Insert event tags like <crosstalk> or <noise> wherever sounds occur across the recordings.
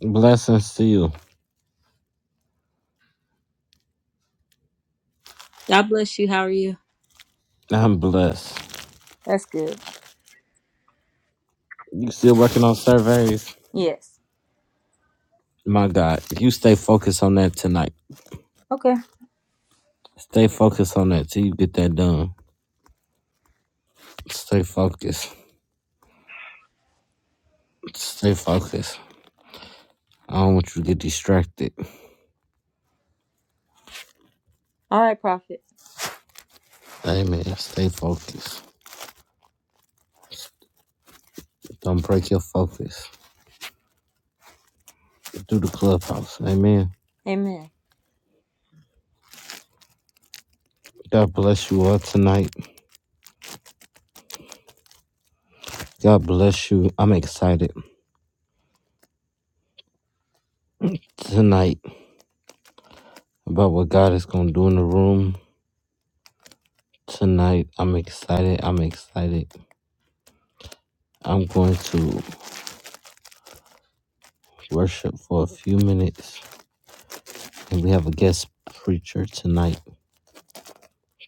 Blessings to you. God bless you. How are you? I'm blessed. That's good. You still working on surveys? Yes. My God, you stay focused on that tonight. Okay. Stay focused on that till you get that done. Stay focused. Stay focused. I don't want you to get distracted. All right, Prophet. Amen. Stay focused. Don't break your focus. Do the clubhouse. Amen. Amen. God bless you all tonight. God bless you. I'm excited tonight about what God is going to do in the room. Tonight, I'm excited. I'm excited. I'm going to worship for a few minutes. And we have a guest preacher tonight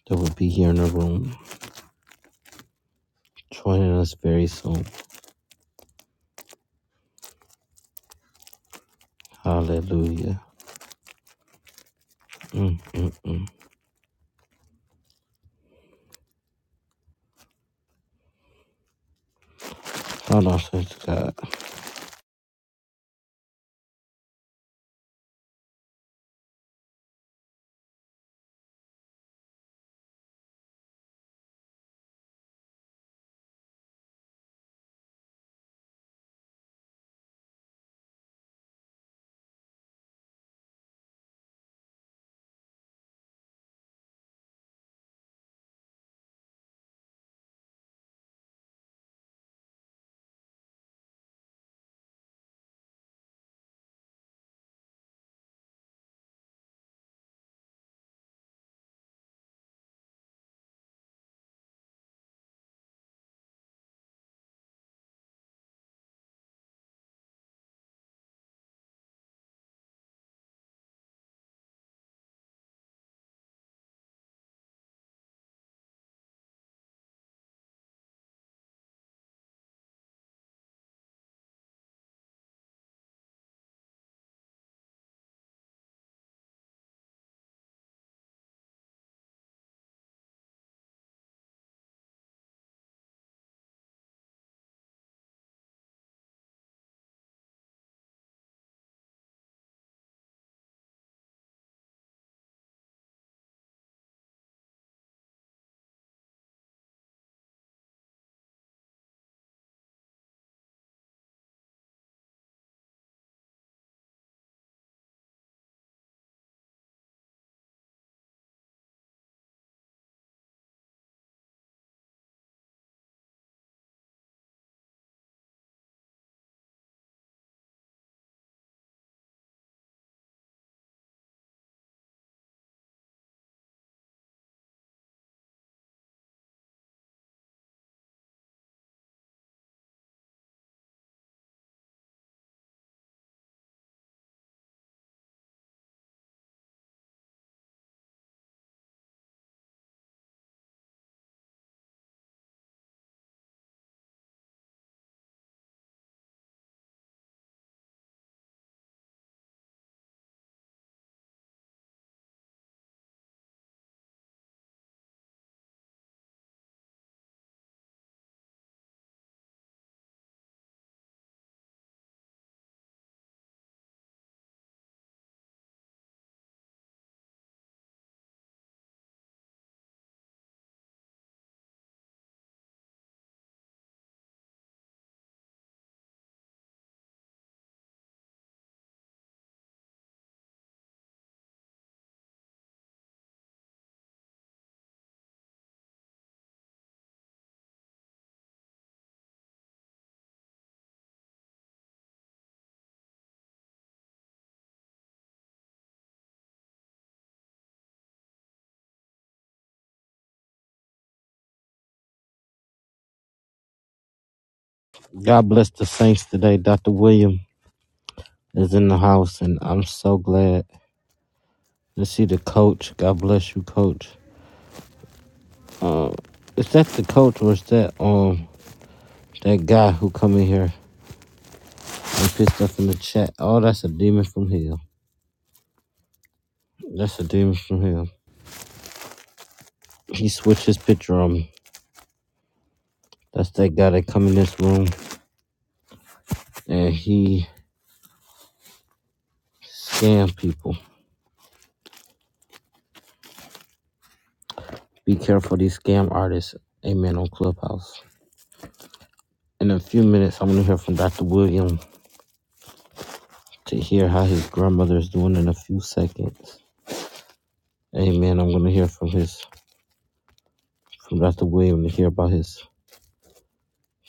that will be here in the room, joining us very soon. Hallelujah. Mm. Hold on, thanks to God. God bless the saints today. Dr. William is in the house, and I'm so glad to see the coach. God bless you, coach. Uh, is that the coach or is that um that guy who come in here and put stuff in the chat? Oh, that's a demon from hell. That's a demon from hell. He switched his picture on me. That's that guy that come in this room and he scam people. Be careful these scam artists. Amen on Clubhouse. In a few minutes, I'm gonna hear from Dr. William to hear how his grandmother is doing in a few seconds. Amen. I'm gonna hear from his from Dr. William to hear about his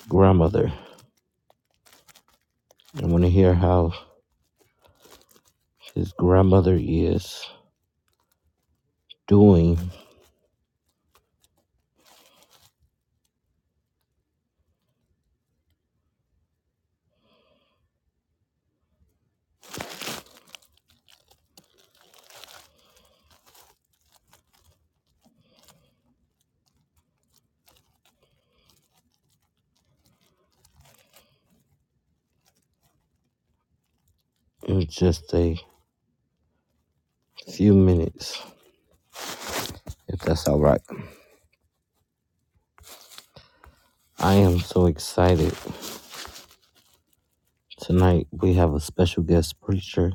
grandmother. I'm gonna hear how his grandmother is doing in just a few minutes, if that's all right. I am so excited. Tonight we have a special guest preacher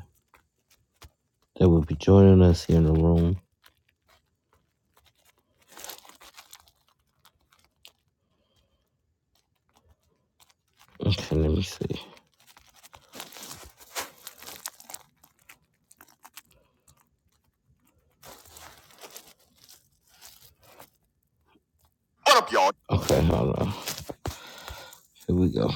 that will be joining us here in the room. Okay, let me see. What up, y'all? Okay, hold on. Here we go.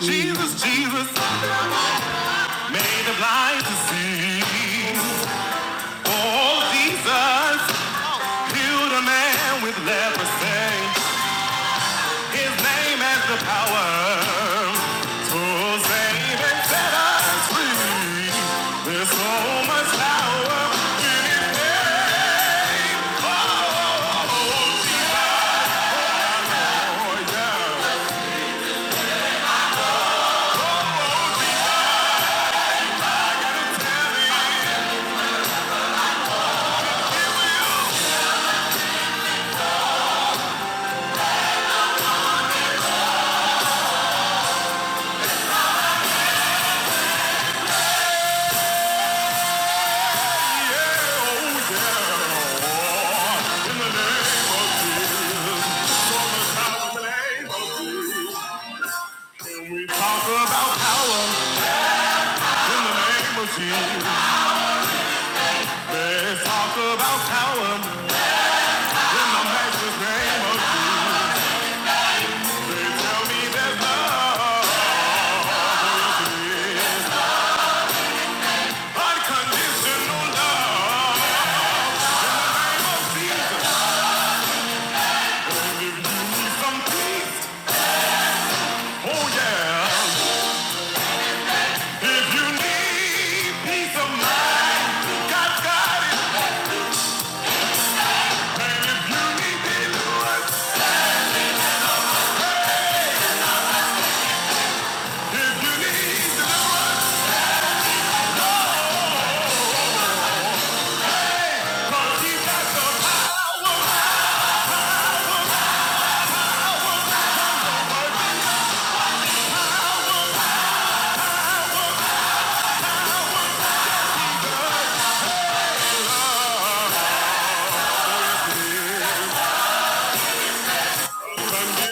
Jesus, Jesus, made the blind to see. Oh, Jesus, healed a man with leprosy. His name has the power to save and set us free. There's so much power in his name. Yeah, oh, yeah. In the name of power, in the name of We talk about power in the name of Jesus. Let's talk about power in the master's name of Jesus. They tell me there's love, but it is unconditional love. in the name of Jesus. And if you need some peace, oh yeah. If you need peace of mind, God's got it. And if you need deliverance, if you need to come, He's got the Thank you.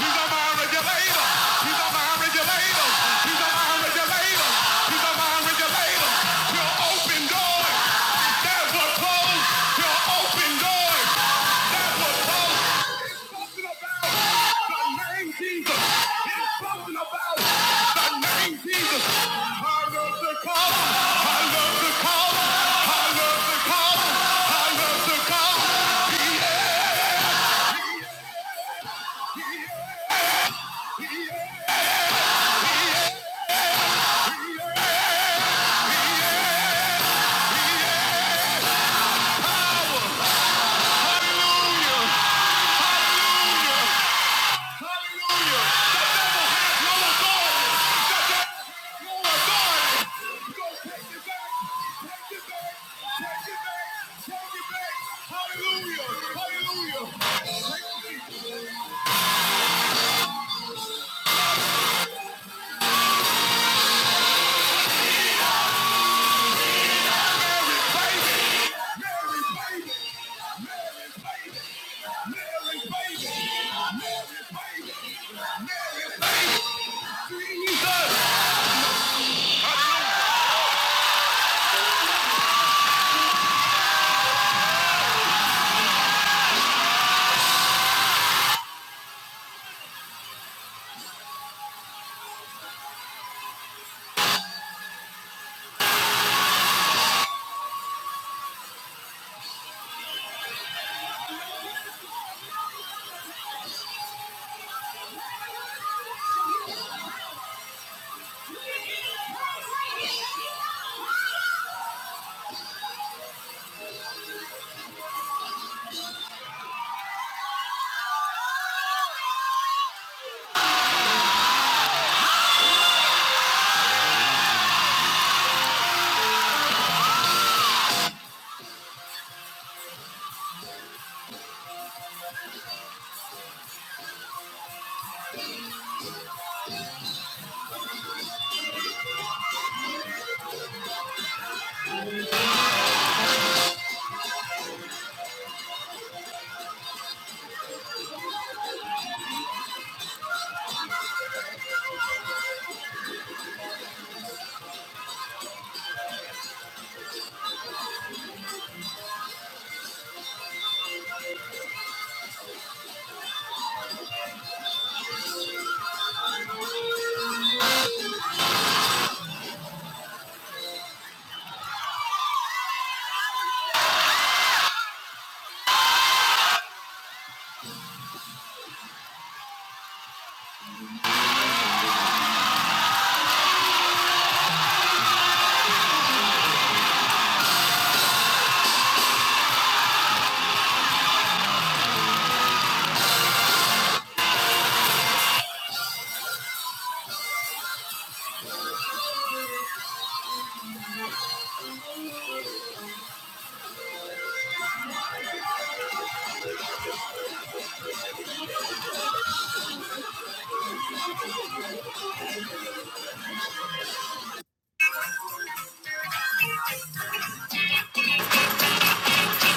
He's a mind regulator. He's a mind regulator. He's a mind regulator. He's a mind regulator. He'll open doors that were closed. He'll open doors. talking about the name Jesus. He's talking about the name Jesus. I love the call. I love the call. I love the call. I love the call. Yeah. Hallelujah. Hallelujah. Mary, baby. Mary, baby. Mary, baby. Jesus.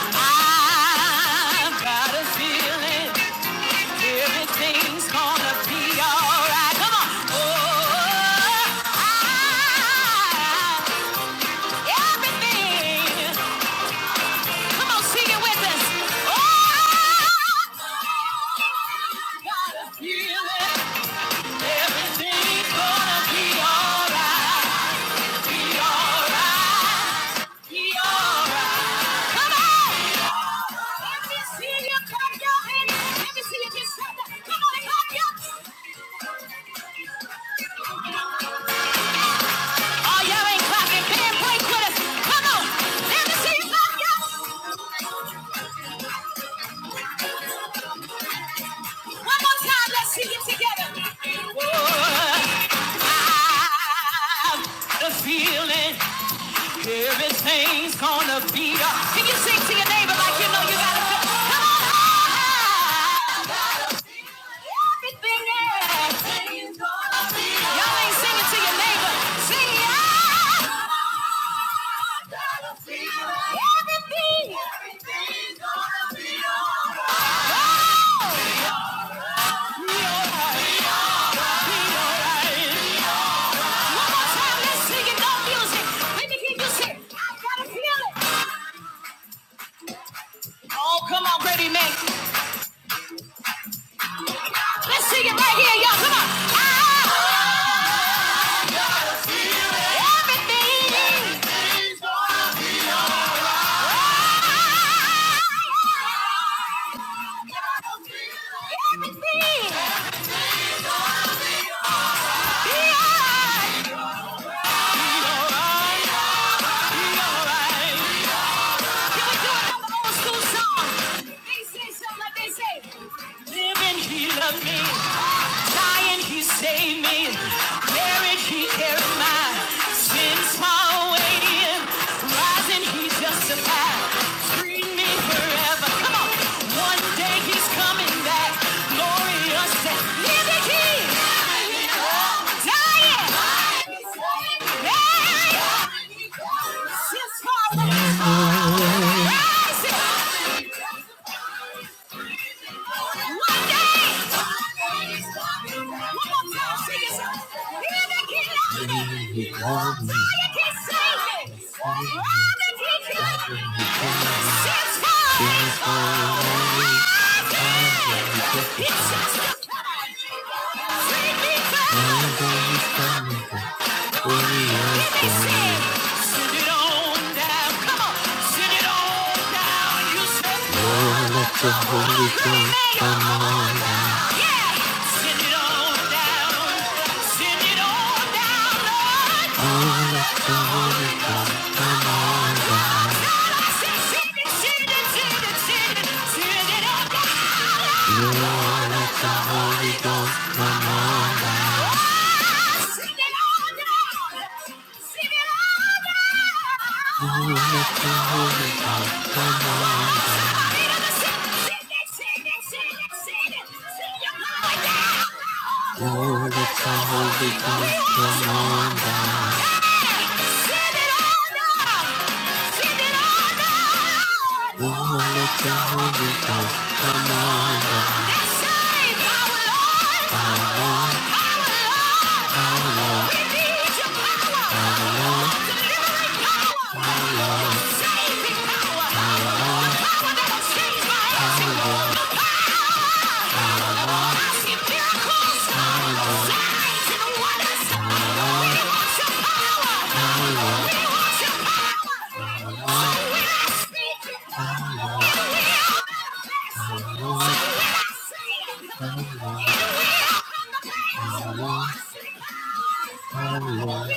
I've got a feeling. Everything's gonna be alright. Come on. Oh, I, everything. Come on, sing it with us. Oh, I got a feeling everything's gonna be alright. Be alright. Be alright. Come on. Let me see you clap your hands. Let me see you just clap. that. Come on, and clap your Oh, y'all ain't clapping. Band break with us. Come on. Let me see you clap, y'all. One more time. Let's see it together. the feeling. Everything's gonna be up. Can you sing to your neighbor like you know you gotta feel? Come on! I Gotta feel Everything, everything's gonna be up. Y'all ain't singing to your neighbor. Sing it out. Come on, I gotta feel Everything. Everything's gonna be alright. One more time, let's sing it. No music. Let me hear you sing. I gotta feel it. Oh, come on, ready, man. Let's sing it right here, y'all. Come on. I got a feeling everything. everything's gonna be alright. I got a feeling Everything. be alright. be alright. Can we do another old school song? They say something like they say. Living, he loved me. Dying, he saved me. Buried, he carried my sins far away. Rising, he justified. Freed me forever. Come on. One day he's coming back. Glorious. Living, he. Dying. Buried. Sins far away. It's just a Lord, let the Holy Ghost come on down. Yeah. Send it on down. Send it on down, Lord. send it, send it, send it, send it. Send it on down. Send it on down. Send it on down. Glory to Holy Ghost, come on. Glory to Holy Power, power, power, Lord. Power, Lord. Power, Lord. Power, Lord. Hallelujah.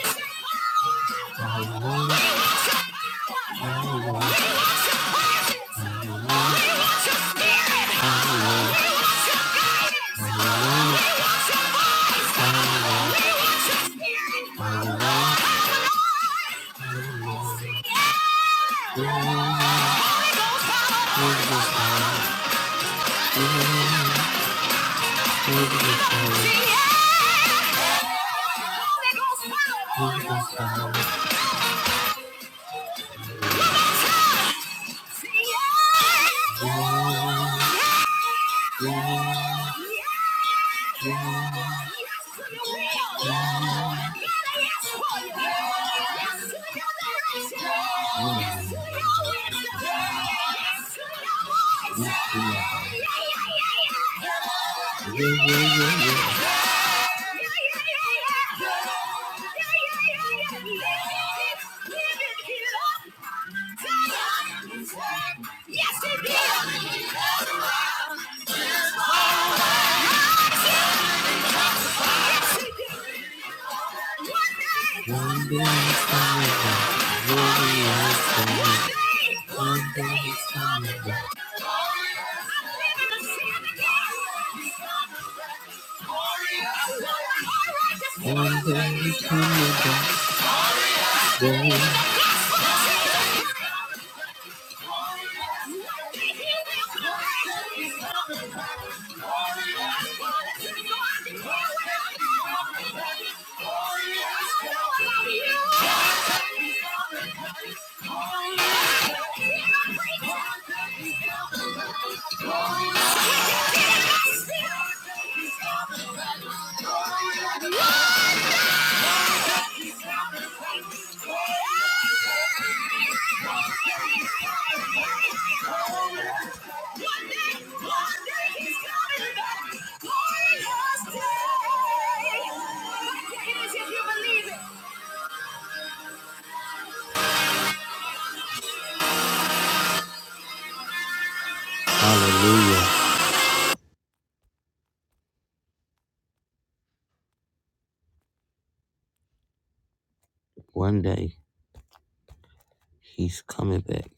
Yeah! Yeah. Yeah, yeah, yeah, yeah. Yes, it is. One day, one day is coming, one day. Warrior, Hallelujah. One day he's coming back.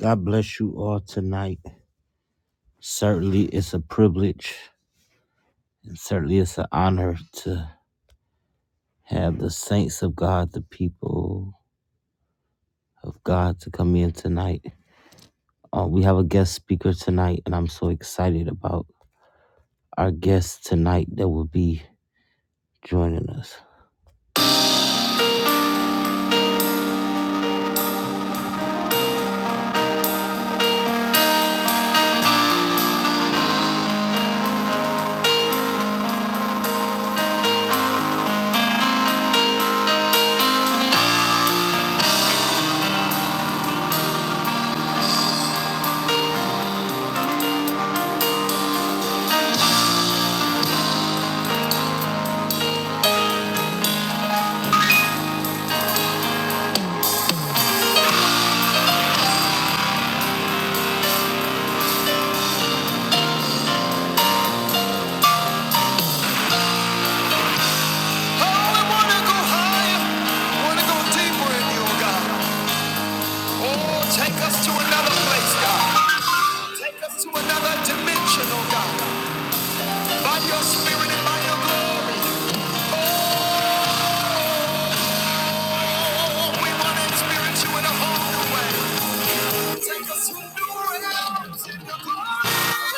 God bless you all tonight. Certainly it's a privilege and certainly it's an honor to Have the saints of God, the people of God to come in tonight. Uh, we have a guest speaker tonight, and I'm so excited about our guest tonight that will be joining us. Oh, I want to go higher. I want to go deeper in you, oh God. Oh, take us to another place, God. Take us to another dimension, oh God. By your spirit and by your glory. Oh, we want to experience you in a whole new way. Take us to new realms in your glory.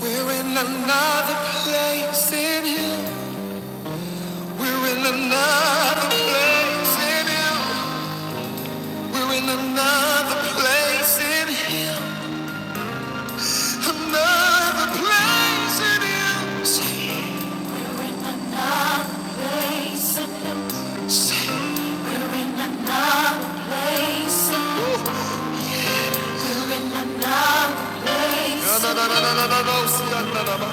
We're in another place in him. We're in another place in him. We're in another place in him. Another place in him. We're in another place in him. We're in another place in him. No, no, no, no, no, no, no, no, no, no, no, no.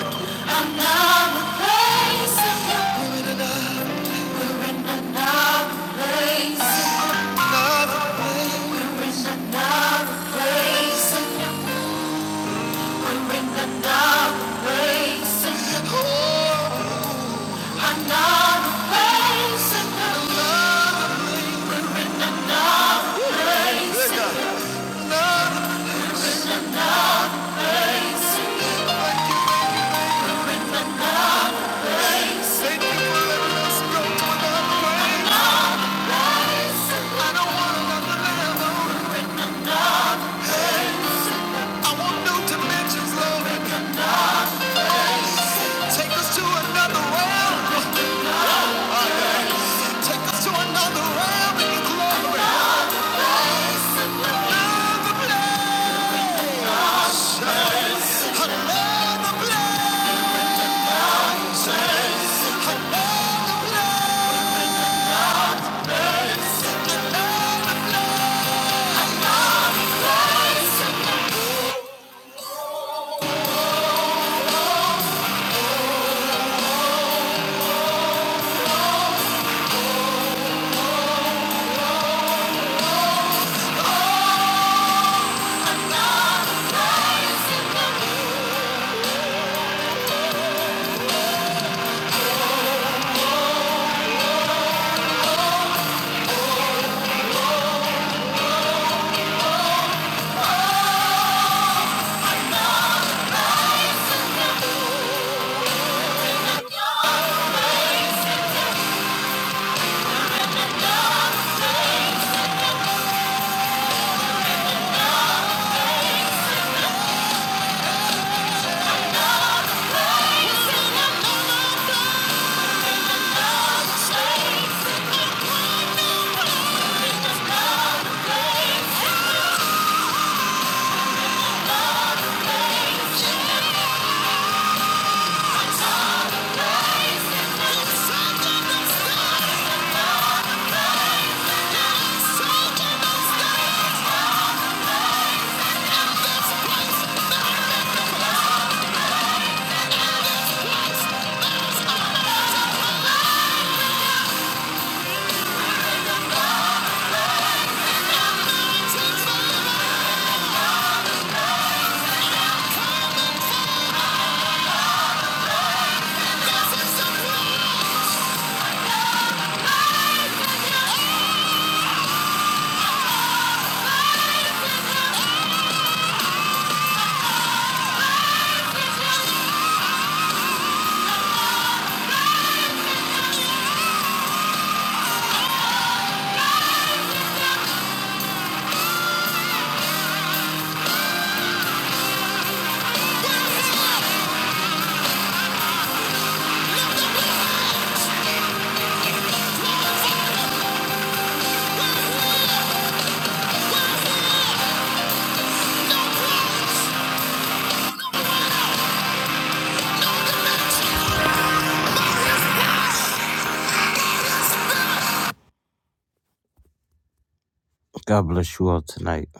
God bless you all tonight.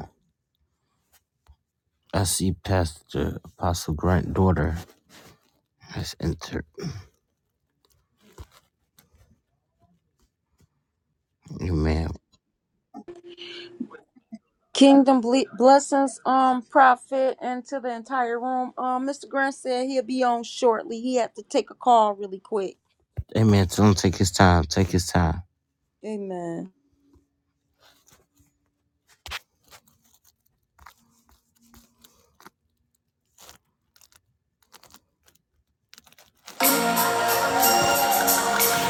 I see Pastor Apostle Grant daughter has entered. Amen. Kingdom ble- blessings, um, prophet, and to the entire room. Um, Mr. Grant said he'll be on shortly. He had to take a call really quick. Amen. Don't take his time. Take his time. Amen.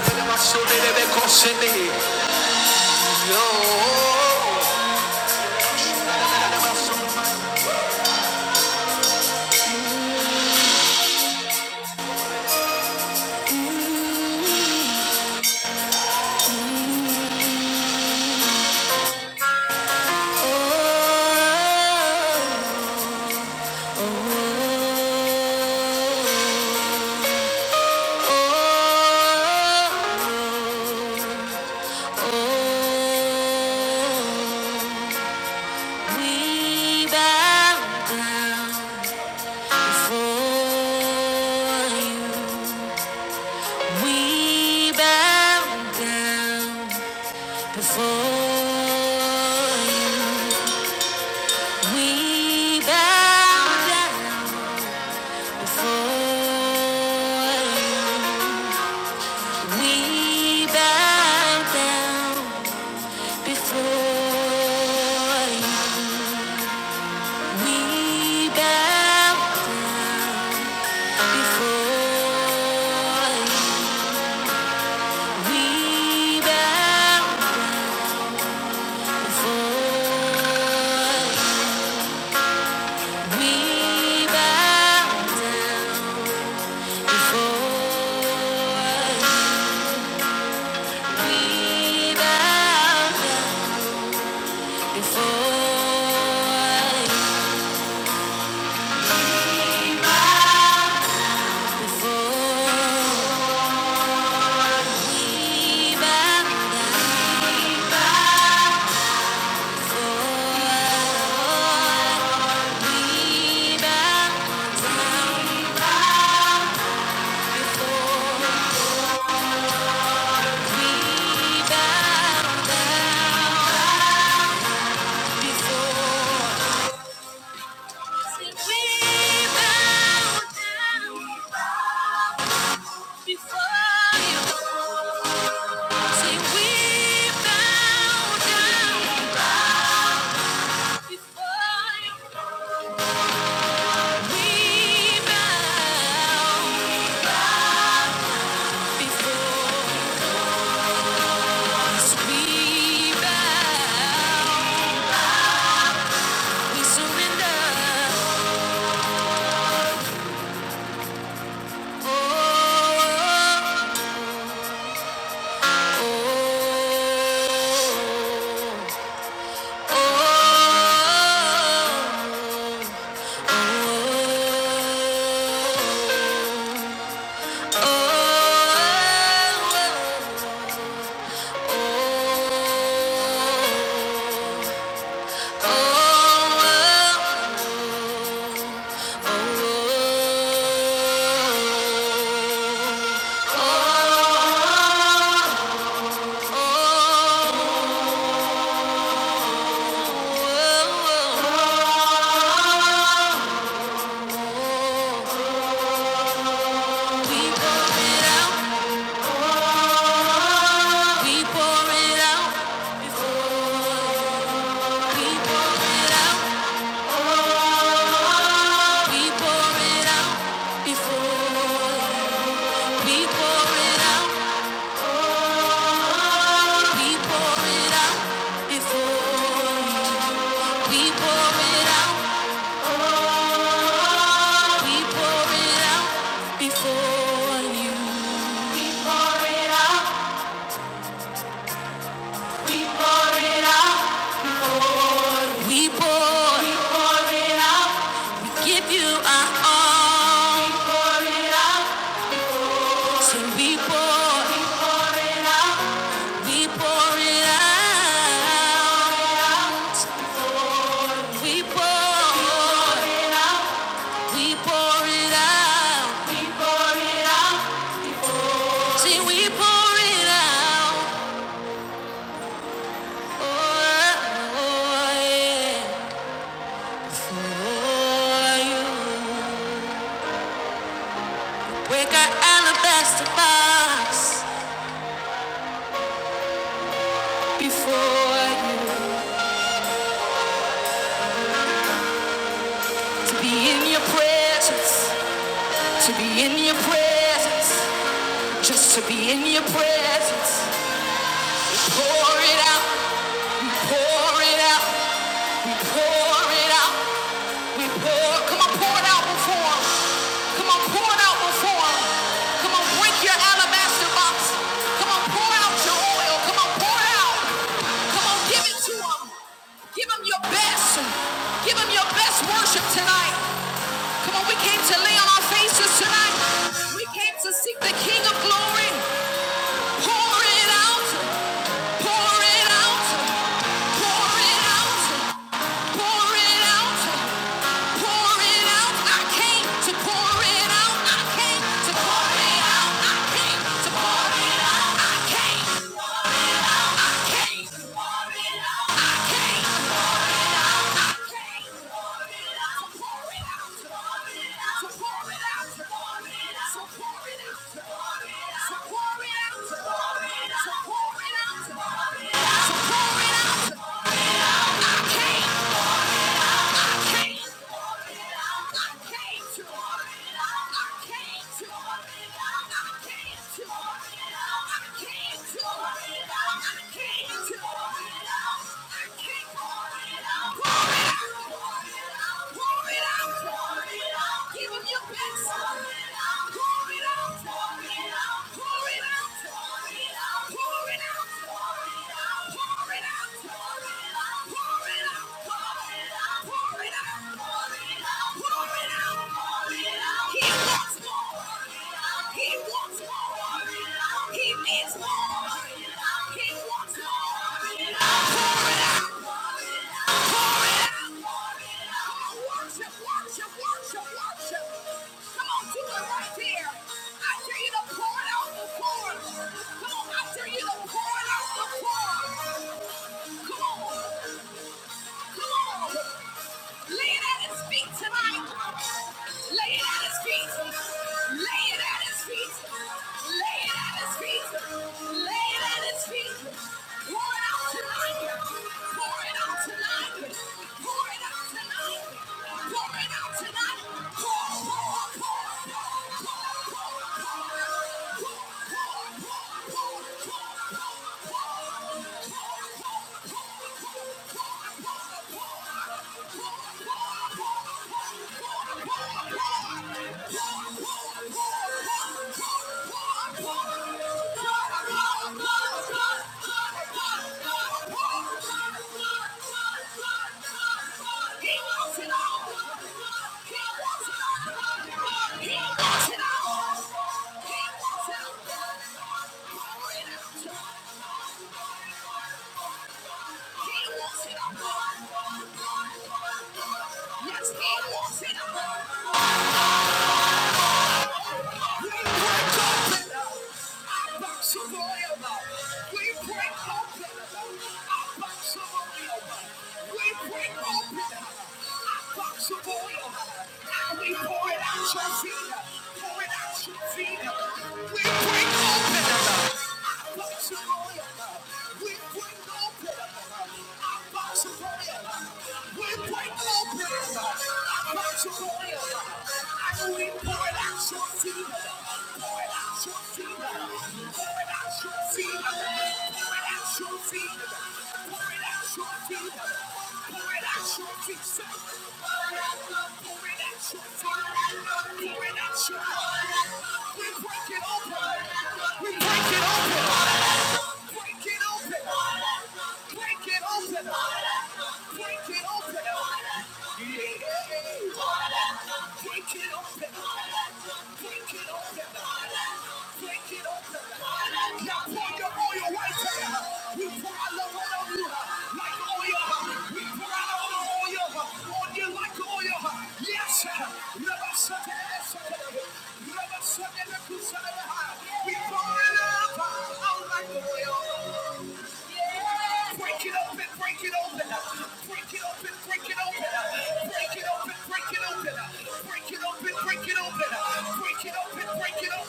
We bow down before you. We bow down before you. We bow down before you. We bow down before you. We bow before you. We bow before you. We bow before you. We bow Before. Before you say we bow down before you, we bow before us. We bow, we surrender. Oh, oh, oh, oh, oh. We pour it out. We pour it out before you. We pour it out. We pour it out before you. We pour it out. We pour it out. We pour. We pour it out. We give you our all. We pour it out. So we pour. We pour it out. We pour it out. We pour. We pour it out. See, we pour it out. Oh, oh, yeah. For you. Break our alabaster box before you. To be in your presence. To be in your presence. Just to be in your presence. Pour it out, pour it out, we pour it out, we pour. Come on, pour it out before him. Come on, pour it out before him. Come on, break your alabaster box. Come on, pour out your oil. Come on, pour out. Come on, give it to him. Give him your best. Give him your best worship tonight. Come on, we came to lay on our faces tonight. We came to seek the King of Glory. Pour it out, pour it out, pour it out, pour it out, pour it out. I came to pour it out. I came to pour it out. I came to pour it out. I came to pour it out. I came to pour it out. I came to pour it out. I can't Pour it out, pour it out, pour it out, pour it out, pour it out, pour it out. Come on, I dare you to pour it out before. Come on. Lay it at his feet tonight. Lay it at his feet. Lay it at his feet. Lay it at his feet. Lay it at his feet. Pour it out tonight. Pour it out tonight. Pour it out tonight. Pour it out tonight. Pour, pour, pour, pour, pour, pour, pour. He wants it all. Yes, he wants it all. We break open up, our box of oil. We break open up, our box of oil. We break open up, our box of oil. We pour it out, your leader. Pour it out, your leader. We break open up, our box of oil. We break open up, our box. We're breakin' open. I'm not your lawyer, and we're pourin' out your tea. Pourin' out your tea. Pourin' out your tea. Pourin' out your tea. Pourin' out your tea. Pourin' out your tea. Pourin' out your tea. We're breakin'. We pour out the oil on you like oil. We pour out all the oil on you like oil. Yes, we pour it up out like oil. Break it open, break it open, break it open, break it open, break it open, break it open, break it open, break it open, break it open, break it open,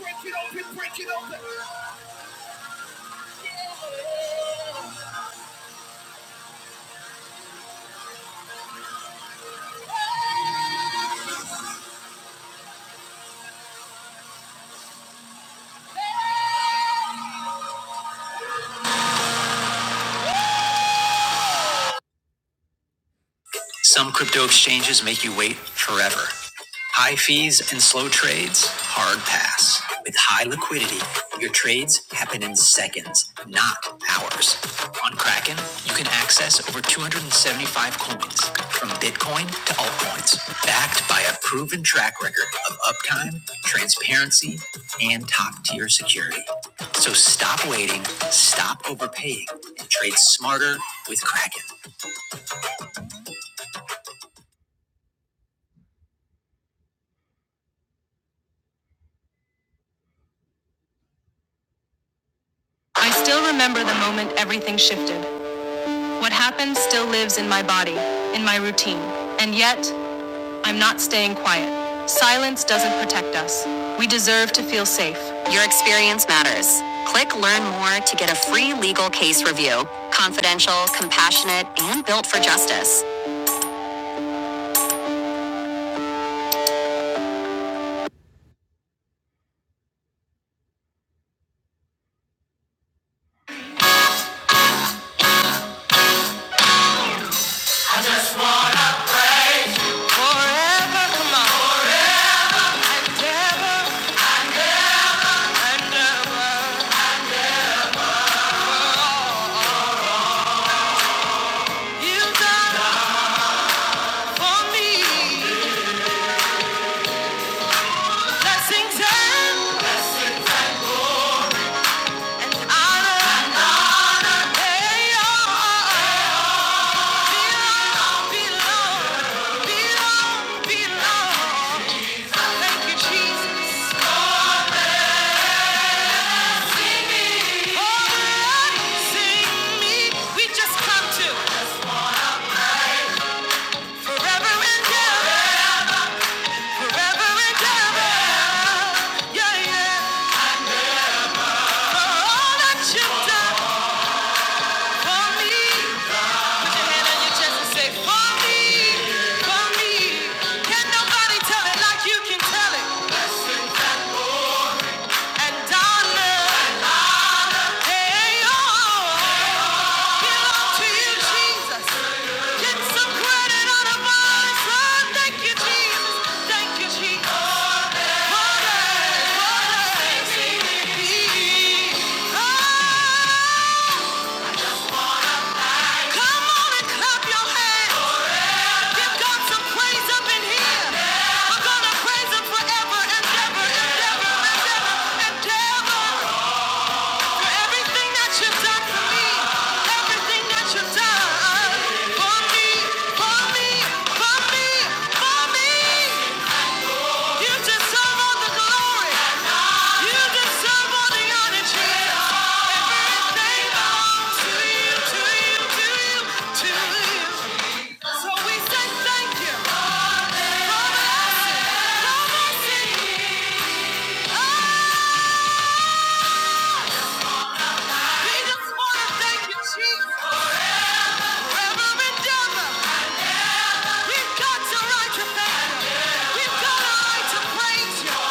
break it open, break it open. Some crypto exchanges make you wait forever. High fees and slow trades, hard pass. With high liquidity, your trades happen in seconds, not hours. On Kraken, you can access over 275 coins, from Bitcoin to altcoins, backed by a proven track record of uptime, transparency, and top tier security. So stop waiting, stop overpaying, and trade smarter with Kraken. I still remember the moment everything shifted. What happened still lives in my body, in my routine. And yet, I'm not staying quiet. Silence doesn't protect us. We deserve to feel safe. Your experience matters. Click Learn More to get a free legal case review. Confidential, compassionate, and built for justice. Thank you, Jesus. Sing me. We just come to all that you've done for me. hand on your chest and say, For me, for me. Can nobody tell it like you can tell it? And Donna, hey, oh, belong to you, Jesus. Get some credit on a bonus Thank you, Jesus. Thank you, Jesus. Come on and clap your hands. Give God some praise up in here. I'm gonna praise Him forever and ever and ever and ever and ever. Everything that you've done for me, everything that you've done for me, for me, for me, for me. You deserve all the glory. You deserve all the honor. Jesus. They belong to you, to you, to you. We say thank you. We just want to thank you, Jesus. Every endeavor, we've got the right to thank you. We've got a right to praise you.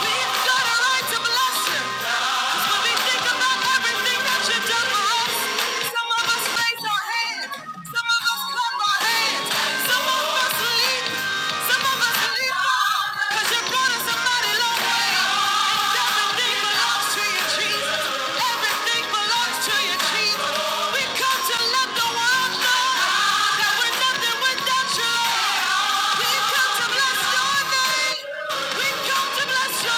We've got a right to bless you. 'Cause when we think about everything that you've done for us, some of us raise our hands, some of us clap our hands, some of us leap, some of us leap on. 'Cause you brought us a mighty long way. And everything belongs to you, Jesus. Everything belongs to you, Jesus. We come to let the world know that we're nothing without you. Give him glory. We've come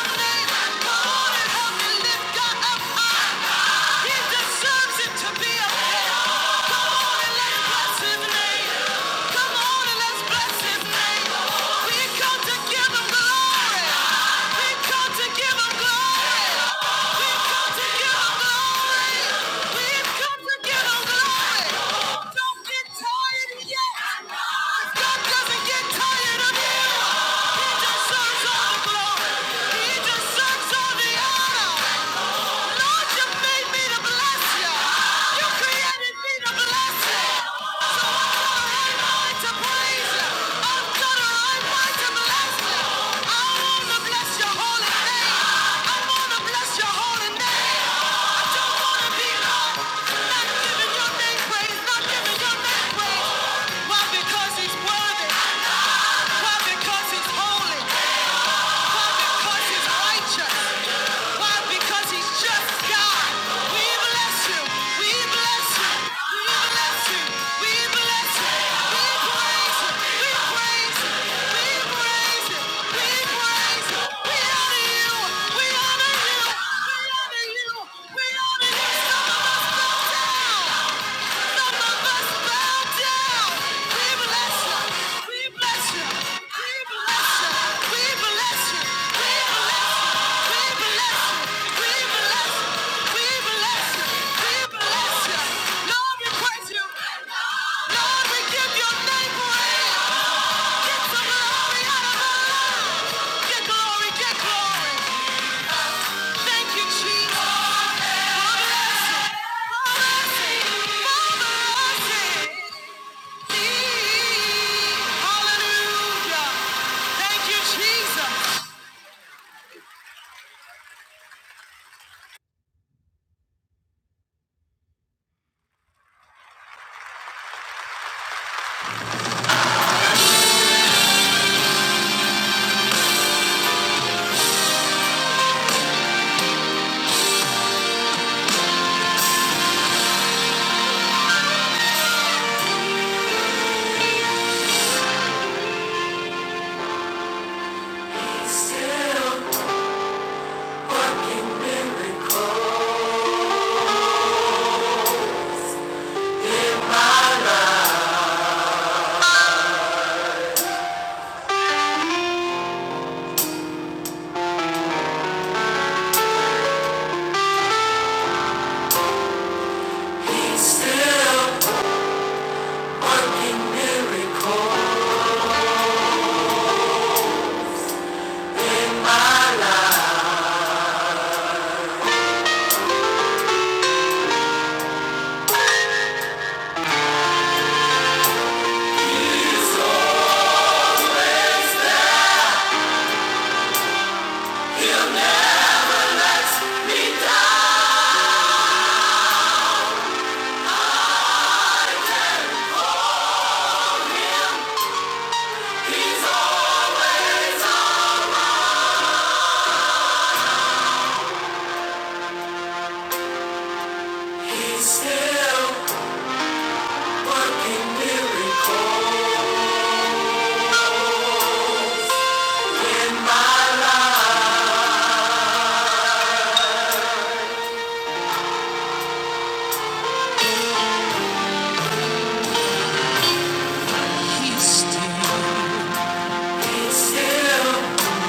to give him glory. We've come to give him glory. Holy name, and your name praise, not giving your name praise. Why? Because he's well. why? Because he's holy. Because he's righteous. Why? Because he's just God. We bless you. We bless you. We bless you. We bless you. We praise you. We praise you. We praise you. We praise you. We honor you. We honor you. We honor you. We honor you. Some of us down. Jesus. Hallelujah. Thank you, Jesus.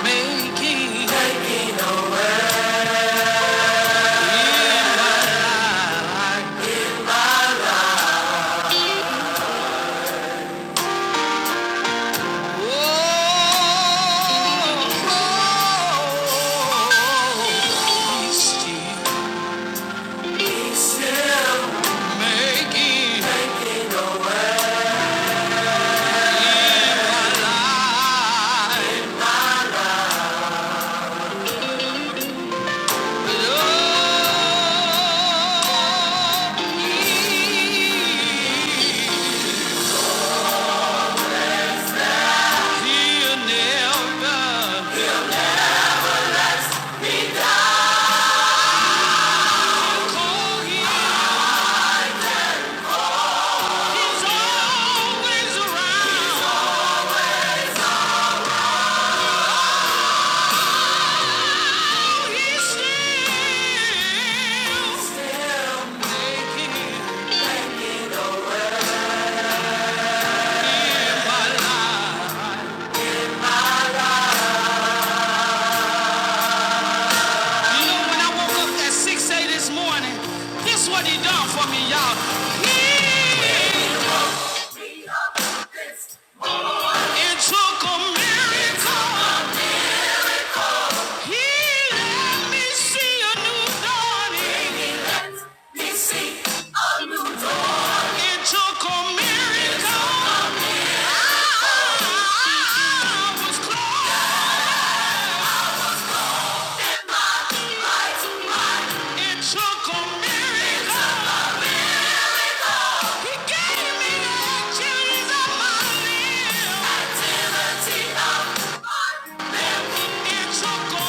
Making. Oh, oh, oh, he's still making. He's always around. Oh, he's still making. You know, when I woke up at 6 a.m. this morning, this what he done for me, y'all. He it took a miracle. He let me see a new dawning. It took a miracle. I was close. It took a miracle. He gave me the activities of my limbs. Activity of my limbs. It took a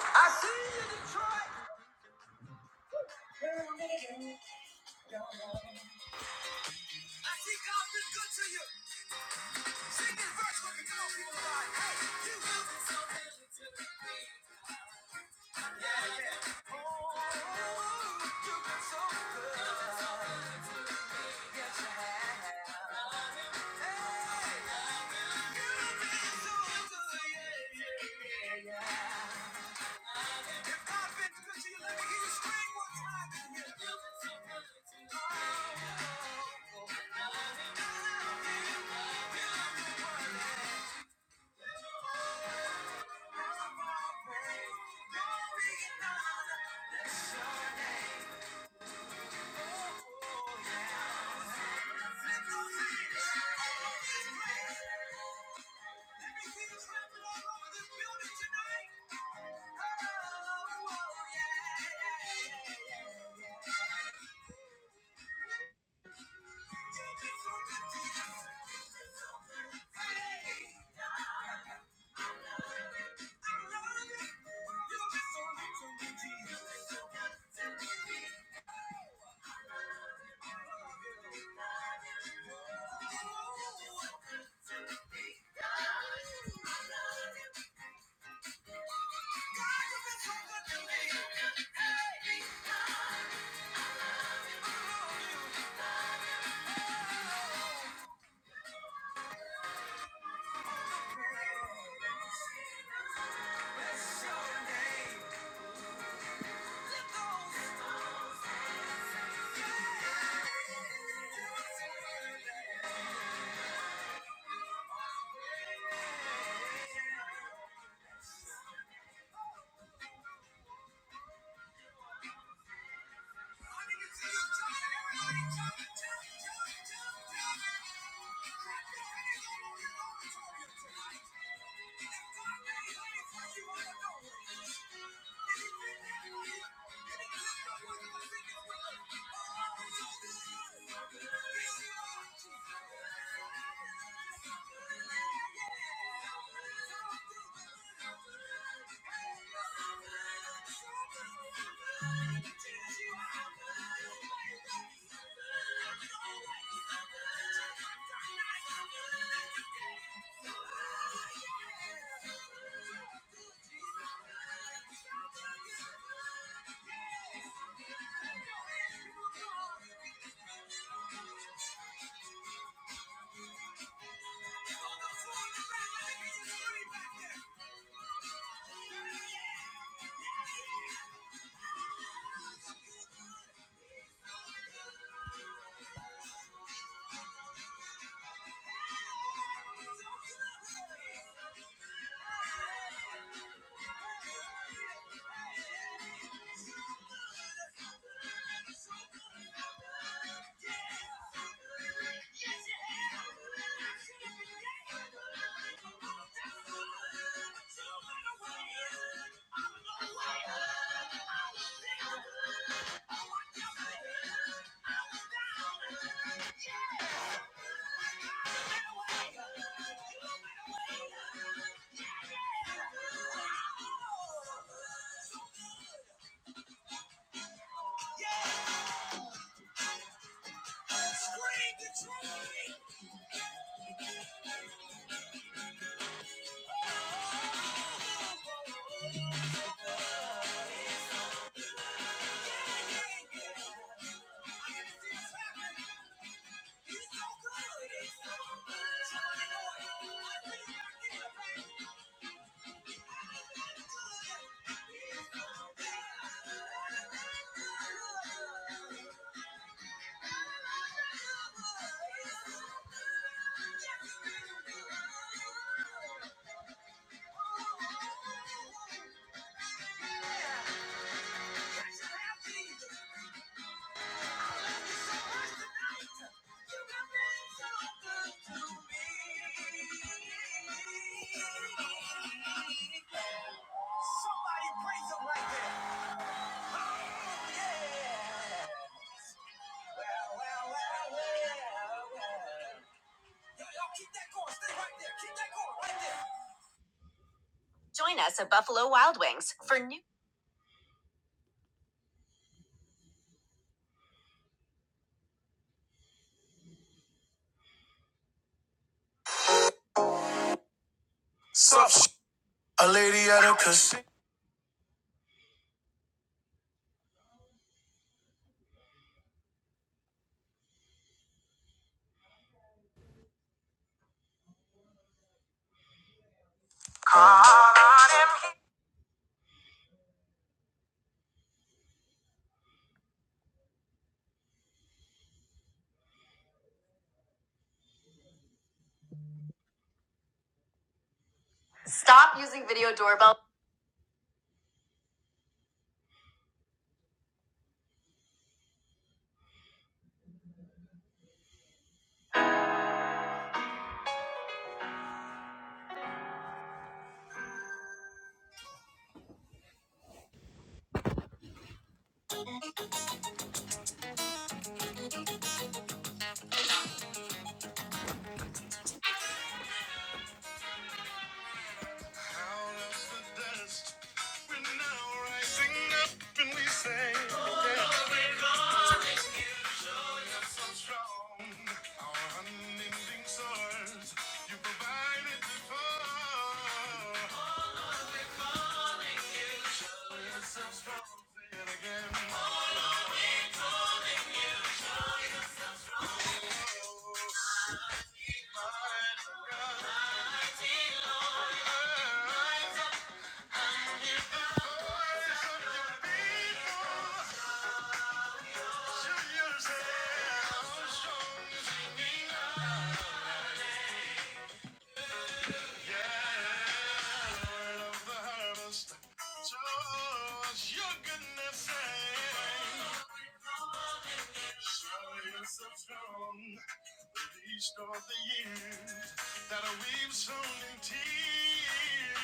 I see you, Detroit. I see god been good to you. She be fresh like, hey, so good to me. Yeah, yeah. Oh, you look so good. You look so good to me. Yes, you have. Hey, you. You look so good, yeah, yeah, yeah, yeah. If I've been good to you, let me hear you scream one time You've been so good to me. Oh, oh, oh. I love you. I love you. You love the world. You are my praise. Glory and honor. Bless your name. Hey! I love you. Bless your name. Lift those Thank you. Thank you. Back there. Yeah. Yeah! Scream Detroit! Oh, yeah right Oh, yeah. Well, well, well, well, well. right right Join us at Buffalo Wild Wings for new. Stop using video doorbell. Out of the dust, we're now rising up and we say, Oh, yeah. are so strong. Our unending source, you provided before. Oh, you're so Say it again. Oh, mighty God. Rise up the voice of your Show yourself strong as you Girl of the harvest, show us your goodness and show us the throne, the least of the years that we've sown in tears.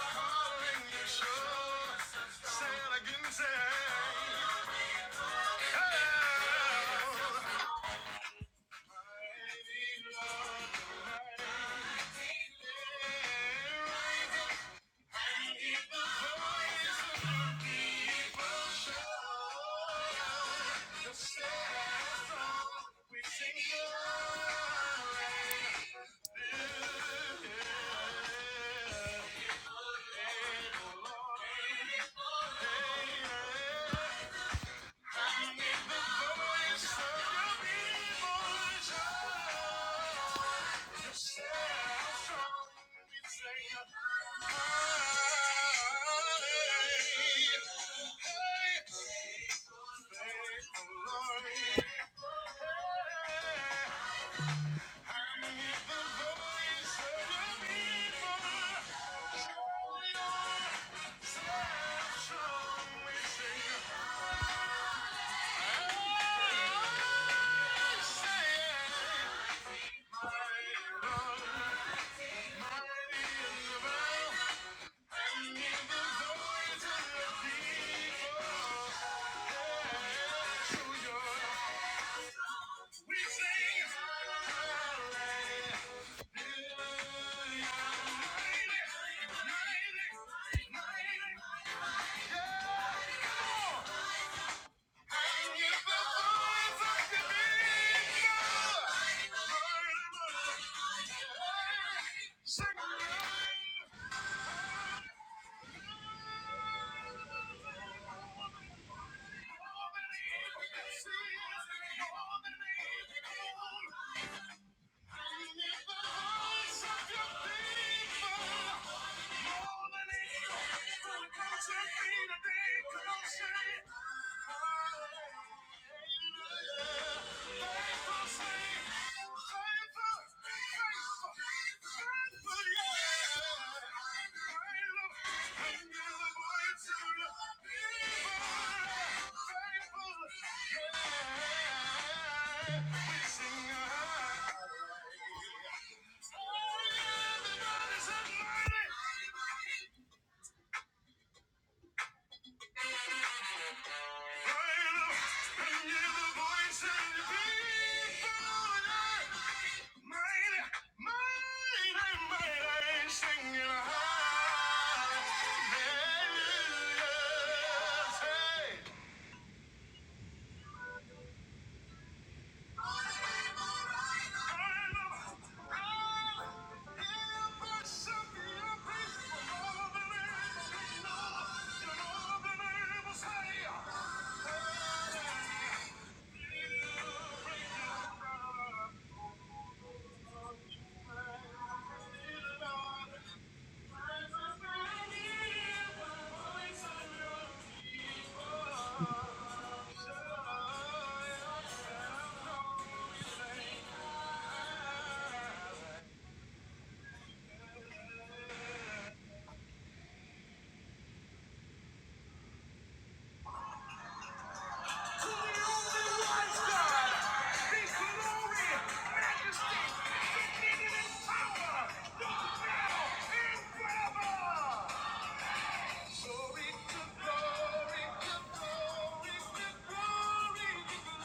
Calling you sure, say it again, say oh, mighty Lord, mighty Lord. the voice of your Yeah. Yeah. Yeah. Thank you. Faithful, faithful, faithful, yeah. Hallelujah. Thank you. Glory to glory to glory to glory to glory.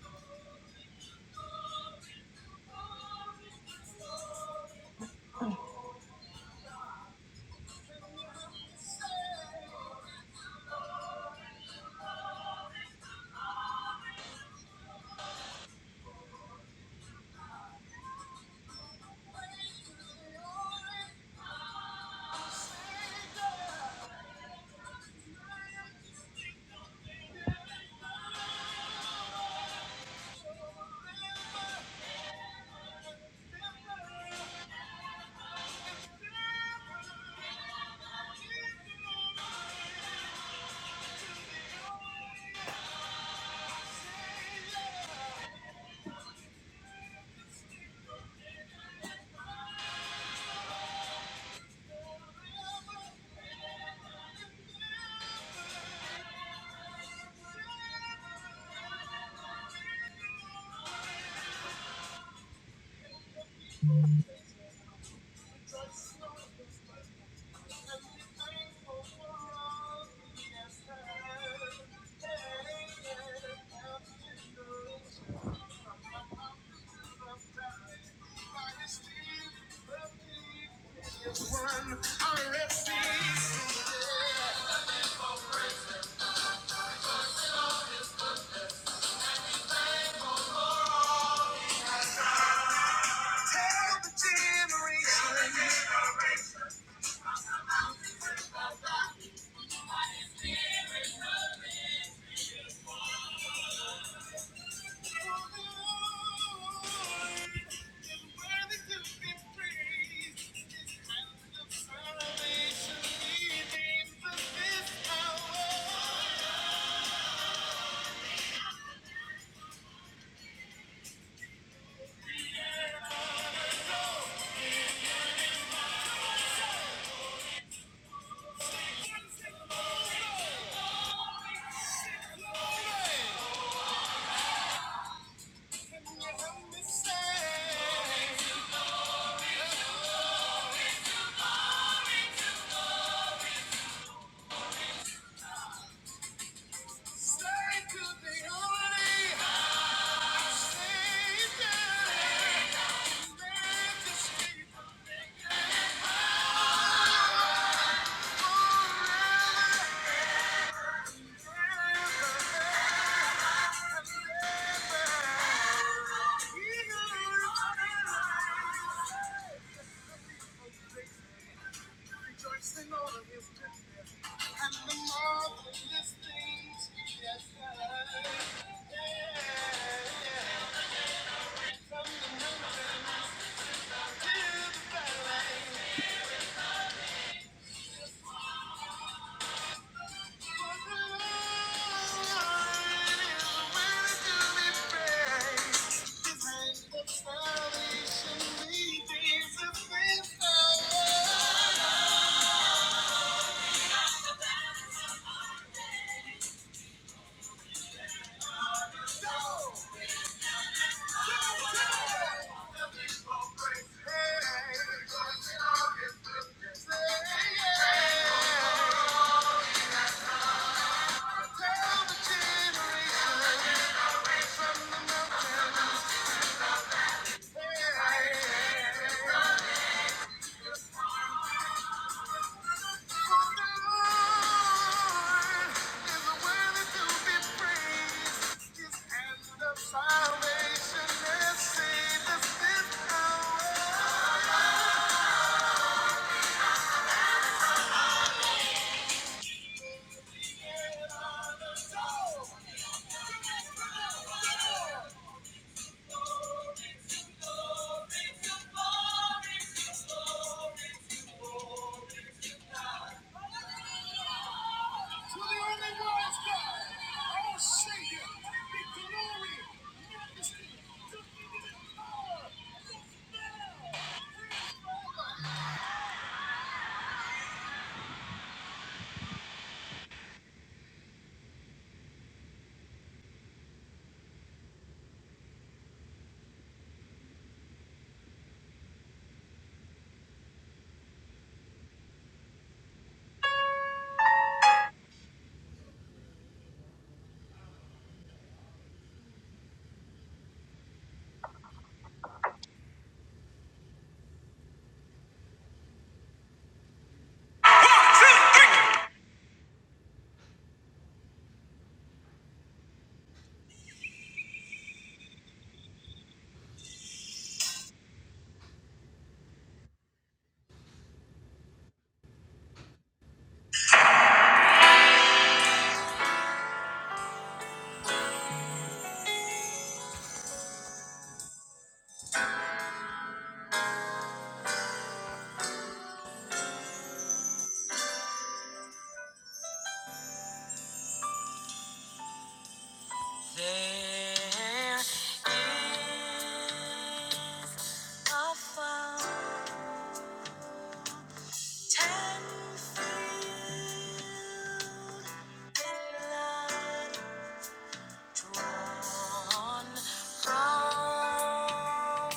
Thank you. Yeah. Thank you. One, I rest in peace. Every Generation. Can you help me say? Yeah. Rejoicing over his goodness and the marvelous things he has done. Yeah, yeah. From the mountains to the valley. Tell the generation. Salvation is seen as this hour. To the only wise God, our Savior, the glory, majesty, dominion, power, just now, There is a fountain filled with blood drawn from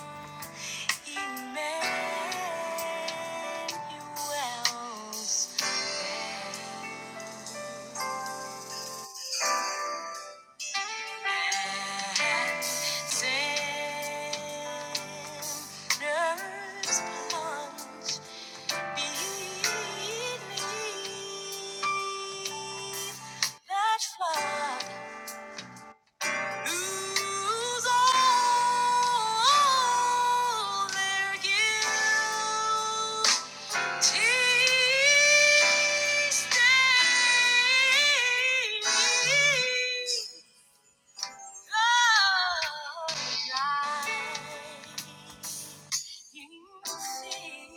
Emmanuel's veins And sinners plunge you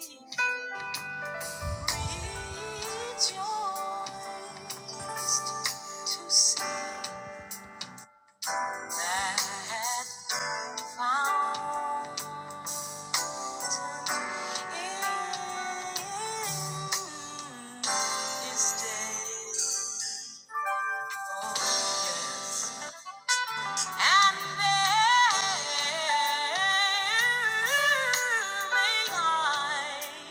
see. And there may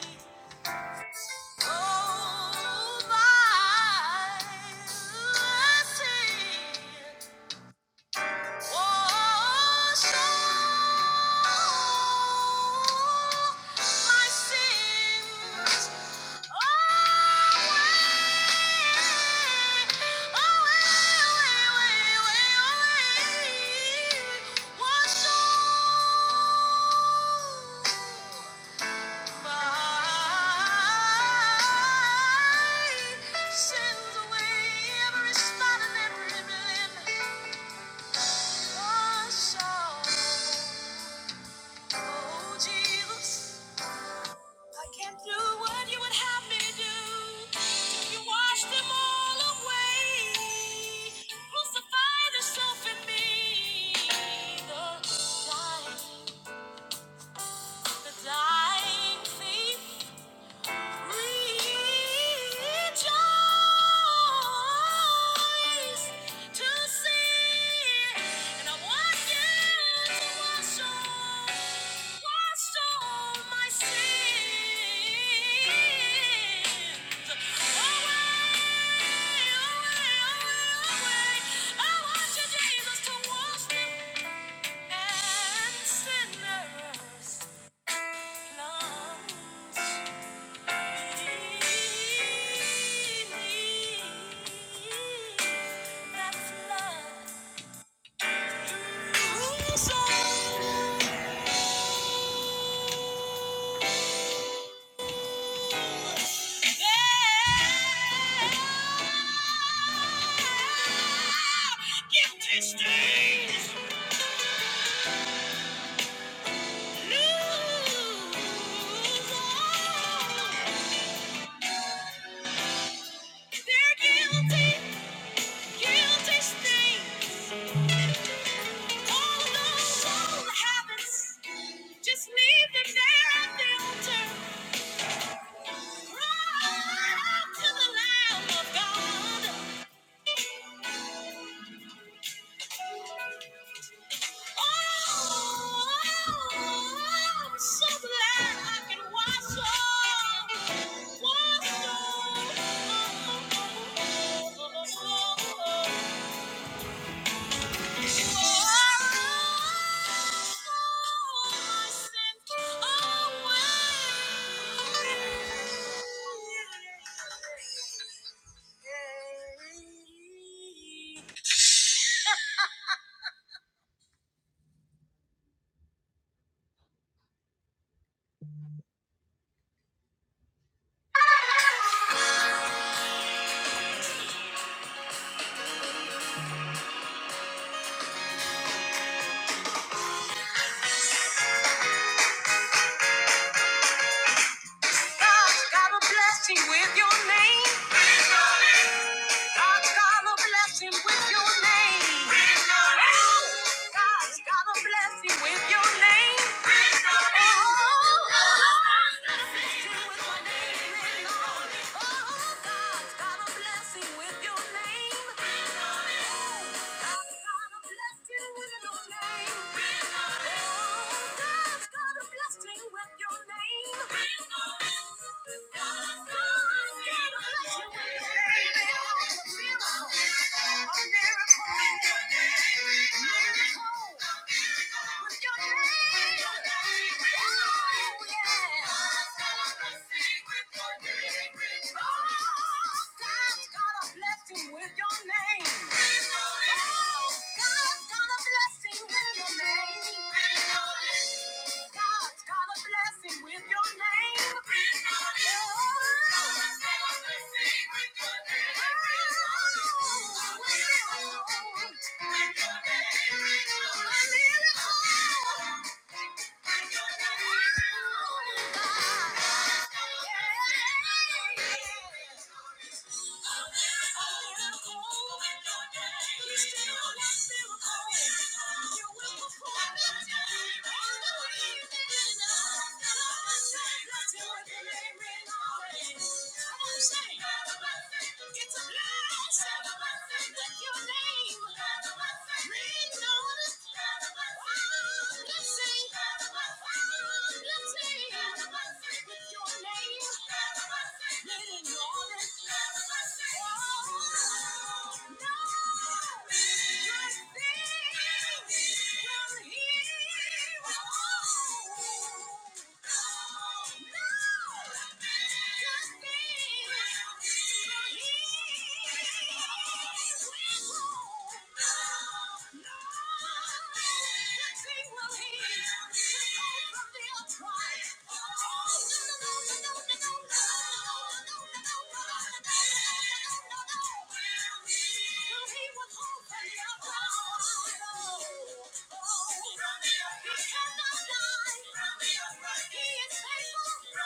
I Wash away. I can't do what you would have me to do. You wash them all away. Crucify the in me. The dying, the dying thief. Sinners' lungs. Lose all. They're guilty. Oh God's got a blessing with your name. God's got a blessing with your name. God's got a blessing with your name. Thank you. With your name, oh, with your name. It's a blessing. Oh, no! Oh, Romeo, he cannot die. Romeo, he is faithful. No!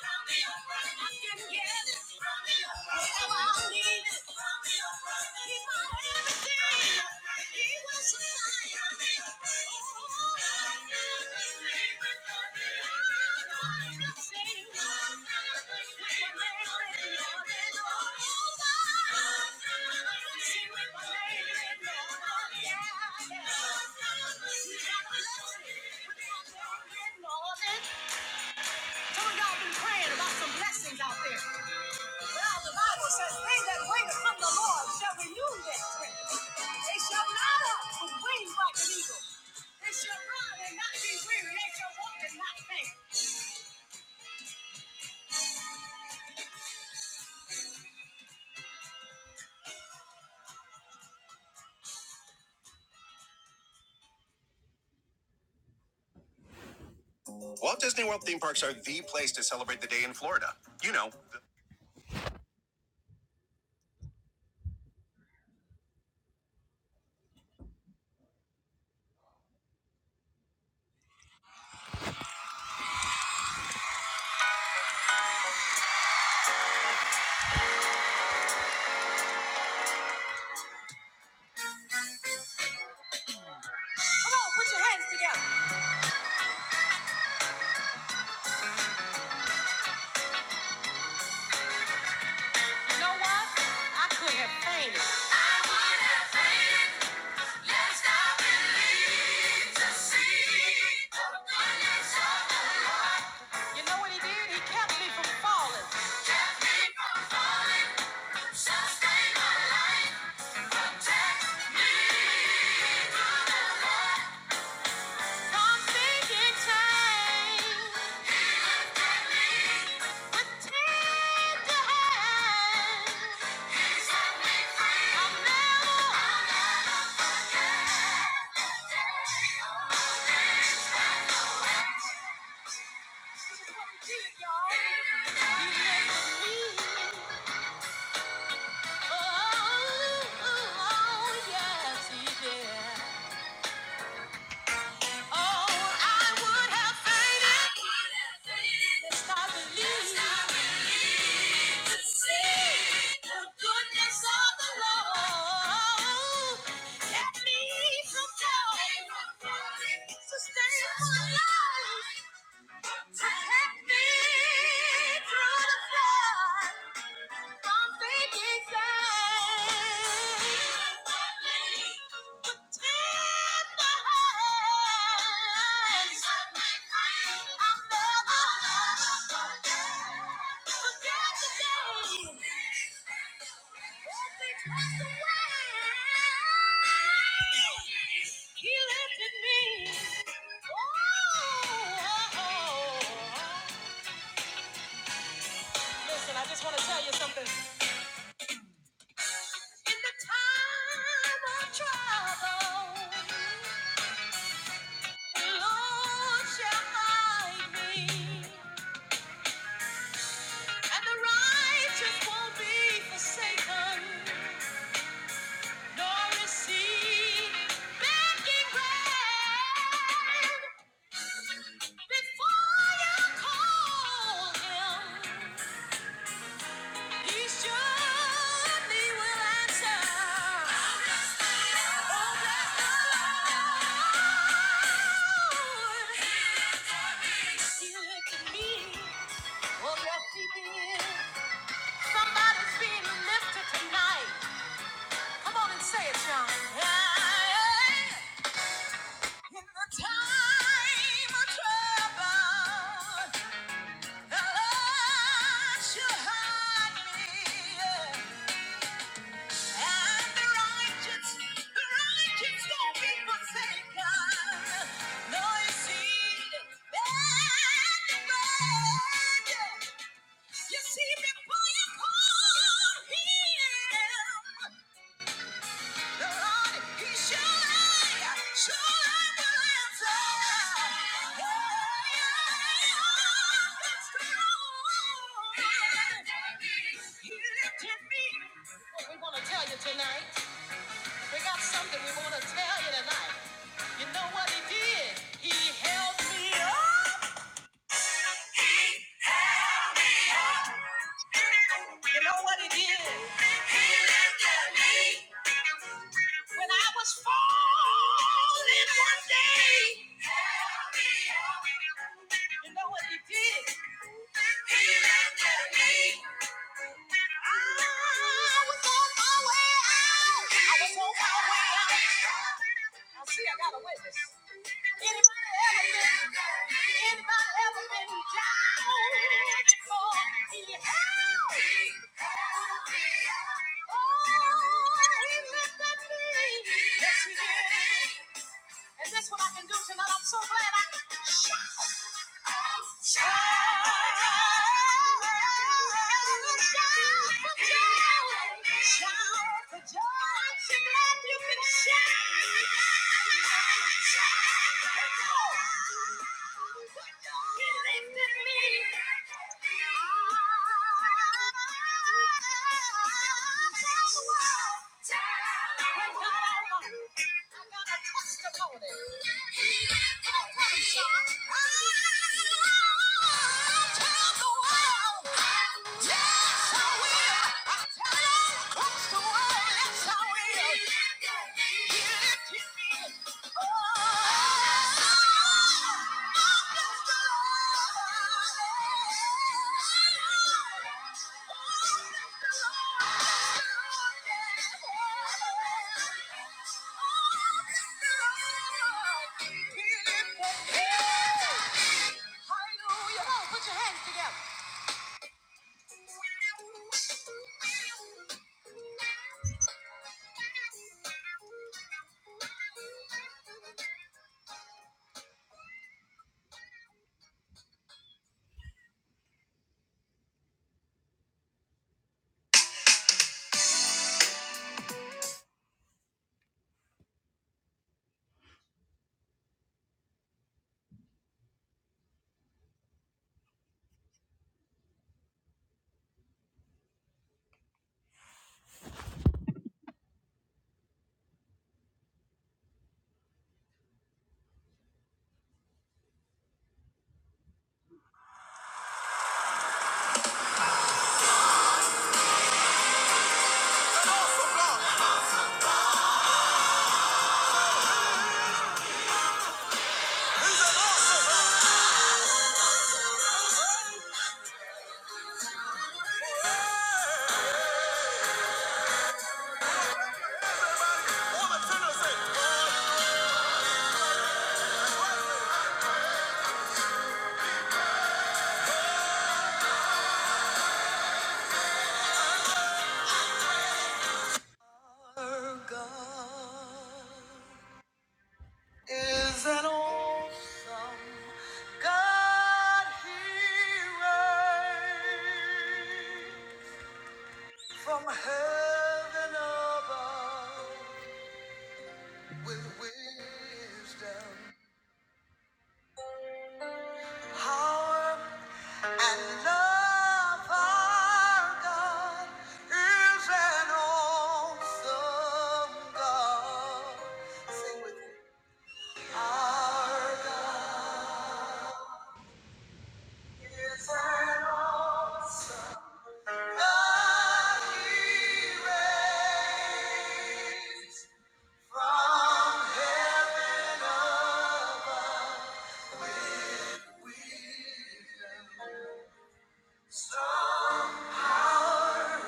Thank you. Yeah. Some of y'all been praying about some blessings out there. Well, the Bible says, they that wait upon the Lord shall renew their strength. They shall mount up with wings like an eagle. They shall run and not be weary. They shall walk and not faint. Walt Disney World theme parks are the place to celebrate the day in Florida. You know. the- Come on, put your hands together. I wanna believe to see This is what we did, y'all. You made me. Through the flood, from faith inside. He lifted me. oh. oh, oh in the time of trouble. The Lord shall hide me, and the righteous won't be forsaken, nor is he begging bread. Before you call him, he surely will answer. Oh, bless the Lord. He lifted me. Will your feet be in? Somebody's being lifted tonight. Come on and say it, John. In the time of trouble, the Lord shall hide me. And the righteous, the righteous won't be forsaken. No, you see, You see, before you call him, the Lord, he surely, surely will answer. Oh, that's true. He lifted me. What we want to tell you tonight, we got something we want to tell you tonight. You know what he did? He held me up. You know what it did? He lifted me. When I was falling one day. You know what he did? He lifted me. I was on my way out. I was I see I got a witness. Anybody ever been, anybody ever been down before in your house? Oh, he lifted me. Yes, he did. Is this what I can do tonight? I'm so glad I can shout. I'm shouting. Shout for joy. Shout for joy. I'm glad you can shout. He lifted me. Yes, I will. Yes, I will. Hallelujah. Put your hands together. Our God is an awesome God. He reigns from heaven above with wisdom Power and love our God is an awesome God. Sing with me. Our God is an awesome God. He reigns from heaven above. Wisdom, strong power.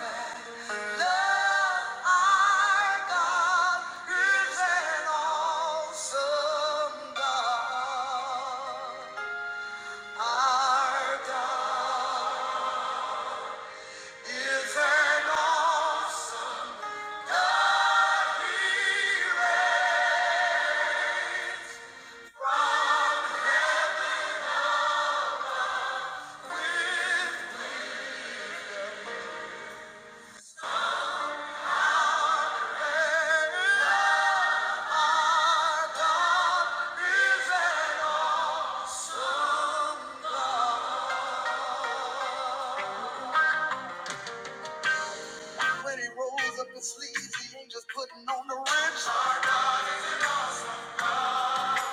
When he rolls up his sleeves, he ain't just putting on the wrench. Our God is awesome.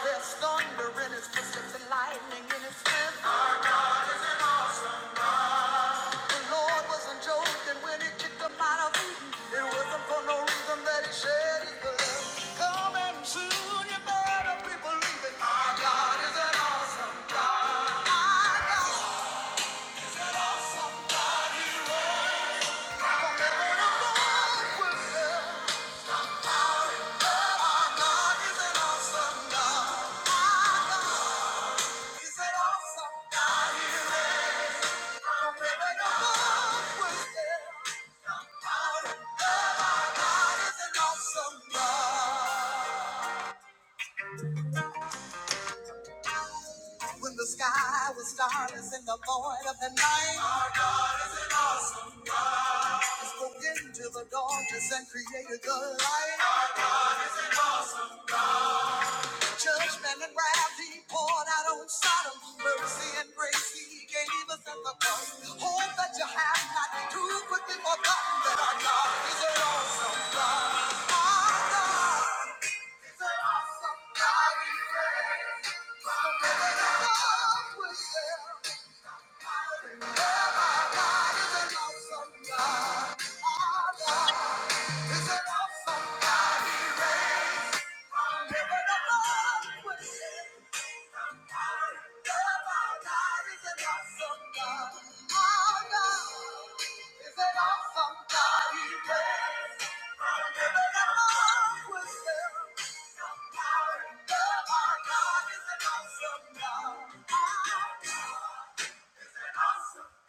There's thunder in his footsteps and lightning in his strength. The Lord wasn't joking when he kicked them out of Eden. It wasn't for no reason that he shed his blood. Come and better be believing. Our God is an awesome God. Our God. is From heaven above will love. Our God is an awesome God. Our God is an awesome God. He is. From heaven above will love. Our God is an awesome God. When the sky was starless and the void of the night, our God is an awesome. He spoke into the darkness and created the light. God is an awesome. Judgment and wrath he poured out on Sodom. Mercy and grace he gave us at the cross. Hope that you have not too quickly forgotten that our God is an awesome God. Our God, our God, we're God is an awesome God. Awesome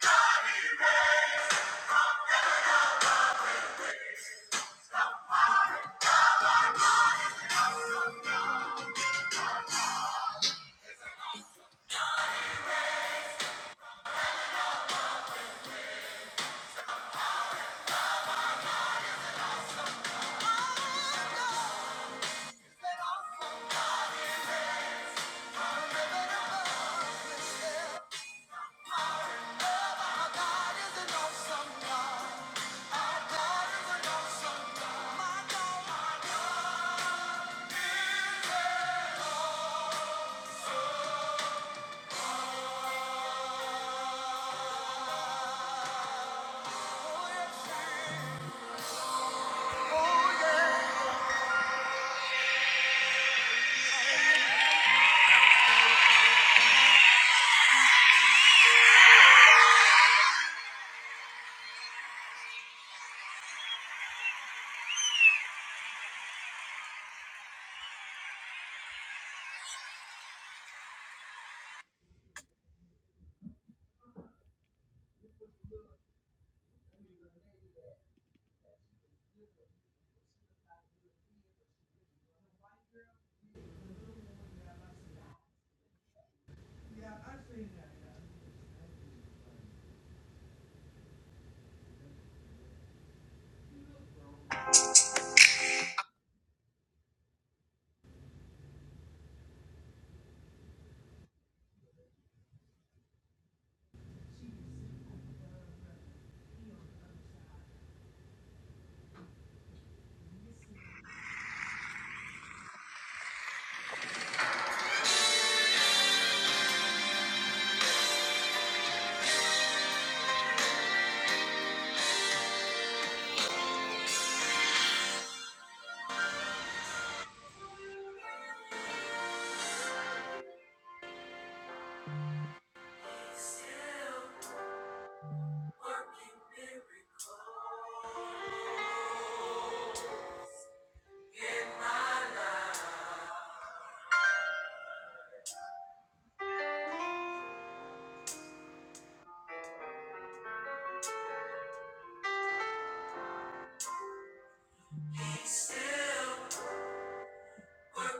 God, he reigns. Oh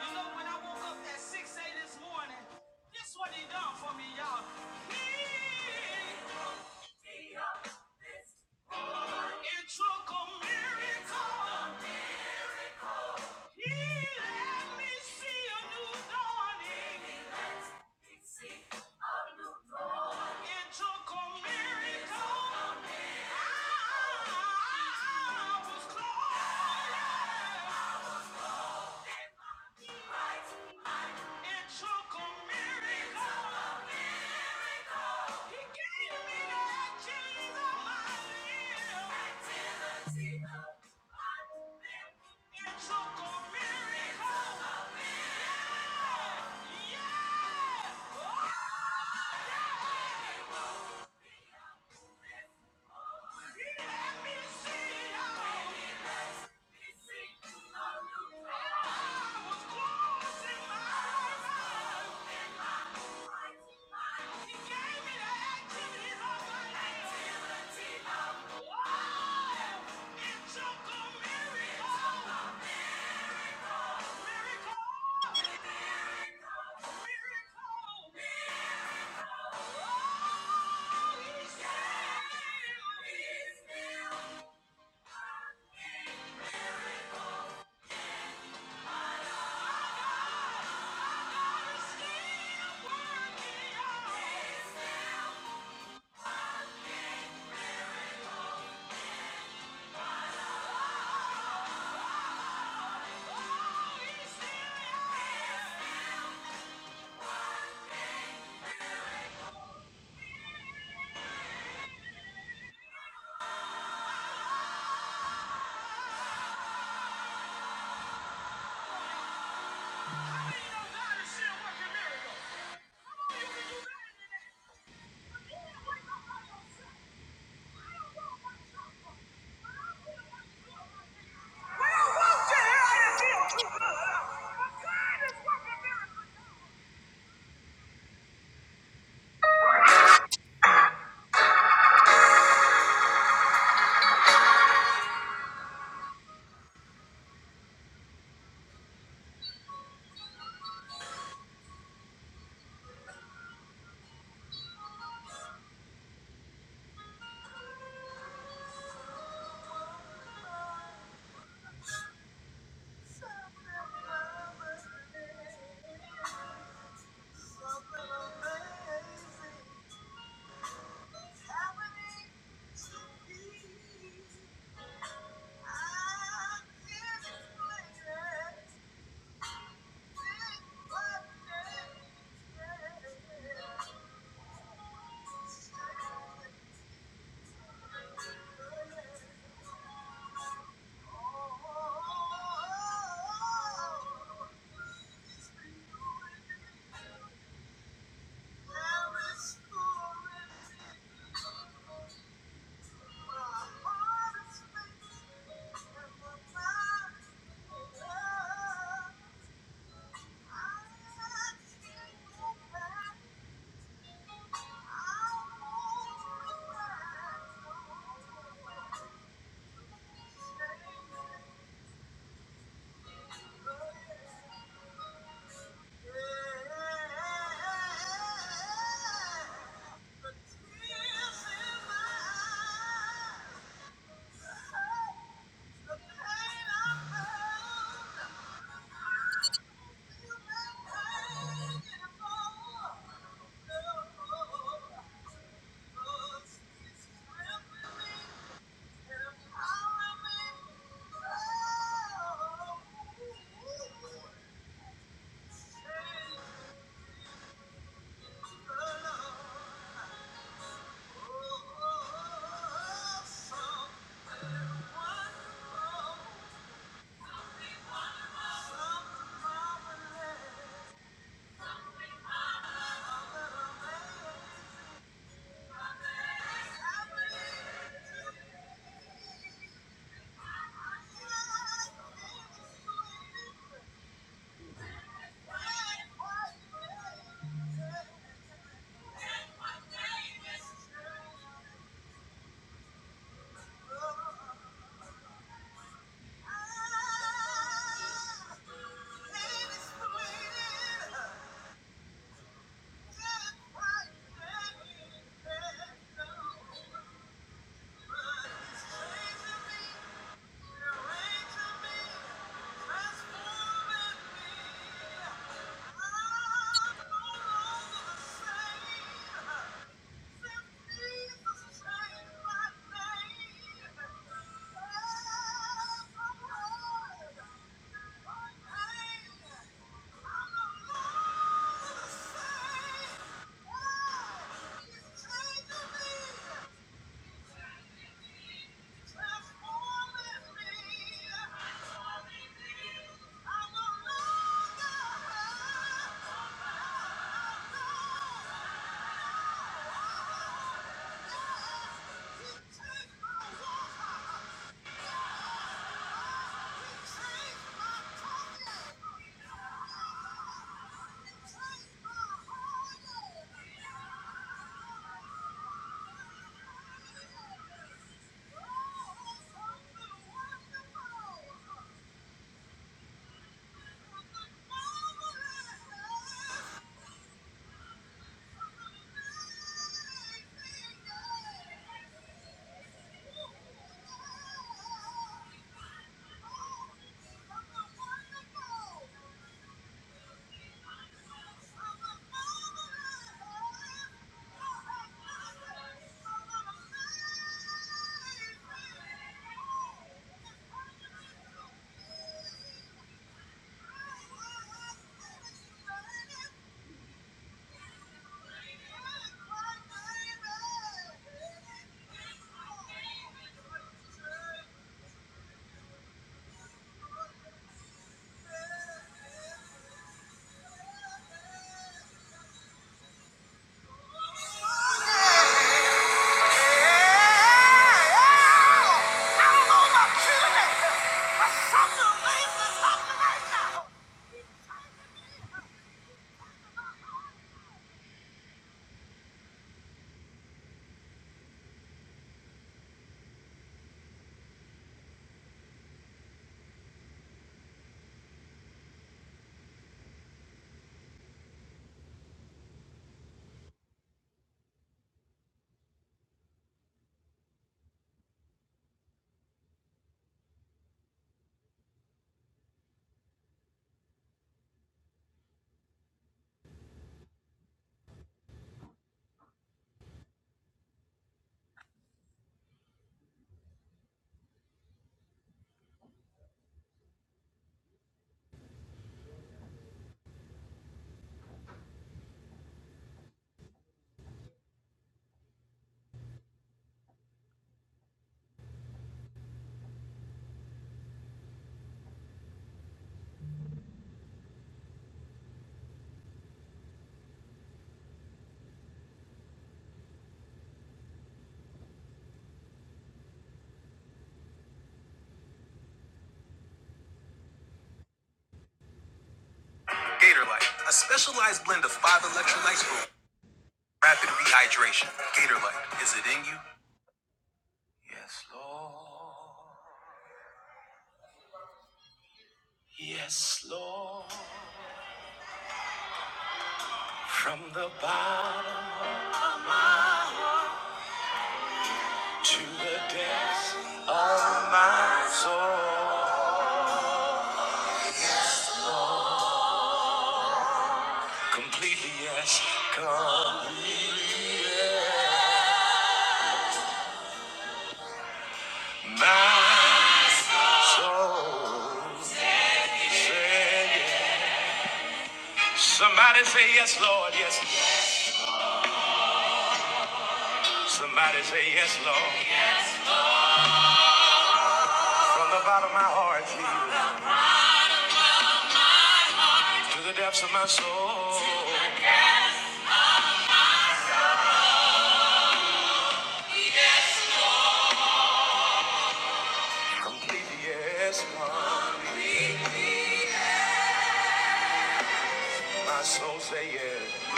You know, when I woke up at 6 a.m. this morning, this what he done for me, y'all. He It took a miracle. He let me see a new dawning. He let me see a new dawning. It took a miracle. I was close. I was close. It took a miracle. He gave me the actions of my limbs. Activity of my limbs. It took a miracle. Yeah. Yeah. He gave me the activities of my life. It's a miracle. Miracle! Thank you. Something amazing. There is no fullness. Thank you. Oh, Something wonderful, something marvelous. Ladies, waiting. Thank you. Thank you. Thank you. Wonderful! Gatorade, a specialized blend of five electrolytes for rapid rehydration. Gatorade, is it in you? From the bottom to the depths of my soul, completely yes, completely yes. my soul. Say yes. Somebody say yes, Lord, yes. Somebody say yes, Lord. From the bottom of my heart to the depths of my soul, completely yes, Lord. My soul say yes.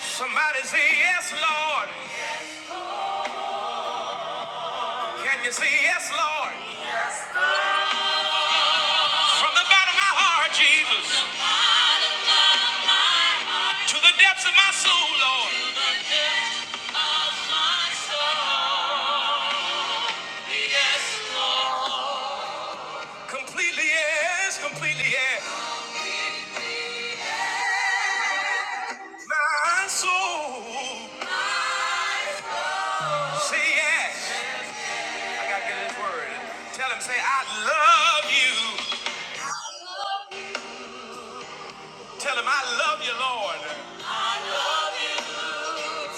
Somebody say yes, Lord. Can you say yes, Lord? From the bottom of my heart, Jesus, to the depths of my soul, Lord. My soul, yes. Completely yes, completely yes. My soul, say yes. I gotta get this word. Tell him, say, I love you. Tell him, I love you, Lord.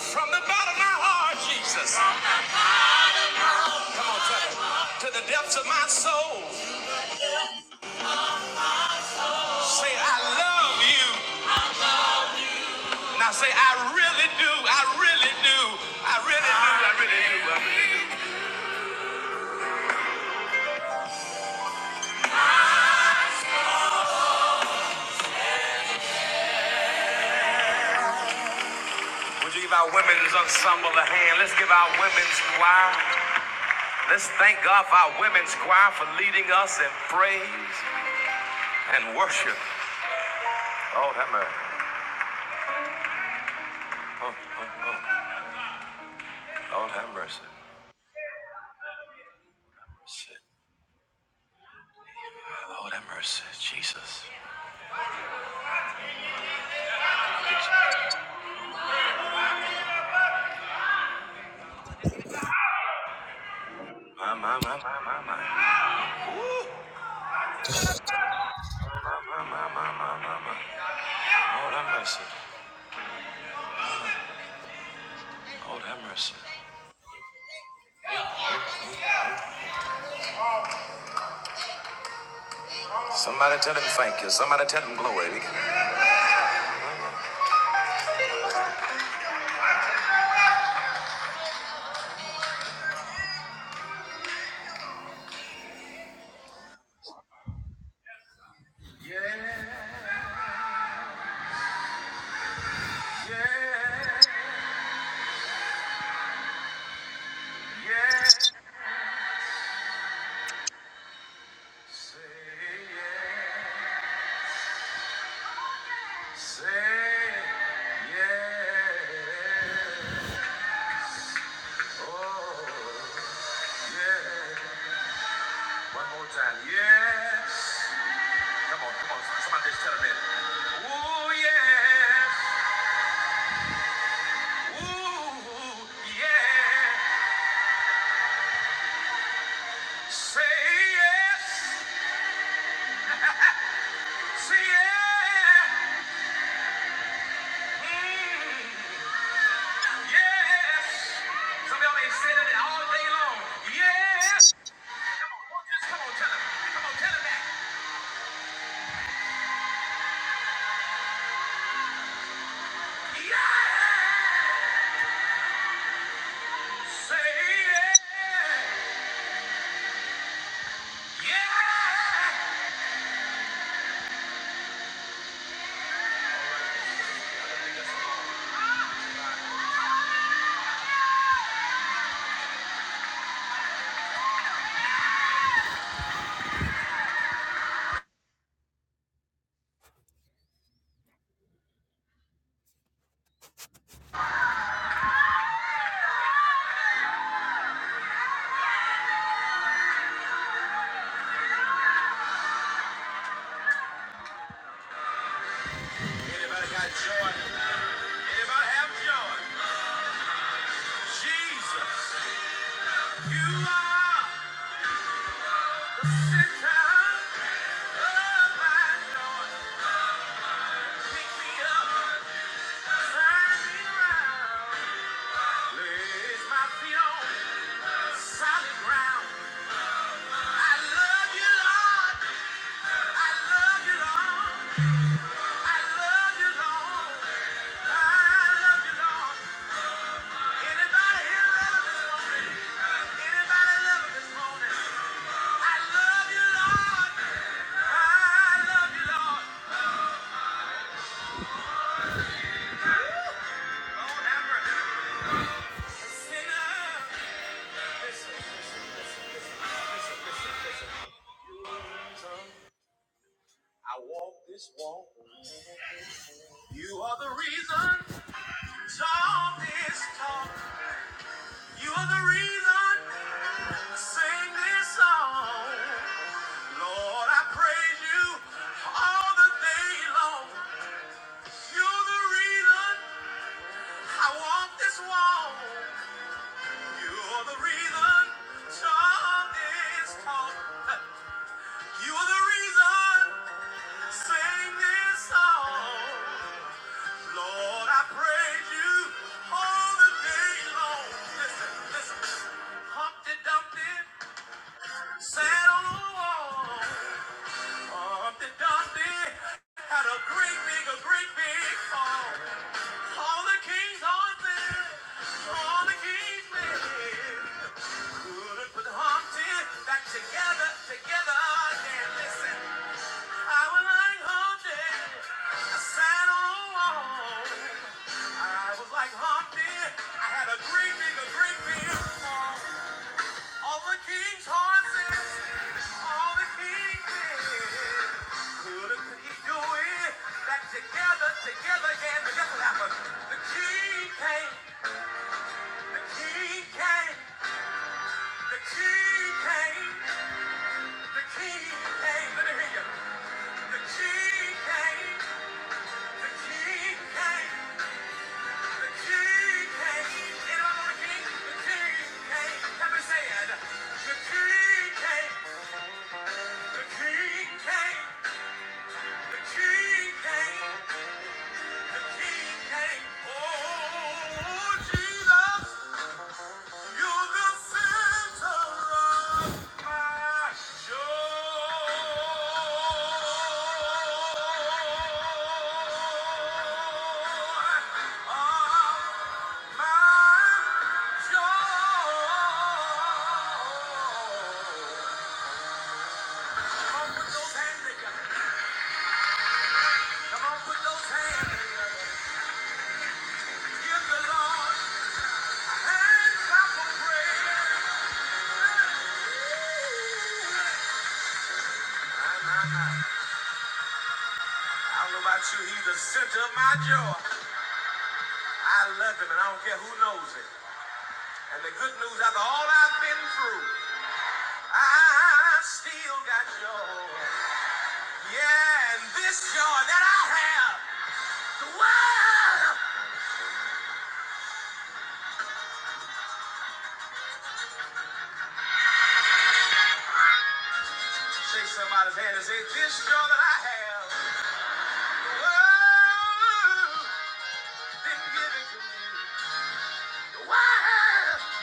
From the bottom of my heart, Jesus. Come on, tell him. To the depths of my soul, say, I love you. Now say, I really do, I really do, I really do, I really do. really Would you give our women's ensemble a hand? Let's give our women's choir. Let's thank God for our women's choir for leading us in praise and worship. Lord have mercy. Oh, oh, oh. Lord have mercy. Shit. Lord have mercy, Jesus. My, my, my, my, my, my, my, my, my, my, my, my, my. Lord have mercy. Lord have mercy. Somebody tell him thank you. Somebody tell him glory. Yes, say yes, say yes. Oh, yeah. One more time. Yes. Come on, come on. Somebody just tell me. Ooh, yes. Ooh, yeah. Say yes. Say yeah. Mm, yes. Some of y'all ain't said it all day long. Yeah. Come on, won't you just come on, tell him. Come on, tell him that. Yeah! Say yeah! Yeah! If I have joy, Jesus, you are center of my joy. Pick me up, turn me around. Place my feet on solid ground. I love you, Lord. I love you, Lord. I love you, Lord. I love you, Lord. Anybody here love this morning? Anybody love this morning? I love you, Lord. I love you, Lord. Lord, have mercy. Sinner. Listen, listen, listen, listen, listen, listen, listen. I walk this walk. You are the reason. Talk this talk. You are the reason. Sing this song. Lord, I praise you all the day long. You're the reason I walk this wall. You're the reason John is called. You're the reason I sing this song. Lord, I praise you all the day long. Listen, listen. Humpty Dumpty sat on a wall. Humpty Dumpty had a great big, a great big fall. All the kings are dead. All the kings men. Couldn't put the heart in back together, together again. Listen, I was like Humpty, I sat on a wall. I was like Humpty, I had a great big, a great big fall. All the kings' horses, all the kings men. Couldn't put he do it back together, together again? But guess what happened? The king came. The king came, the king came, the king came, let me hear you. The king came, the king came, the king came. Anyone want a king? The king came. Let me say The king came, the king came, the king came, the king came. Oh, Jesus. You're the center of my Bye. I don't know about you, he's the center of my joy. I love him, and I don't care who knows it. And the good news, after all I've been through, I still got joy. Yeah, and this joy that I have. Shake somebody's hand and say, this joy that I have. Oh, didn't give it to me. Why?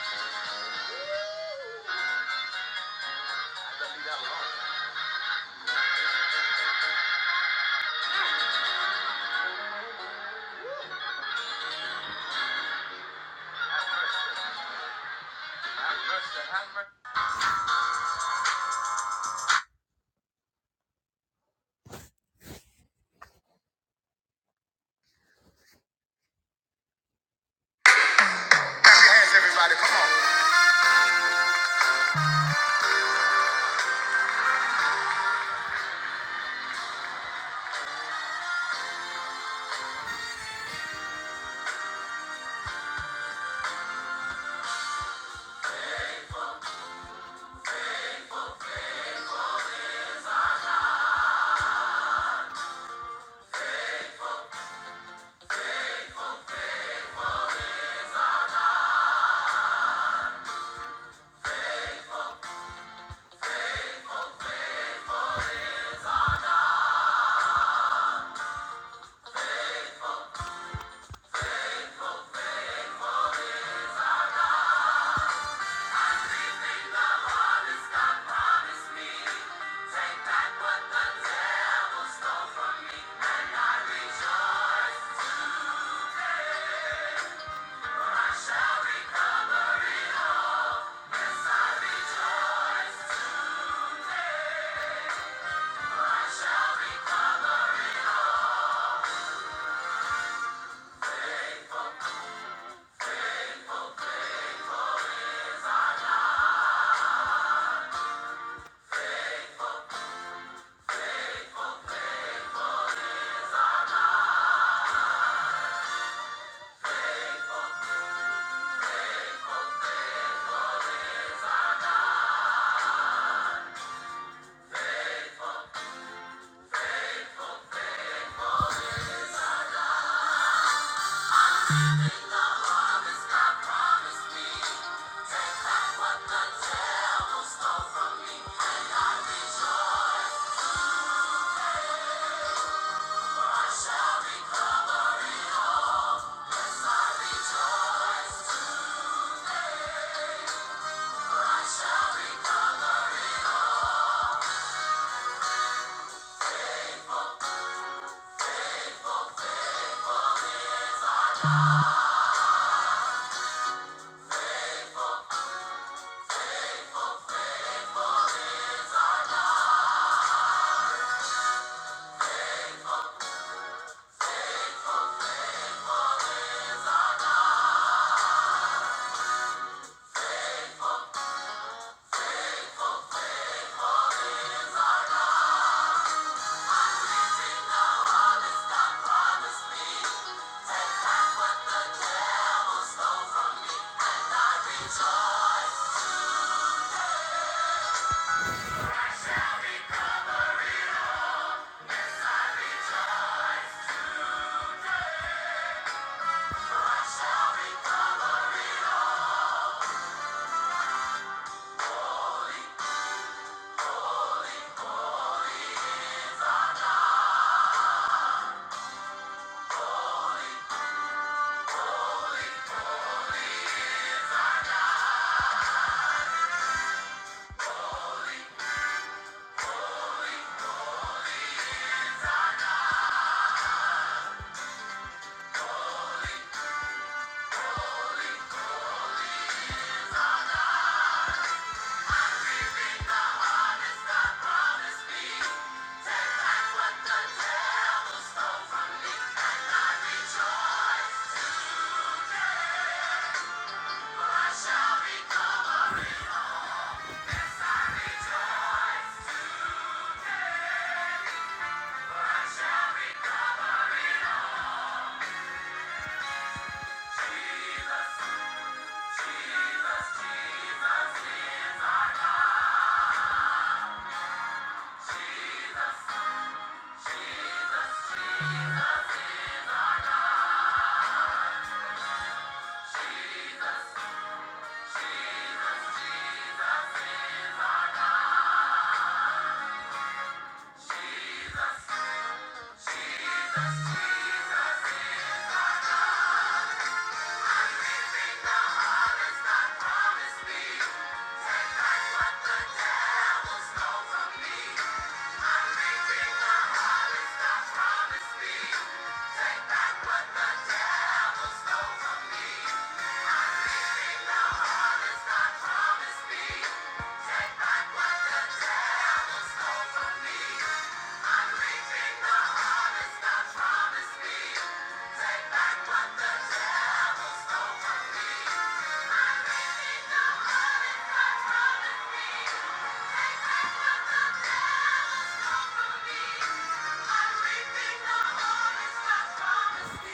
Everything I want is not promised me.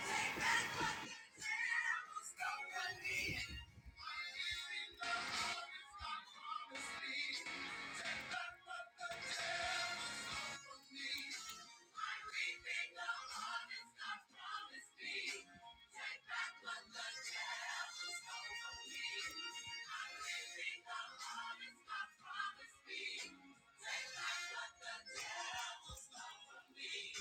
Take back what the devil stole from me.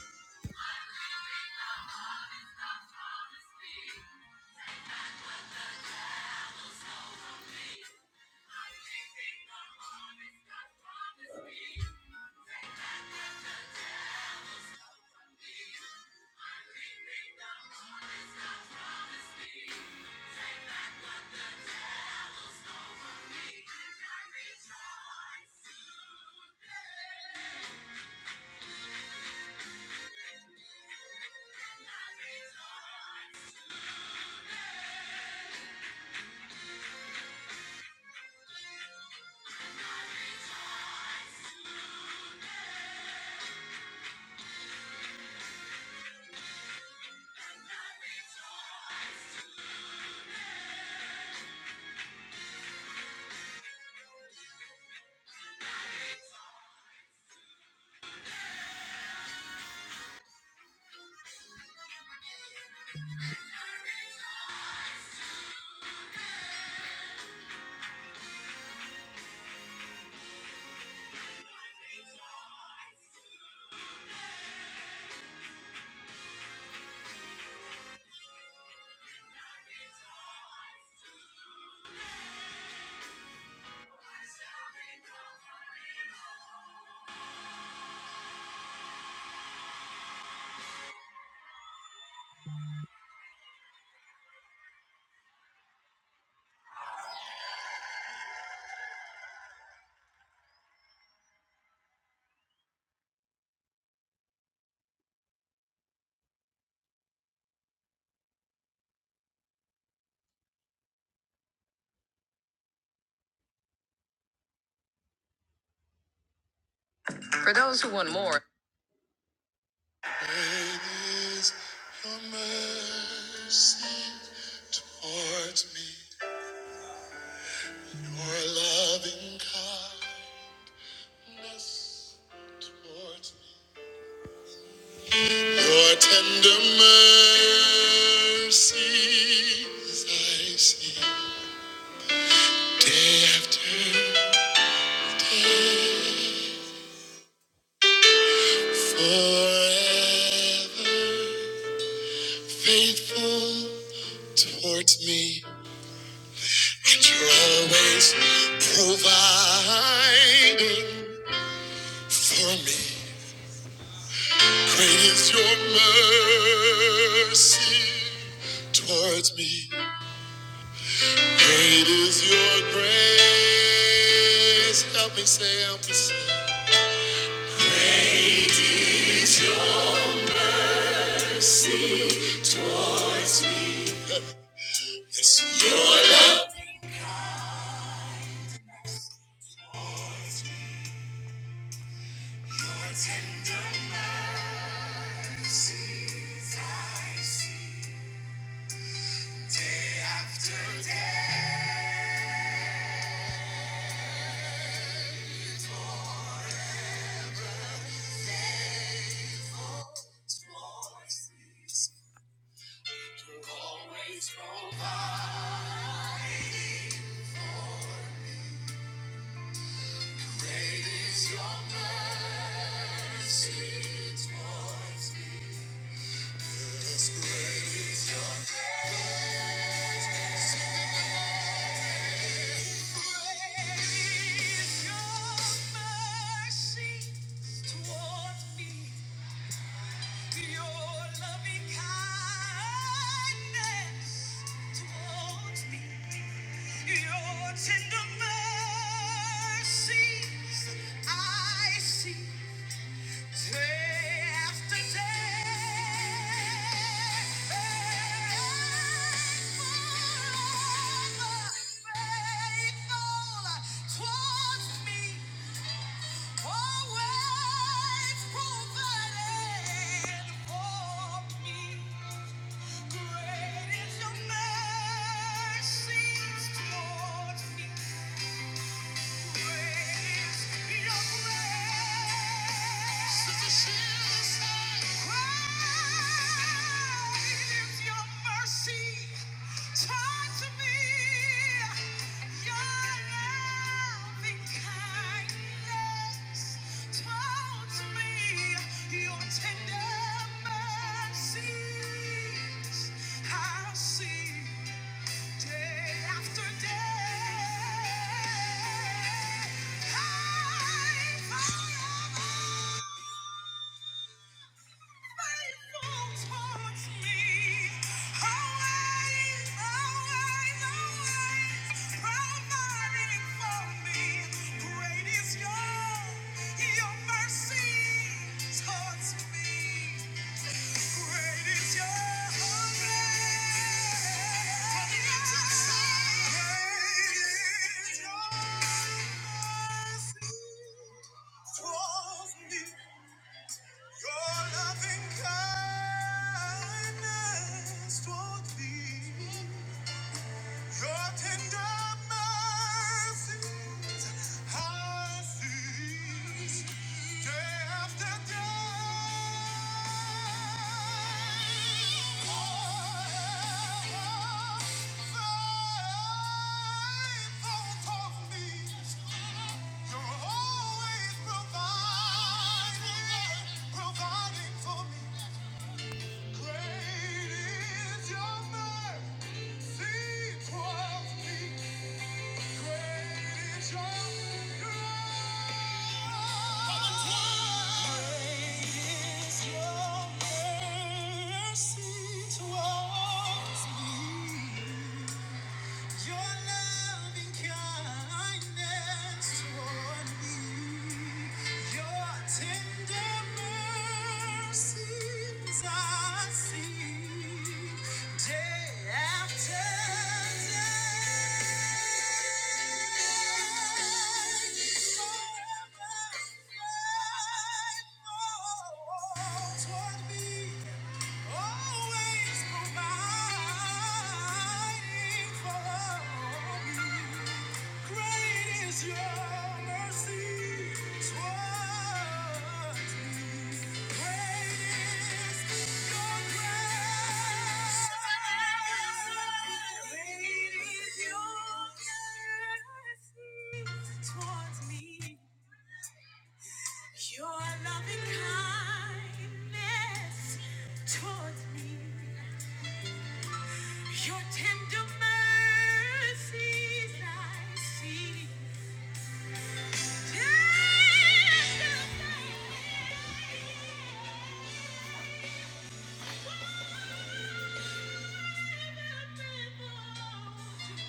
For those who want more, great is Your mercy towards me. Your loving kindness towards me, your tender mercies I see day after day, forever faithful towards me, and you're always providing for me. Great is your mercy towards me. Great is your grace. Help me say, help me say. Towards me. It's your tender I see after death. Towards me. You always provide. It is your mercy towards me. Tender mercies I see. Day after day, faithful towards me. Always provided for me. Great is your mercy towards me. Tender mercies, I see. Day after day, I forever faithful towards me. Always, always, always providing for me. Great is your your mercy towards me. Your loving kindness toward me. Your tender mercies I see day after day. Forever faithful to me. You're always providing, providing for me. Great is your mercy. Mercy towards me. Your loving kindness toward me, your tender mercies I see day after day. Forever faithful toward me, always provide. Your loving kindness towards me. Your tender mercies I see. Tender mercies.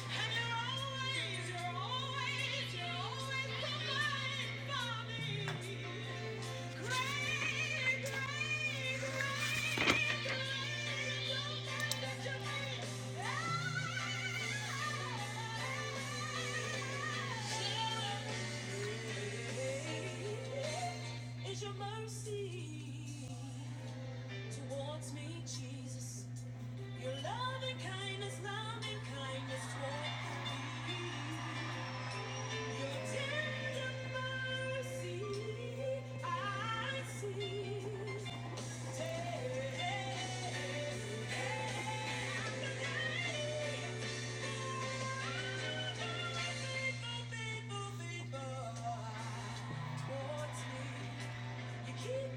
And you're always, you're always, you're always providing for me. Great is your mercy towards me, Jesus. Your loving kindness, loving kindness towards me. Keep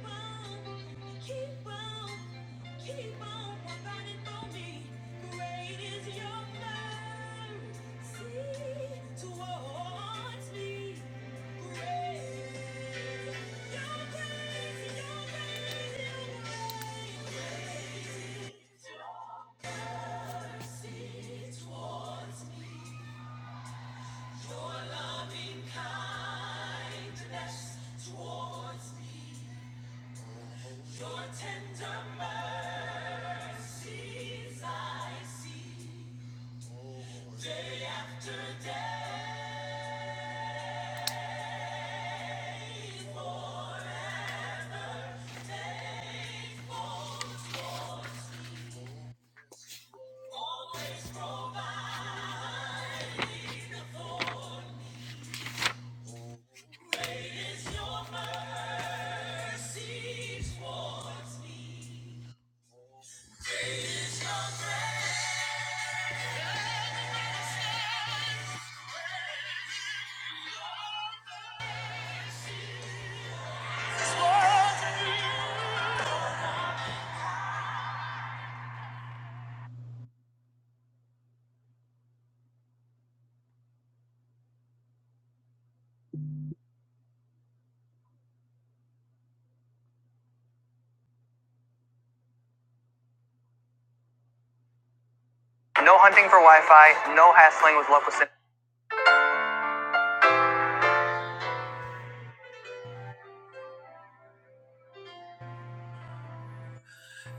on, keep on, keep on providing for me. Great is your mercy towards me.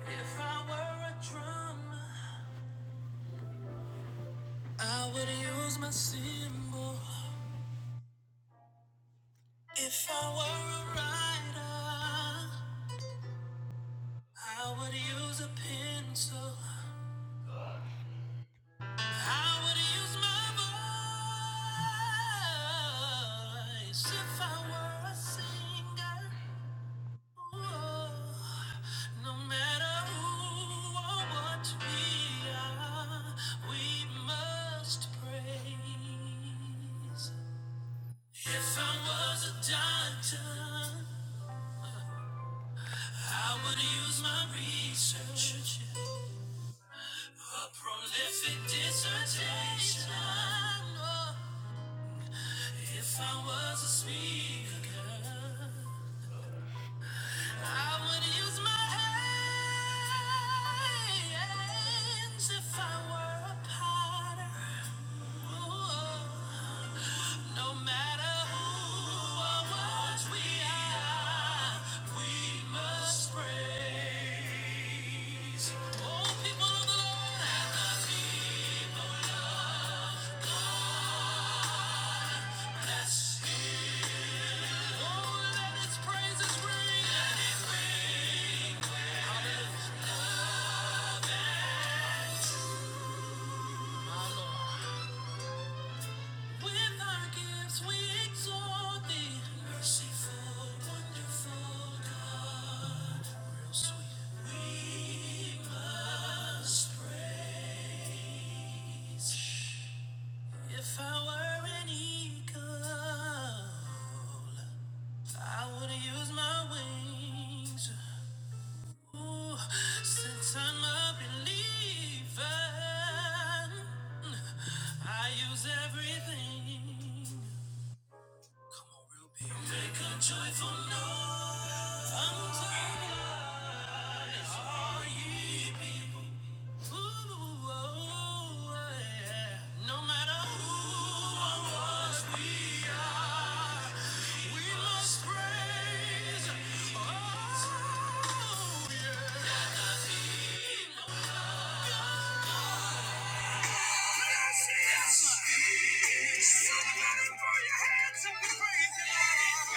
If I were a drummer, I would use my cymbal. If I were a writer, I would use a pencil. I would use my voice if I were a singer. Ooh, no matter who or what we are, we must praise. If I was a doctor, I would use my research. A Prolific dissertation. If I was a speaker, I would use my hands. If I were a potter, oh, with our gifts we exalt thee. Merciful, wonderful God. Sweet. We must praise. If I were an eagle, I would use my wings. Ooh, since I'm a believer, Let us speak. Somebody throw your hands up and raise your arms.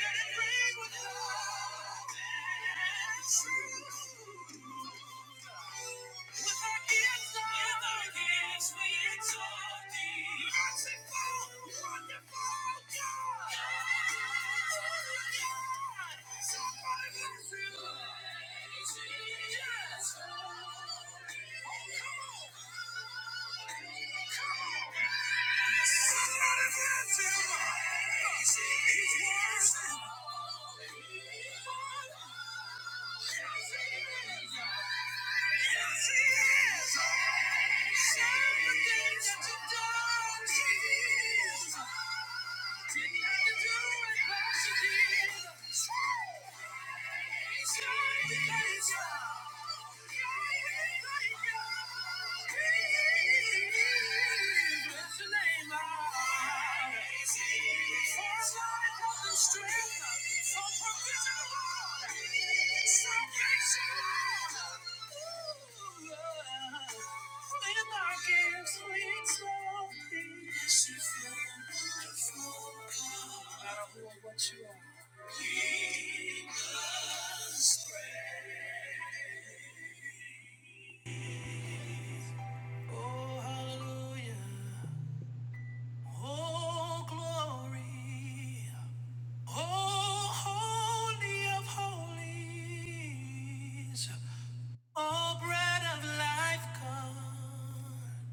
Let it ring with love, bad and true. With our gifts, with our gifts we exalt the wonderful, wonderful God. Oh yeah! Somebody lift your voice. Oh yeah! Yes, you are. Because grace. Oh, hallelujah. Oh, glory. Oh, holy of holies. Oh, bread of life, God.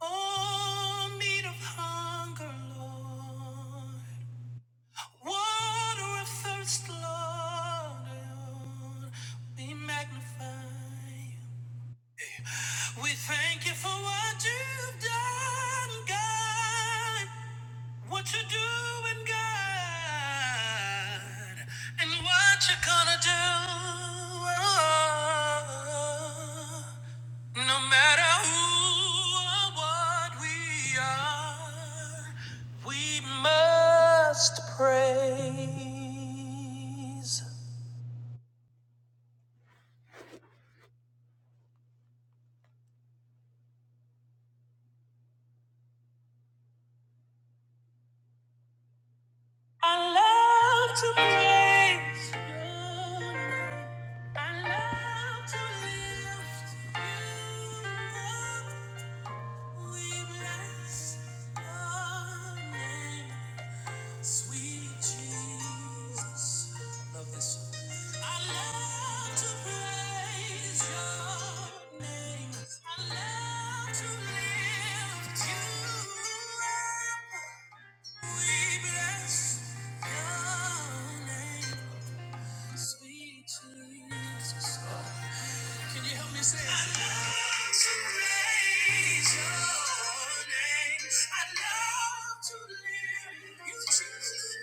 Oh, meat of hunger, Lord. Water of thirst, Lord. Be magnified. We thank you for what you've done, God. What you doing, God? And what you gonna do? Oh, No matter who or what we are, we must praise. I love to praise. your name. I love to lift you up. We bless your name, sweet Jesus. Love this song. I love to praise your name. I love to lift you up. We bless your name. Sweet Jesus. Can you help me say it? I love to praise your name. I love to lift you, Jesus,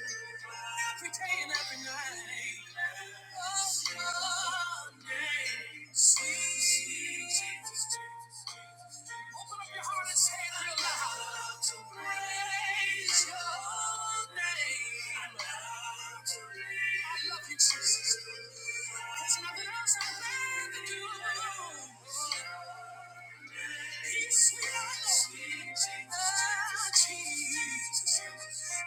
every day and every night. Oh, your name. Jesus. There's nothing else I'm going to do. He's sweet. Ah, Jesus.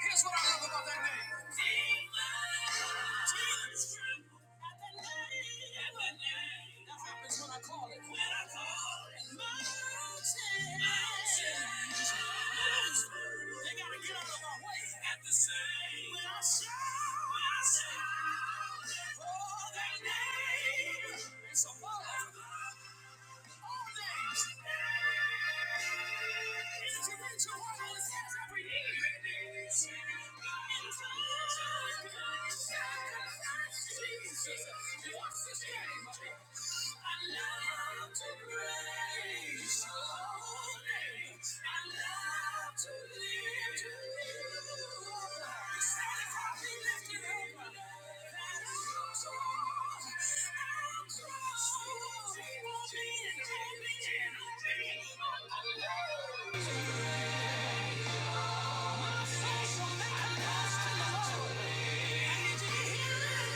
Here's what I love about that name. That happens when I call it. When I call it. Mountains. Mountains. They gotta get out of my way. At the same. When I shout. Jesus, I love to praise. My faith will make a lost to the Lord. And did you hear it?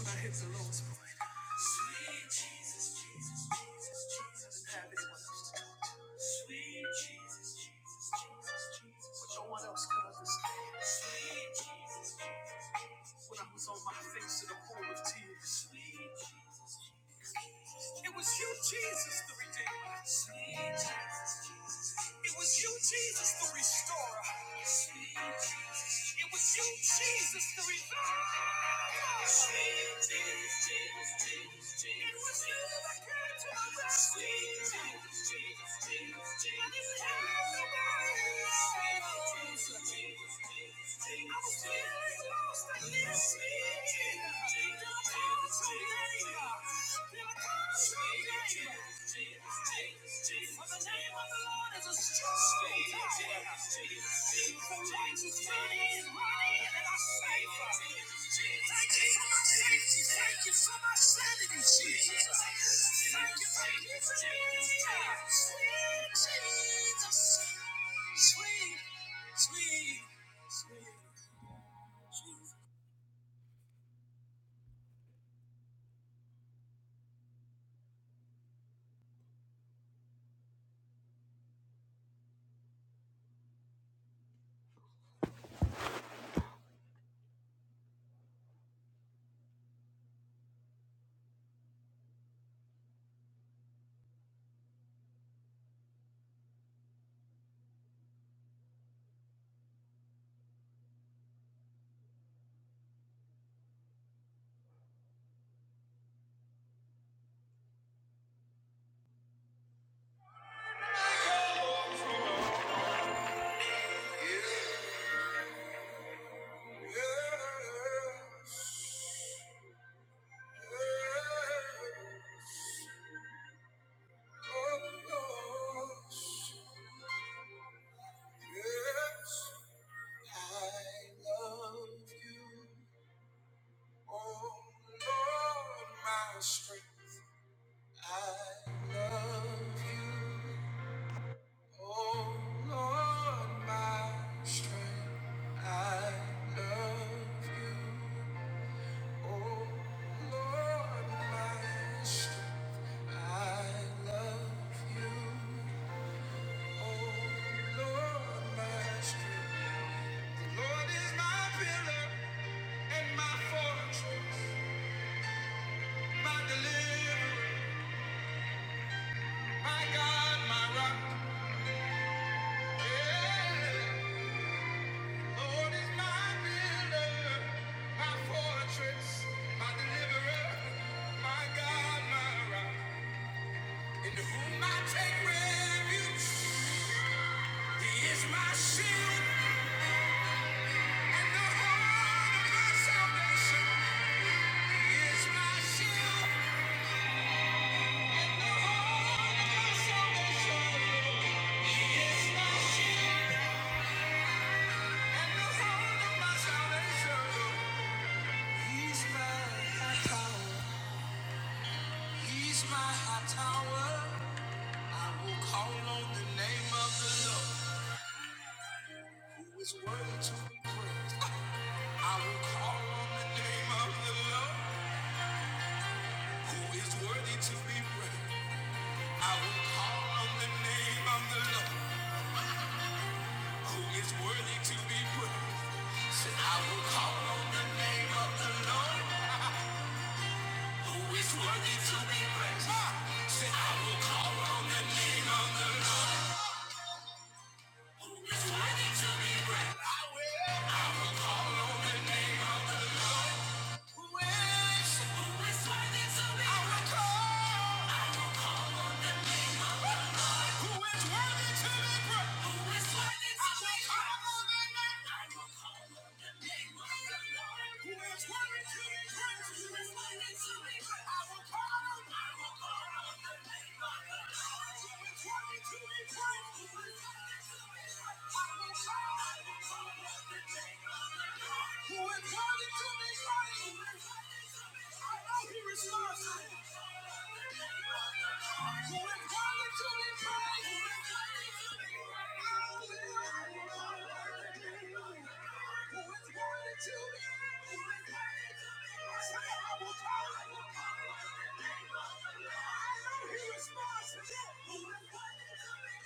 When I hit the lowest point. Sweet Jesus, Jesus, Jesus, Jesus. Have one. Sweet Jesus, Jesus, Jesus, Jesus. What no one else could understand. Sweet Jesus, Jesus, Jesus. When I was on my face in a pool of tears. Sweet Jesus. Jesus. It was you, Jesus, the Redeemer. Sweet Jesus, Jesus. It was you, Jesus, the Restorer. Sweet Jesus. It was you, Jesus, the Reviver. Sweet Jesus, Jesus, Jesus, Jesus. It was you that came to my rescue. Sweet Jesus, Jesus, Jesus, Jesus. I didn't have nobody Sweet Jesus, Jesus, Jesus, Jesus. I was feeling lost and needed Sweet Jesus, Jesus, Jesus, Jesus. Sweet sweet, Yes. Oh Oh Oh Lord, Lord, Lord, yes, I I I love love love you. you. you. my my my strength, strength, strength, I love you. In whom I take refuge, He is my shield. Worthy to be praised. I will call on the name of the Lord who is worthy to be praised. I will call on the name of the Lord, who is worthy to be praised. Said, I will call on the name of the Lord, who is worthy to be praised. Ah! I will call on the name of the Lord, who is worthy to be praised. I will. Who is? Who is worthy to be praised? I will call. who is worthy to be praised. Who is worthy to be praised. I will call on the name of the Lord. Who is worthy to be praised. Who is worthy to be praised. I will call I will call on the name of the Lord. Who is worthy to be praised. Who is worthy to be praised. I will call, I will call on the name of the Lord. Response to that. I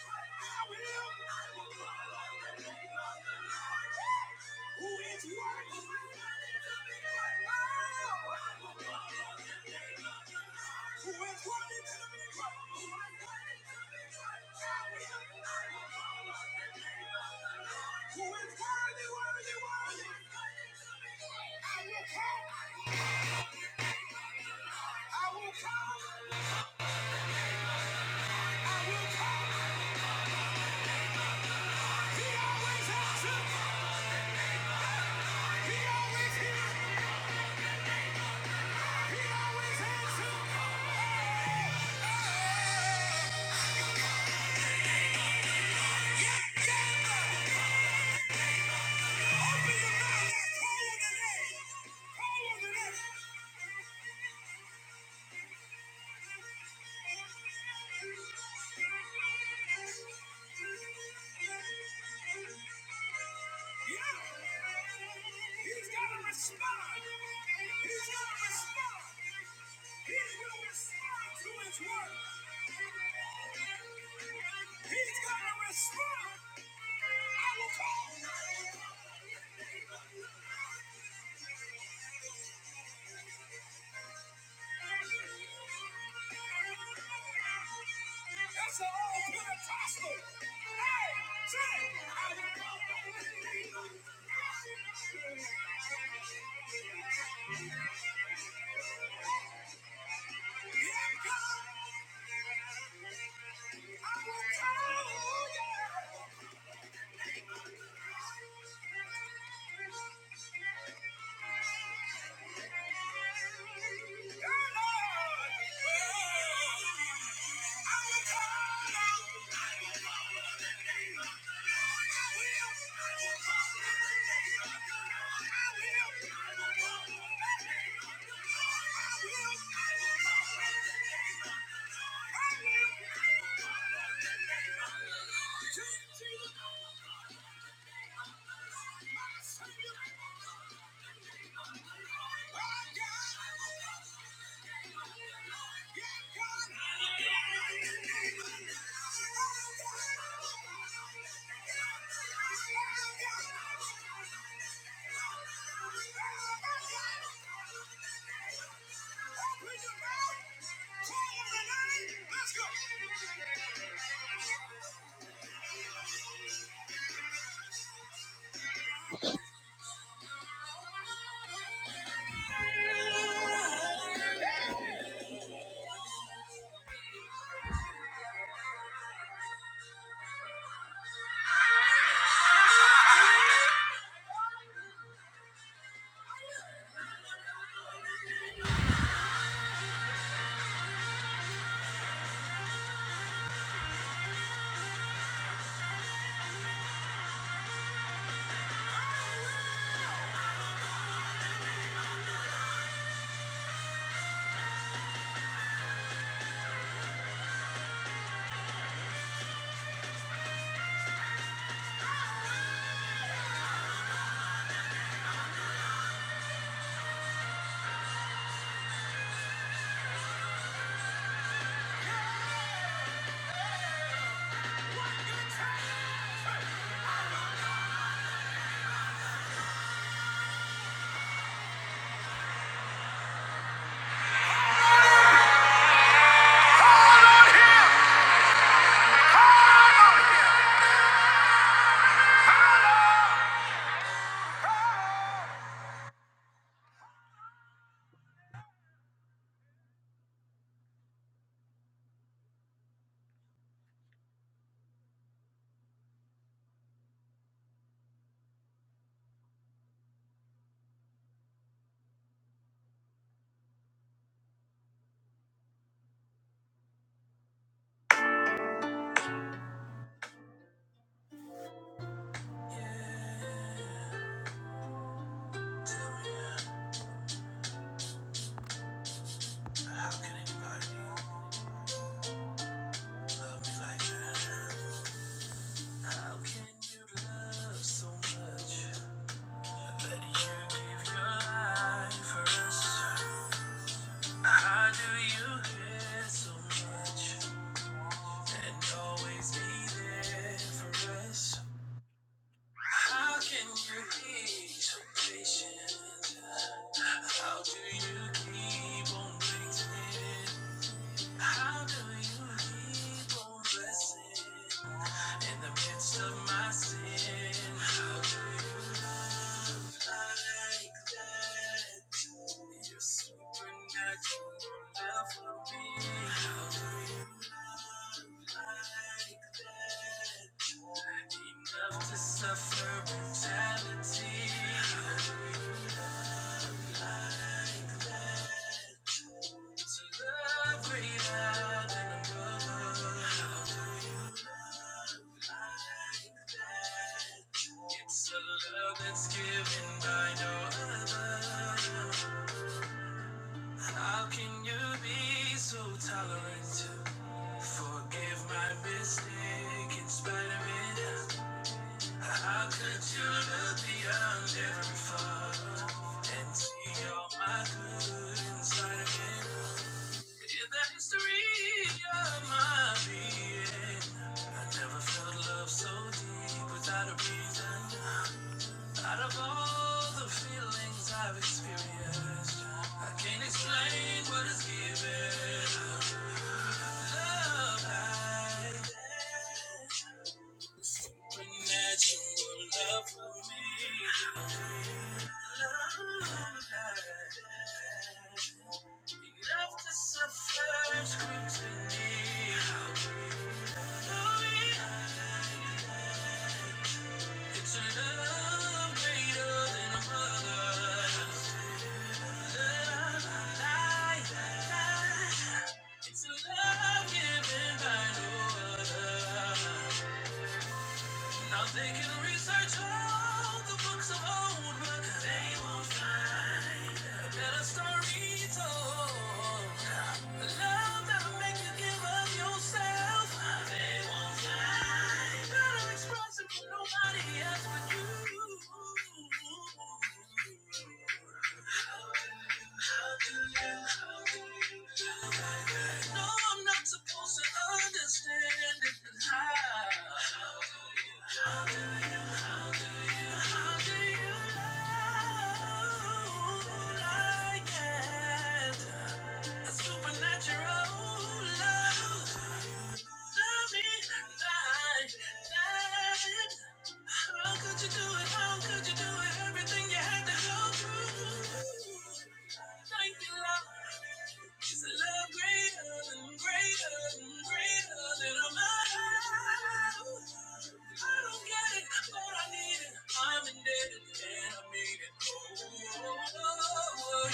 will. I will who is worthy. Who is worthy to be praised? Who is worthy, worthy, worthy? I will come. I will come. I will come. He always, he always answers. He's gonna respond to his word. He's gonna respond. I will call. That's an old Pentecostal. Yeah. Oh, God. How could you do it? How could you do it? Everything you had to go through. It's a love greater than, greater than, greater than I'm I don't get it, but I need it. I'm indebted and I mean it. Oh, oh, oh,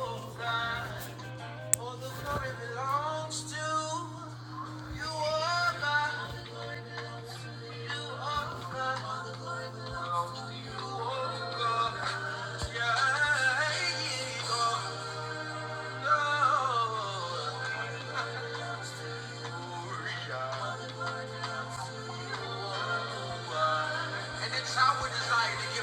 you are God. All the glory belongs to you, oh God. Belongs to you, oh God. Yeah, oh, Lord. Yeah. And it's our desire to give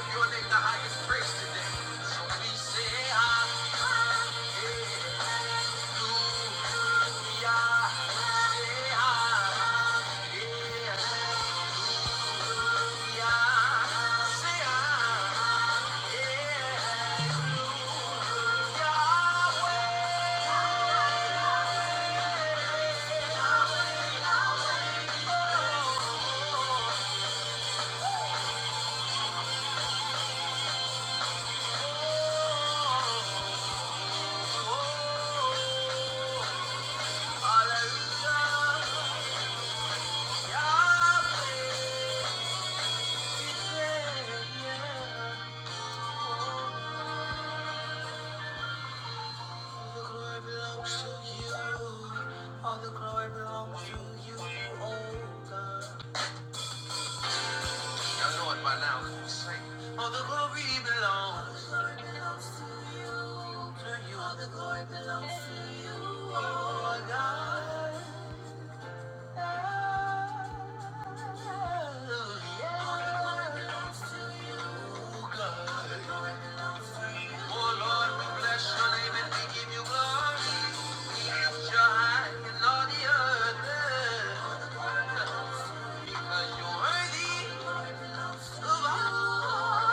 All the glory belongs to you. Oh Lord, we bless your name and thank you. Lord, you're high and all the earth. Cause you're worthy of all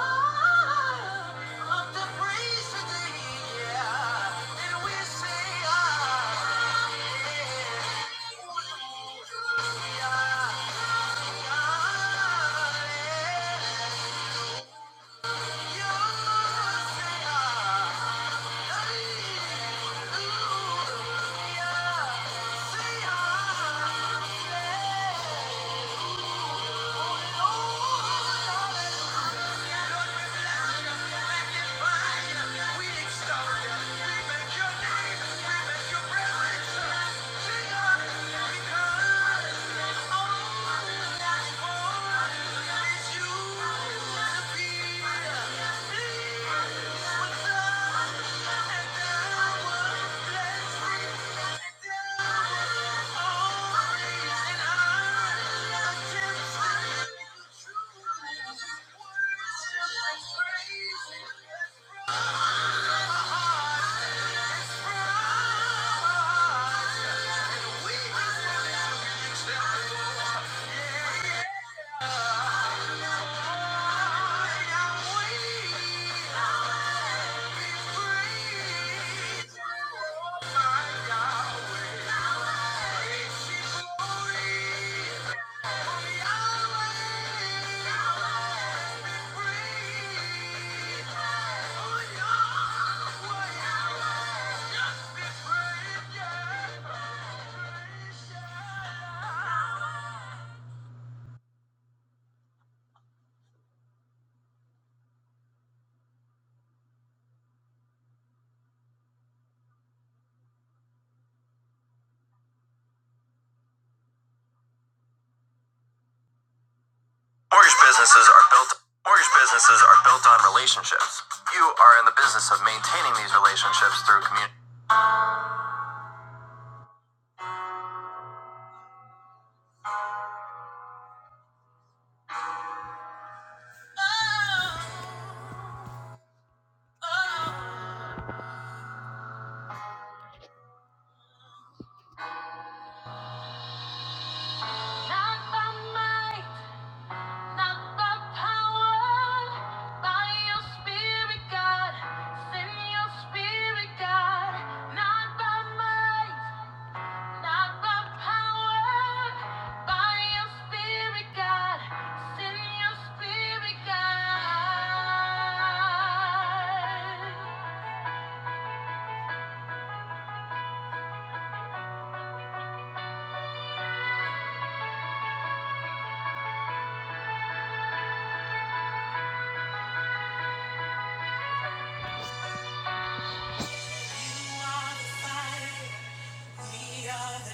of the praise today. Yeah. And we say, ah, yeah. Yeah, yeah. You say, ah. Thank you. we're my God, Yeah. Mortgage businesses are built mortgage businesses are built on relationships. You are in the business of maintaining these relationships through community.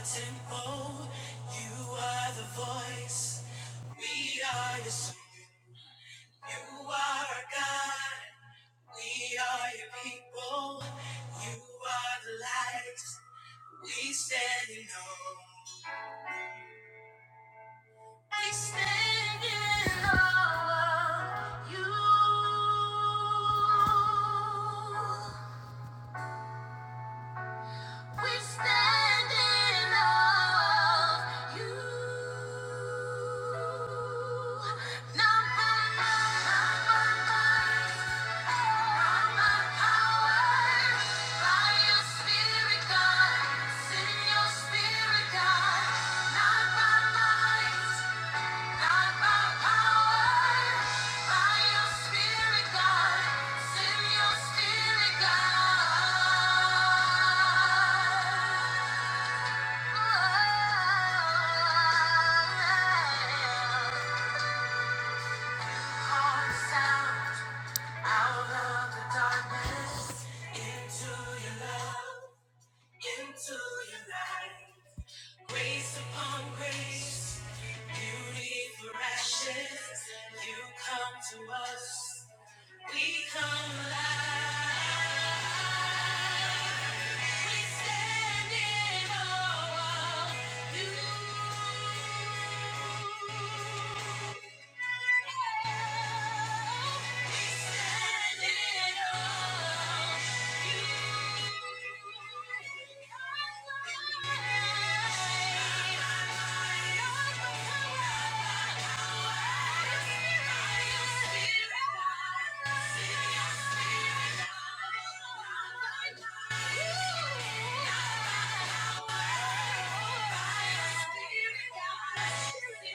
Tempo, you are the voice, we are the You are our God, we are your people. You are the light, we stand in awe. We stand in awe of you. We stand in awe of you. Number one, by power, by your spirit, God. Send your spirit, God. Not by might, into your light, grace upon grace. Beauty for ashes, you come to us. We come alive. We stand in awe of you. Spirit, God, spirit, God,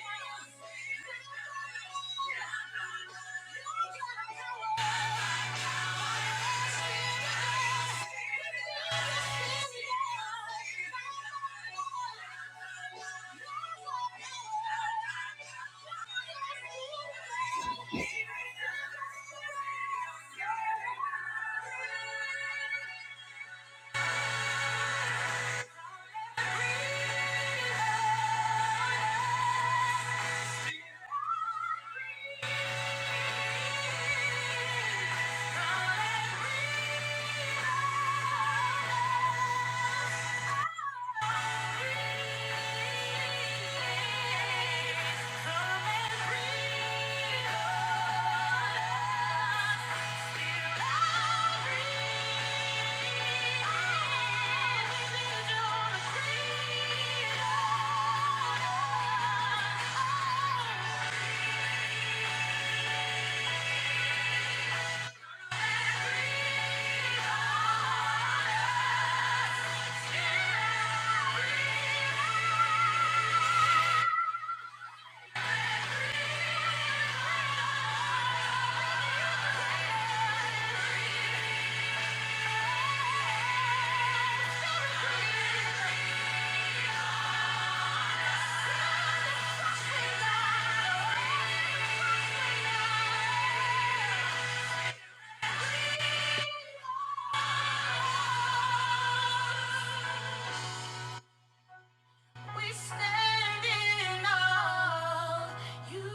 Yeah. Yeah. We stand in awe of you.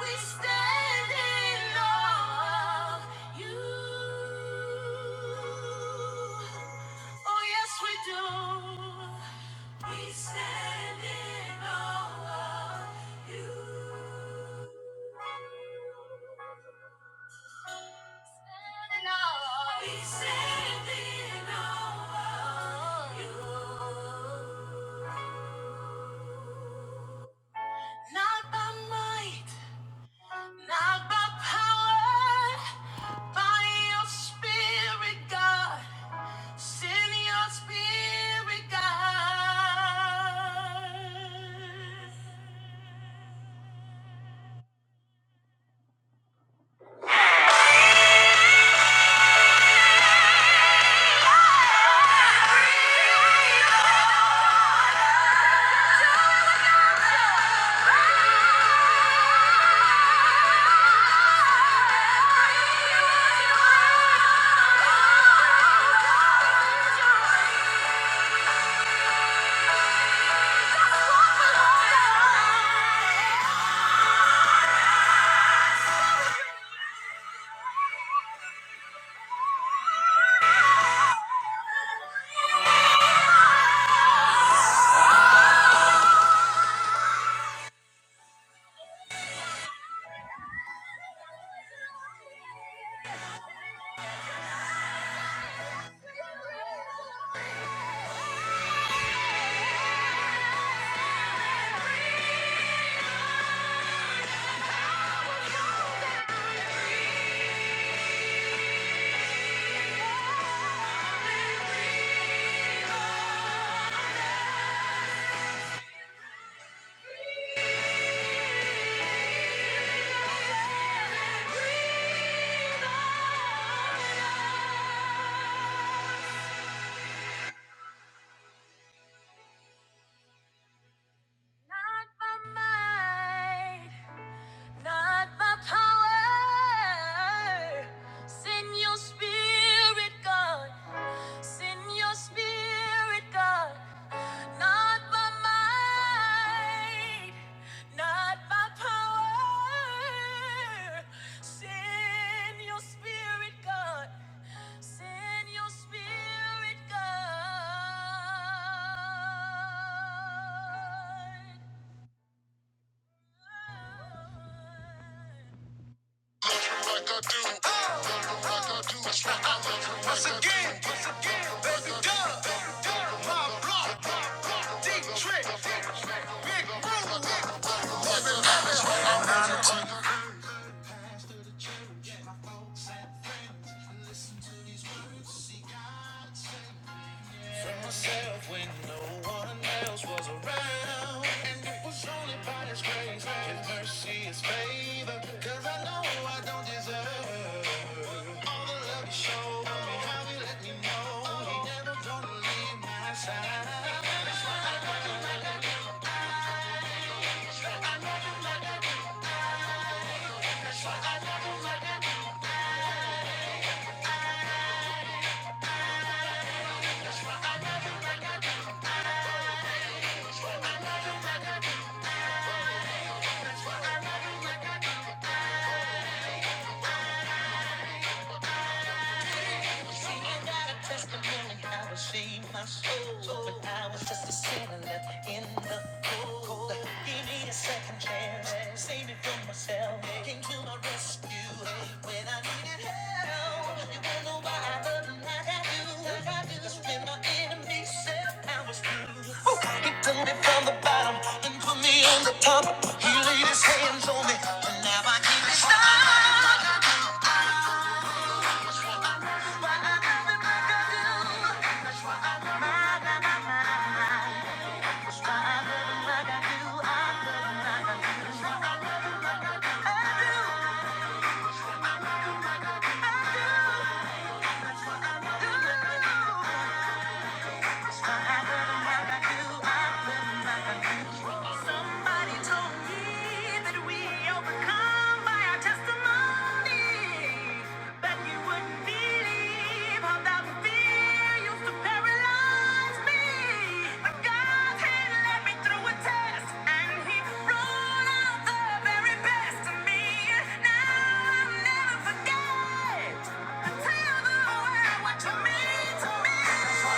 We stand in awe of you. Oh, yes, we do. We stand in awe of you. Standing on. you. Not by might, not by power, by your spirit, God. Send your spirit, God. Not by might, not by power. Send your spirit, God. Send your spirit, God. Not by might, not by power. Send your spirit, God. Send your spirit, God. A testimony how it saved my soul. But I was just a sinner left in the cold. Give me a second chance. Save me from myself. Came to my rescue when I needed help. You don't know why I love him like I do. Like I do. Cause when my enemy said I was through, oh, he took me from the bottom and put me on the top. He laid his hands on me. Somebody told me that we overcome by our testimony. But you wouldn't believe how that fear used to paralyze me. God had led me through a test, and He brought out the very best in me. Now I'll never forget. I tell the world what you mean to me.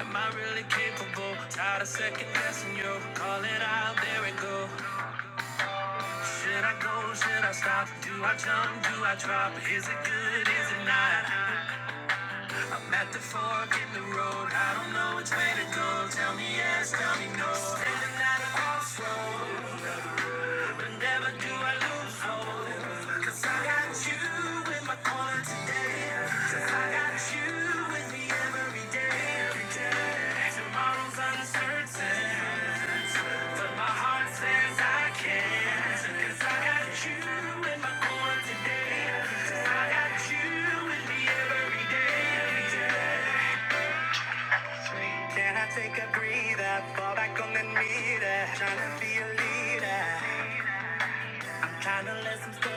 Am I really? Can I take a breather? Fall back on the meter. Trying to feel, trying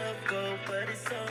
to go, go,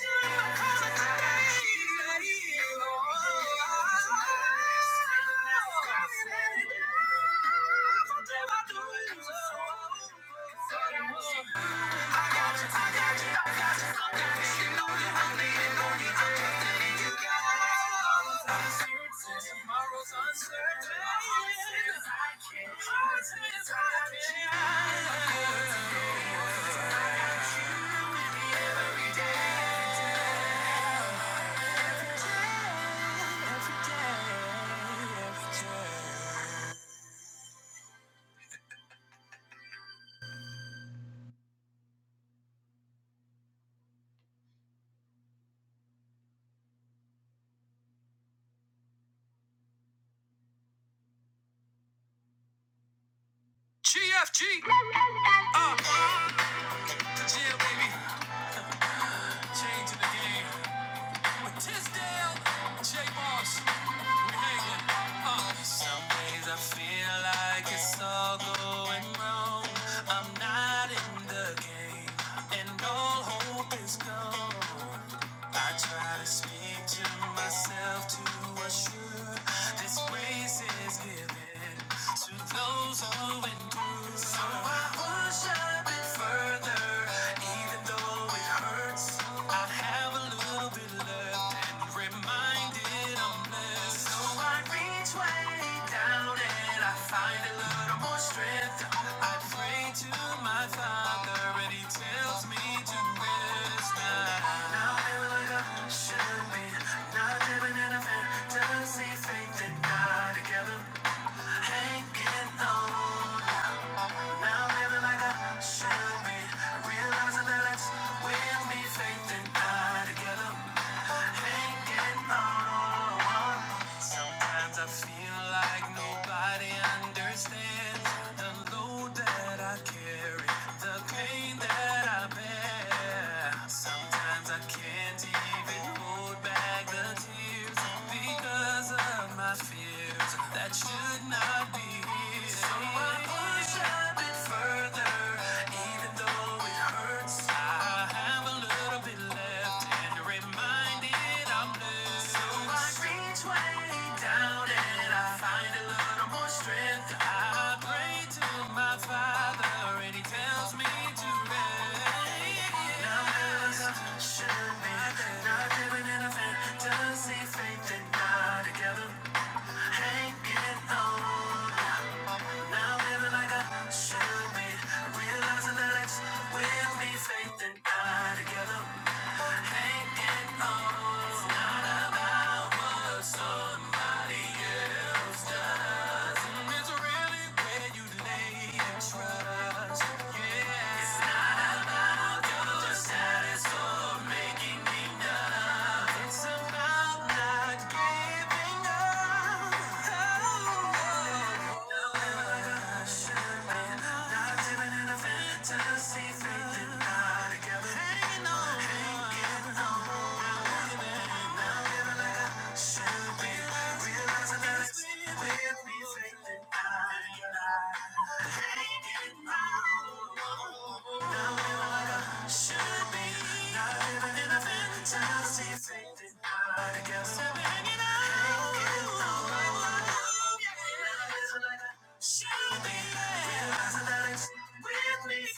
go.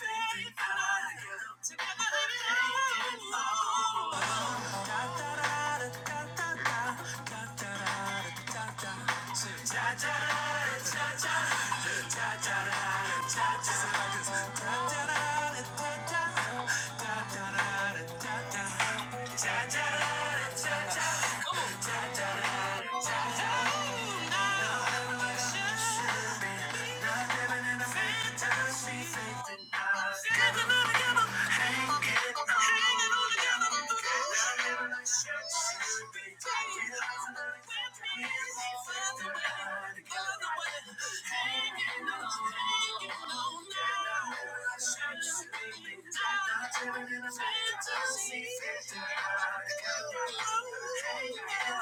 Uh. Cha-cha-cha-cha-cha-cha-cha-cha-cha-cha.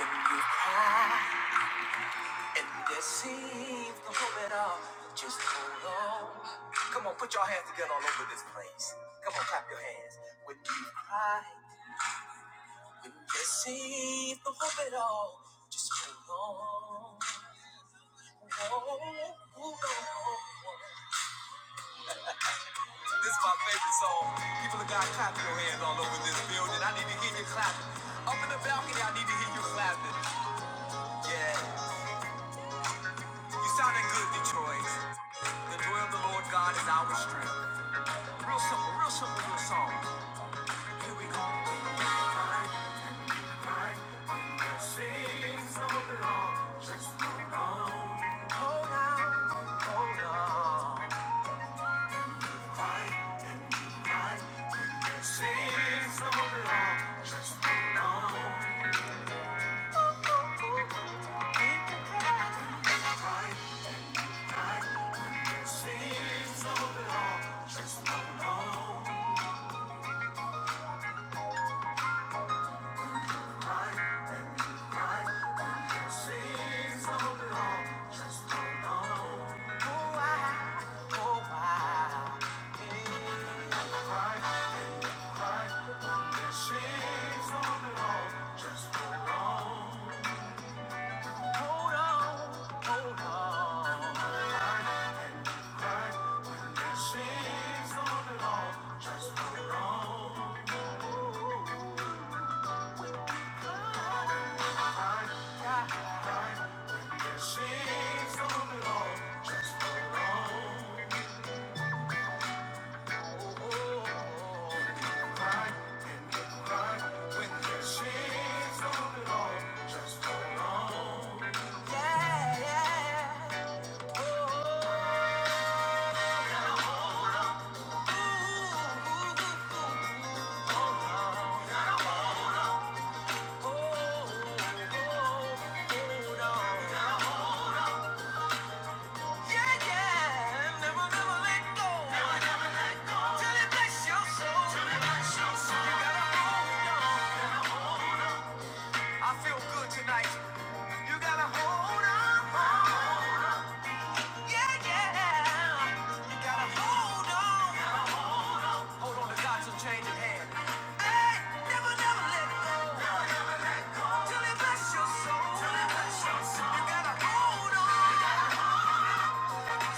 When you cry and there seems no hope at all, just hold on. Come on, put your hands together all over this place. Come on, clap your hands. When you cry, when there seems no hope at all, just hold on. Oh, oh, oh. This is my favorite song. People have got to clap your hands all over this building. I need to hear you clapping. Up in the balcony, I need to hear you clapping. Yeah, you sounding good, Detroit. The joy of the Lord God is our strength. Real simple, real simple little song. Here we go. Been so long. Hold on, hold on. Hold on. Yeah, yeah. Never, never let go. Never, never let go. Till it bless your soul. Till it bless your soul. You gotta hold on. I feel good tonight. You gotta hold on. Yeah, yeah. You gotta hold on. Hold on to God till change of hand. Hey, never, never let it go till it bless your soul. Till it bless your soul. You gotta hold on.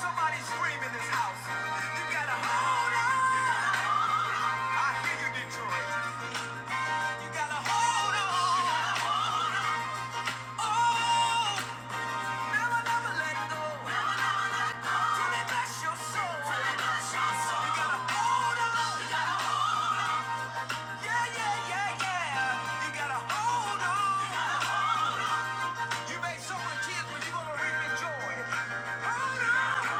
Somebody scream in this house. You gotta hold on. I hear you, Detroit. Hold on. Never, never let it go till it bless your soul. Till it bless your soul. You gotta hold on. You gotta hold- on. Yeah, yeah, yeah, yeah. You gotta hold on. You gotta hold- on. You made so much kids, but you're gonna reap the joy. Hold on.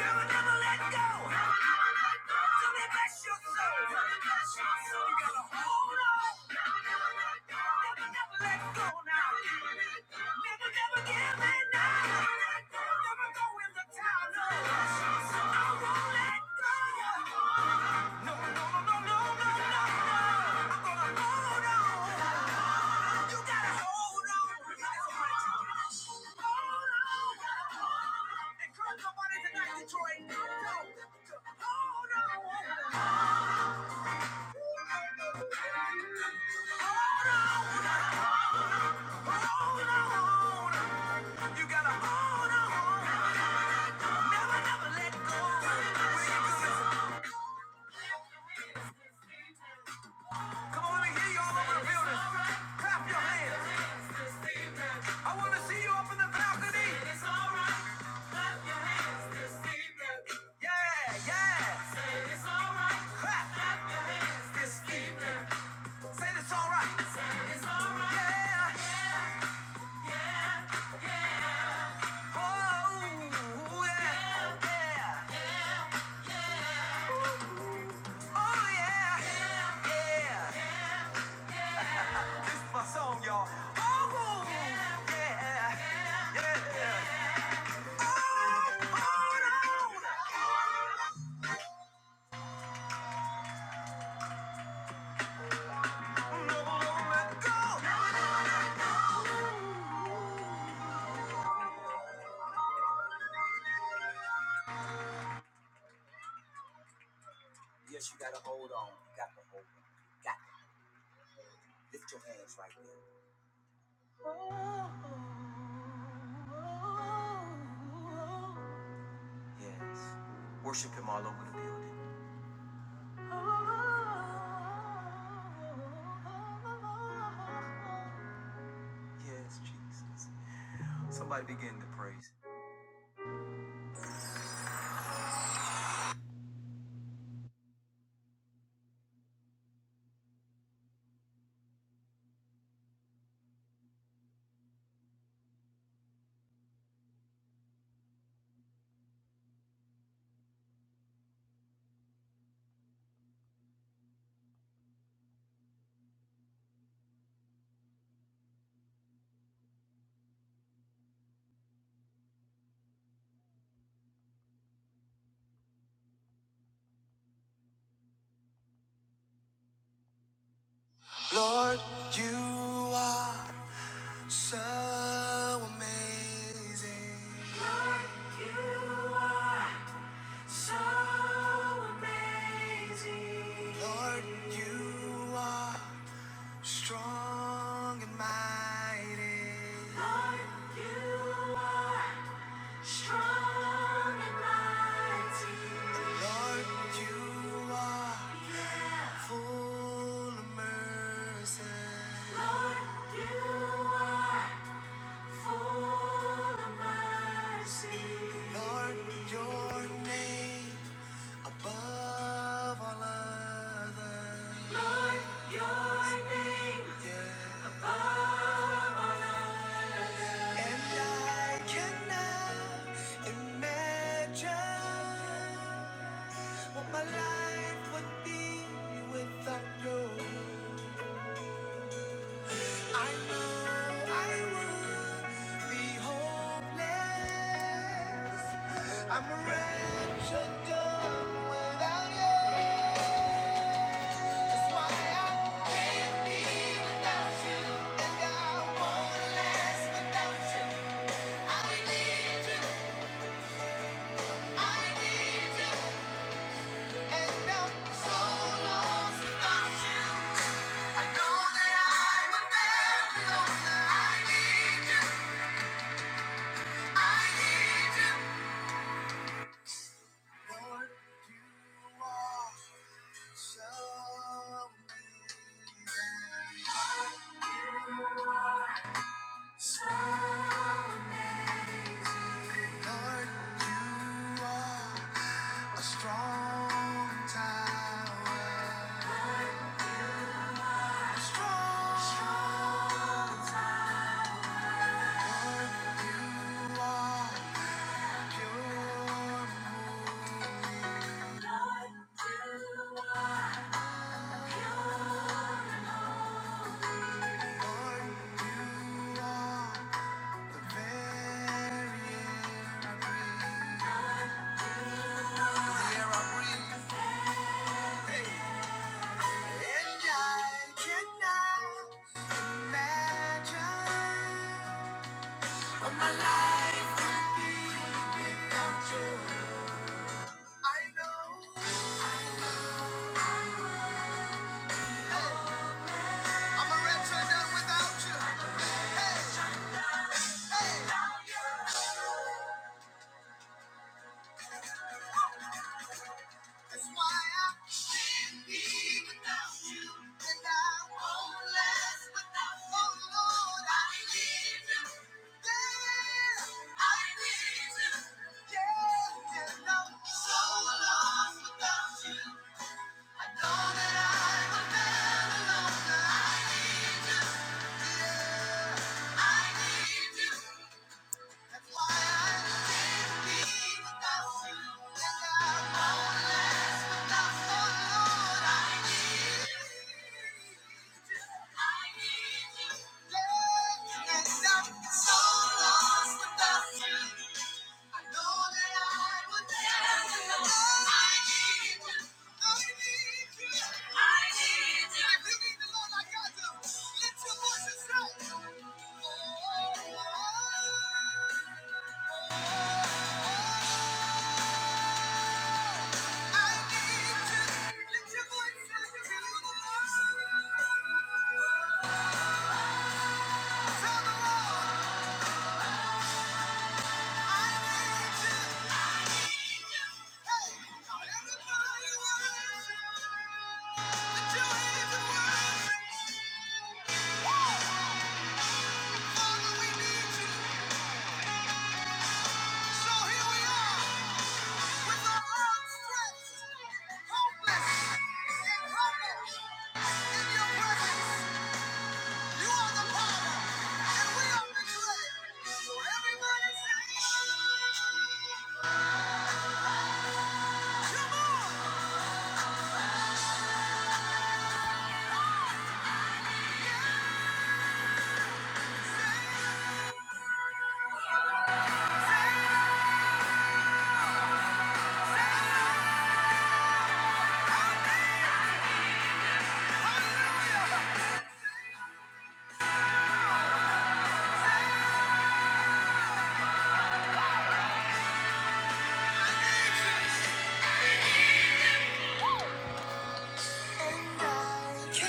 Never, never let go. Never, never let go. Till they bless your soul. Till they bless You gotta hold on. Never, never let go. Never, never give in now. Never, never go. in the towel. No. You gotta hold on, never, never let go. Come on, let me hear you all over the building. Clap your hands. I wanna see you up in the balcony. It's alright. Clap your hands this evening. Yeah, yeah. Say it's alright. Clap. Clap your hands this evening. Say it's alright. Yeah. Oh, yeah. Yeah. Oh, yeah. Yeah. Yeah. This is my song, y'all. Oh, yeah. Yeah. Yeah. Yes, you gotta hold on. You got to hold on. You got to lift your hands right there. Yes. Worship him all over the building. amazing. Lord, you are so amazing. Lord, you are strong and mighty. Lord, strong and mighty. Lord, you are yeah. full of mercy. Lord, your name above all others, And I cannot imagine what my life would be without you. I know I would be hopeless. I'm a wretched dog without you. So, Lord, you are. Strong town, strong, strong. Here I breathe. Hey, and I cannot imagine what my life would be without you. I know hey, I'm a red without you. Hey, hey. hey. That's why I can't be without you, and I won't last without you. Oh Lord, I need you. Yeah, I need you. Yeah, and I'm so lost without you. I know that I would never know that I need you. Yeah, I need you. That's why I can't be without you. And I won't last without you, Lord. I need you. I need you. Yeah, and I'm so lost without you. I know that I would never know. I need you. I need you. I need you. you need the Lord like I do, lift your voice and say, I need you. Lift your voice and say, Tell the Lord. Everybody say, Glory to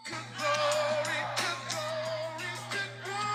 glory to glory glory.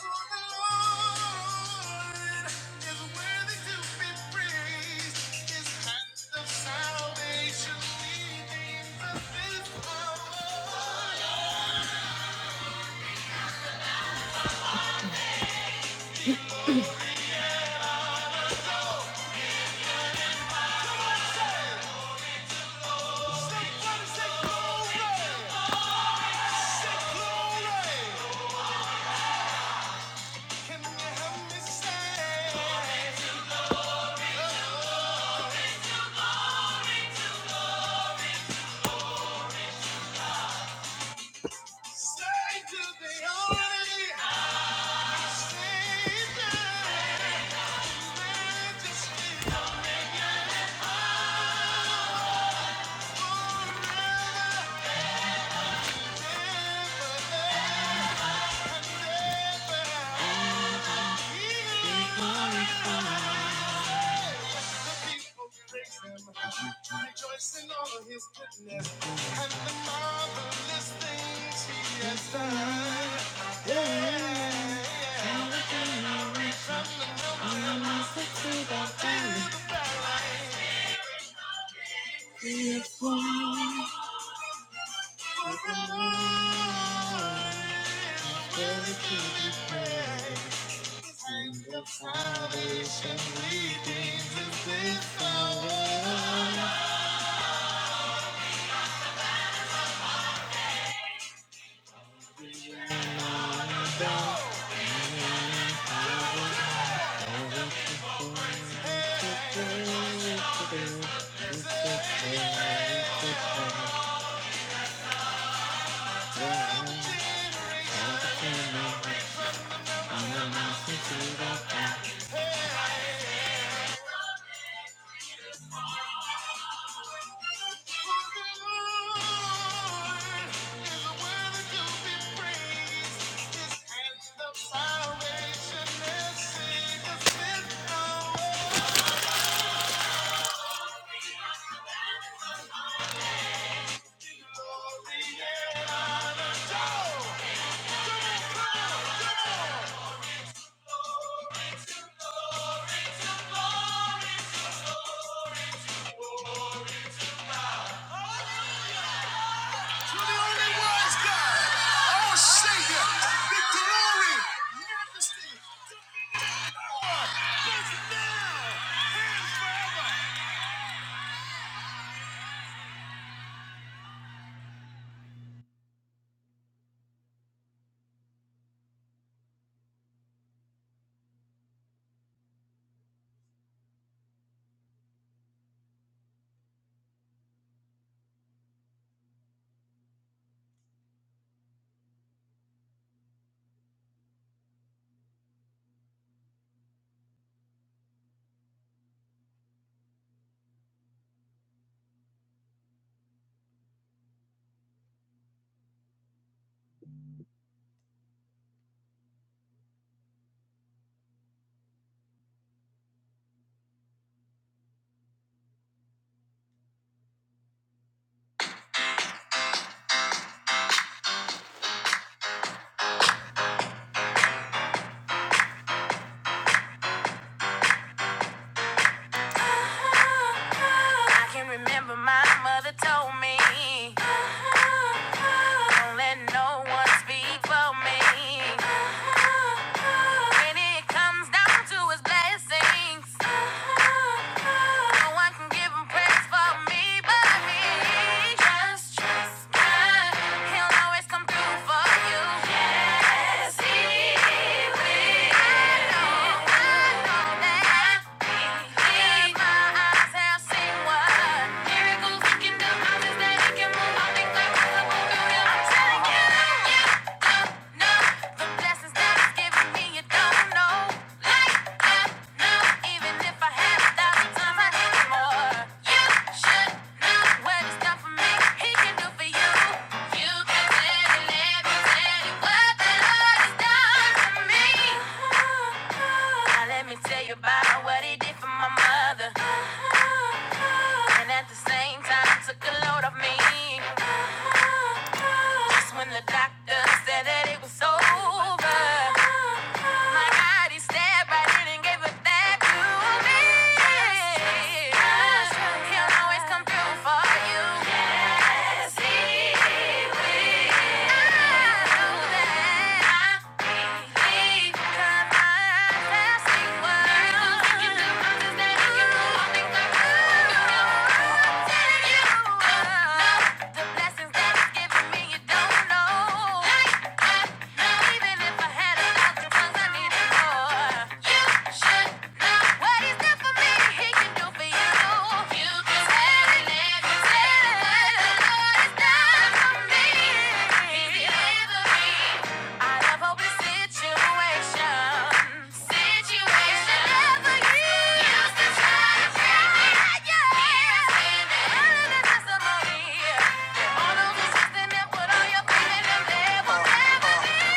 Salvation. You're the only wise God. The glory. Majesty. I can remember my mother told me, don't let no one speak for me. When it comes down to his blessings, no one can give him praise for me but me. Just trust God, he'll always come through for you. Yes, he will know that do. the you, don't blessings that he's given me. Yeah. About what he did for my mother, and at the same time took a load off me. Just when the doctor said that it was over, my eyes Somebody stepped right in and gave it back to me. He'll always come for you. Yes, he will. I know that. I believe had a lot of things I needed more. You should know what he's done for me. He can do for you. You can tell him every tell him what the Lord has done for me. He's delivered me out of hopeless situations. Situations the devil used to try to bring me higher. He's standing in the testimony. All those resisting and put all your faith in him. There will never he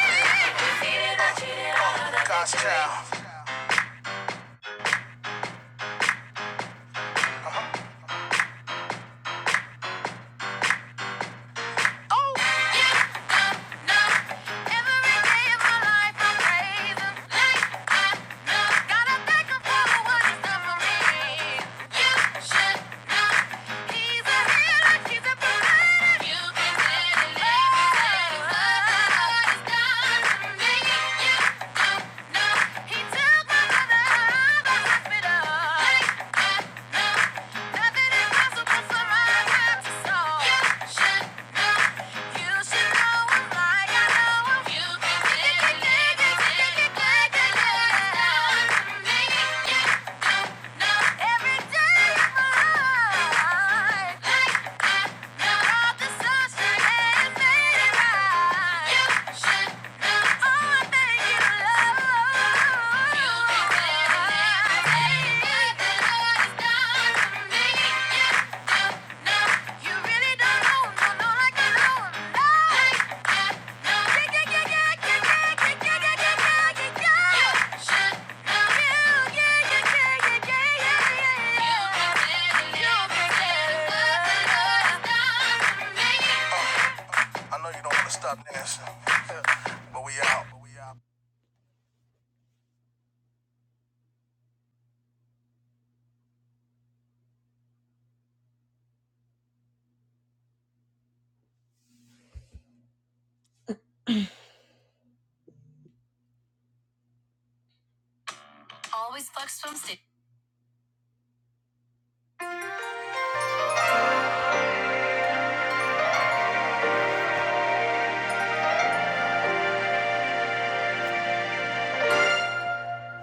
took my mother out of the hospital. Hey, uh, no. Nothing impossible for my to solve. You should know. You should know. Like I know. You can make it. Make it. Make it. Make it. Make it. You don't know. Every day of my life. Like I yeah.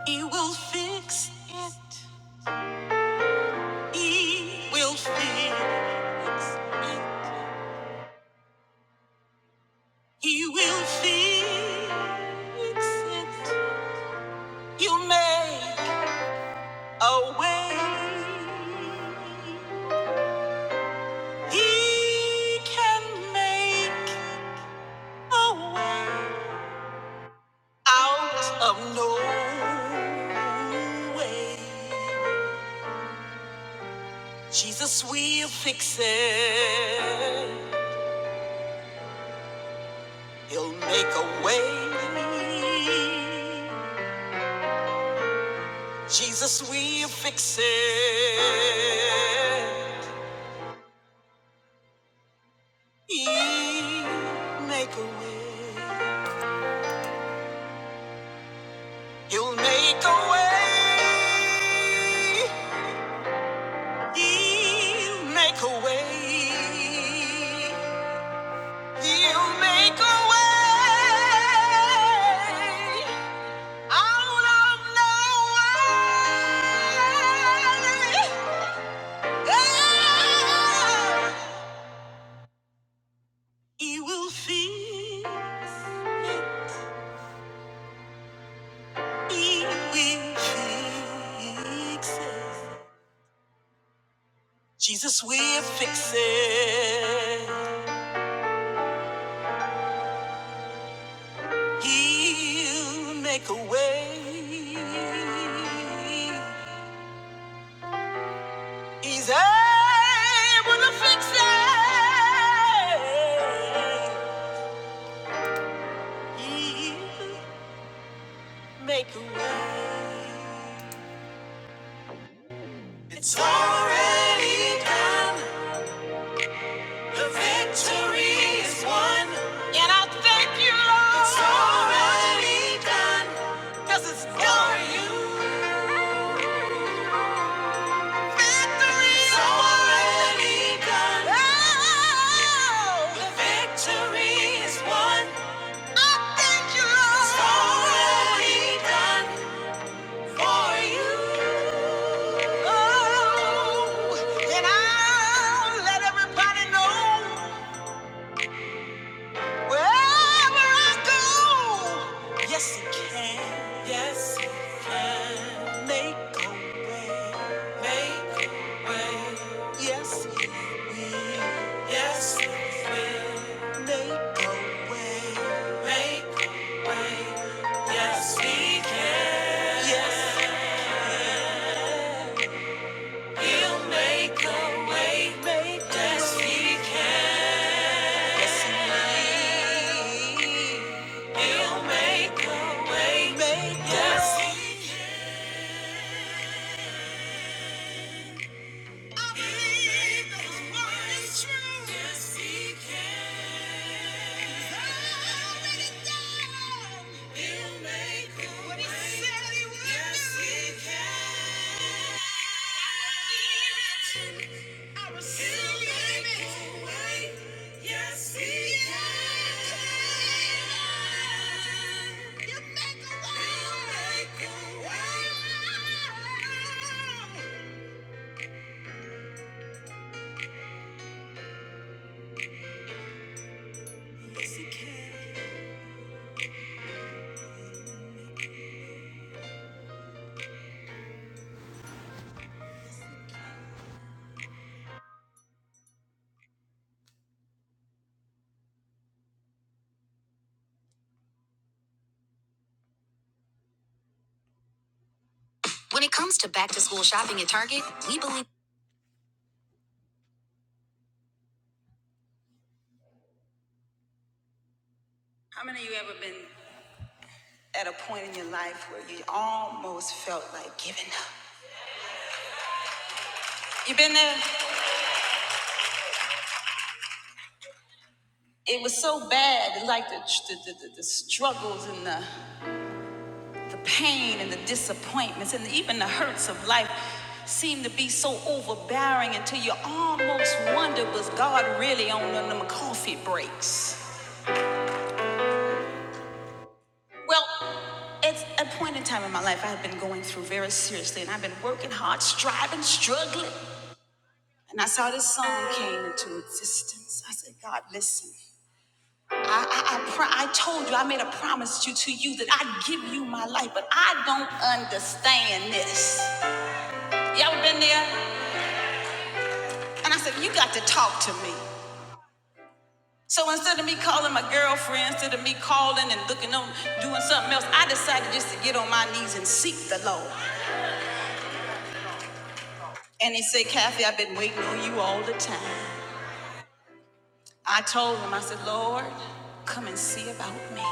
He will fix it. He will fix me away. He can make away. Jesus will fix it. He'll make a way. Jesus will fix it. He'll make a way. He'll make a way. He'll make a way. You make a way out of no way. Ah, will fix. He will fix it. Jesus will fix it. He'll make a way. He's able to fix it. Either way. It's already done. The victory is won. And I thank you, Lord. It's already done for you. Victory is already done. Oh, the victory is won. I thank you, Lord. It's already done. for you. Oh, and I'll let everybody know wherever I go. Yes, it can. Yes, it can. Make a way. Yes, make. Yes, make. Yes, make. Yes, make. Yes, make. Yes, he can. When it comes to back to school shopping at Target, we believe. At a point in your life where you almost felt like giving up. You been there? It was so bad, like the, the, the, the struggles and the, the pain and the disappointments and even the hurts of life seemed to be so overbearing until you almost wondered was God really on them coffee breaks? Well, at a point in time in my life, I had been going through very seriously and I've been working hard, striving, struggling. And I saw this song came into existence. I said, God, listen. I, I, I, pro- I told you, I made a promise to, to you that I'd give you my life, but I don't understand this. You ever been there? And I said, You got to talk to me. So instead of me calling my girlfriend, instead of me calling and looking on, doing something else, I decided just to get on my knees and seek the Lord. And he said, Kathy, I've been waiting on you all the time. I told him, I said, Lord, come and see about me.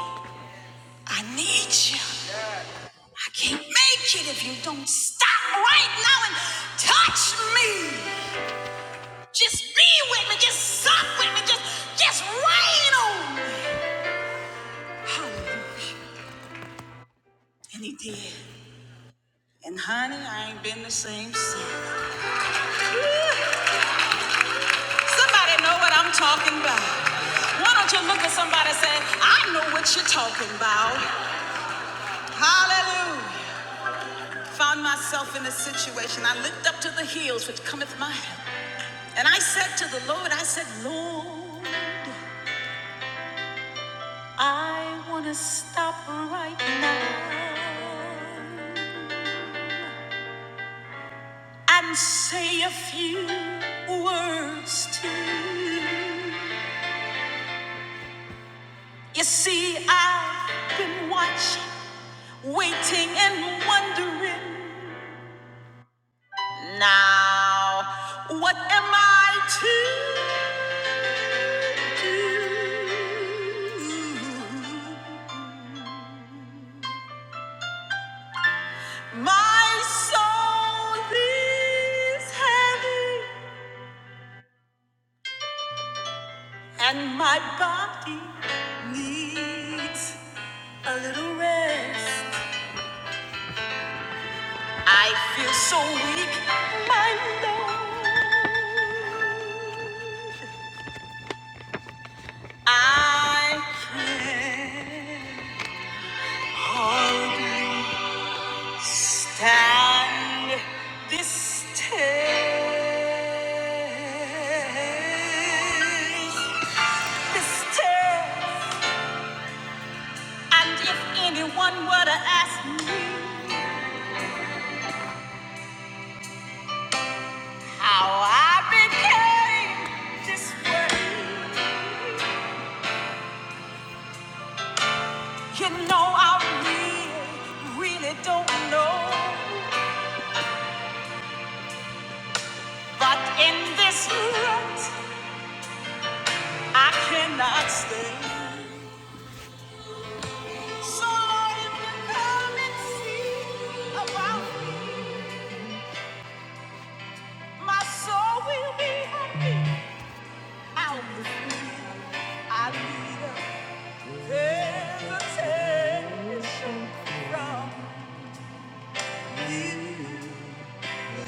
I need you. I can't make it if you don't stop right now and touch me. Just be with me. Just suck with me. Just, just rain on me. Hallelujah. And he did. And honey, I ain't been the same since. Somebody know what I'm talking about. Why don't you look at somebody and say, I know what you're talking about. Hallelujah. Found myself in a situation. I looked up to the hills which cometh my help. And I said to the Lord, I said, Lord. I wanna stop right now and say a few words to you. You see, I've been watching, waiting, and wondering. Now, what am I to do? My soul is heavy. And my body needs a little rest. I feel so weak, my lord. I can hardly stand this test. This test. And if anyone were to ask me, How I became You know, I really, really don't know. But in this world, I cannot stay. So, Lord, if you come and see about my soul, will be happy. i need a visitation from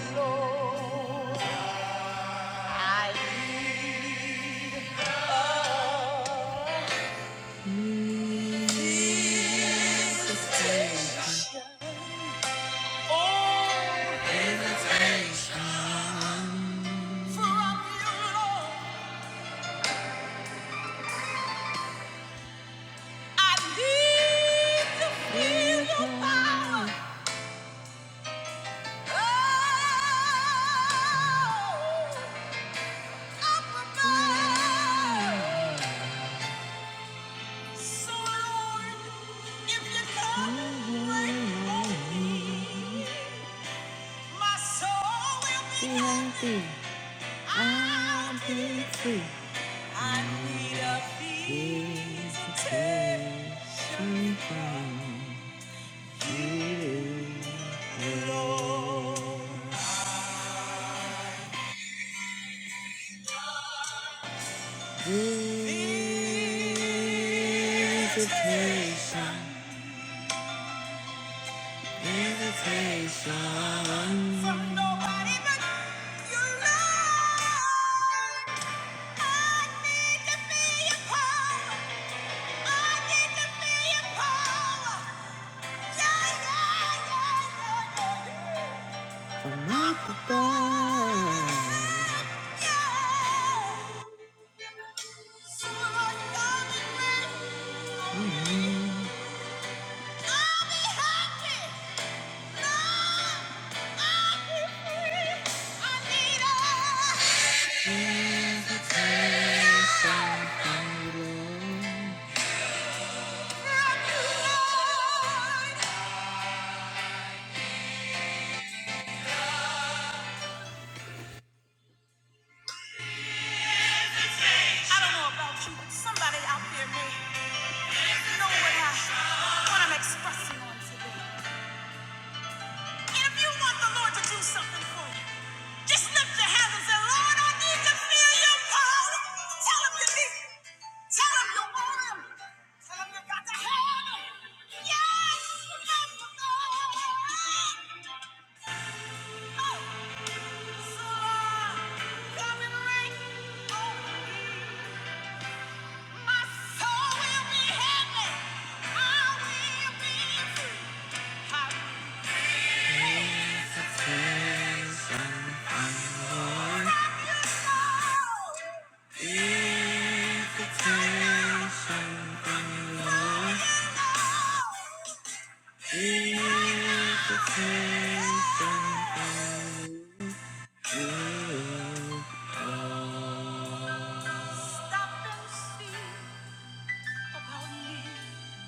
the Lord. I love. All from you, Lord. I need to feel your power. Oh, up above. So, Lord, if you come, my soul will be happy. I'll be free. I need a reason to. from you, I need to feel your power. I need to feel your power. Yeah, yeah, yeah, yeah, yeah, yeah. So Lord, I'll be happy. I'll be free. I need a- I don't know about you, but somebody out there may know what, I, what I'm expressing on today. And if you want the Lord to do something for you, just lift your hands and say, Lord, I need to feel your power. Tell him you need it. Tell him you want him. Tell him you got to have him. Yes, I that's the Lord. Oh, so Lord, come and reign. Oh,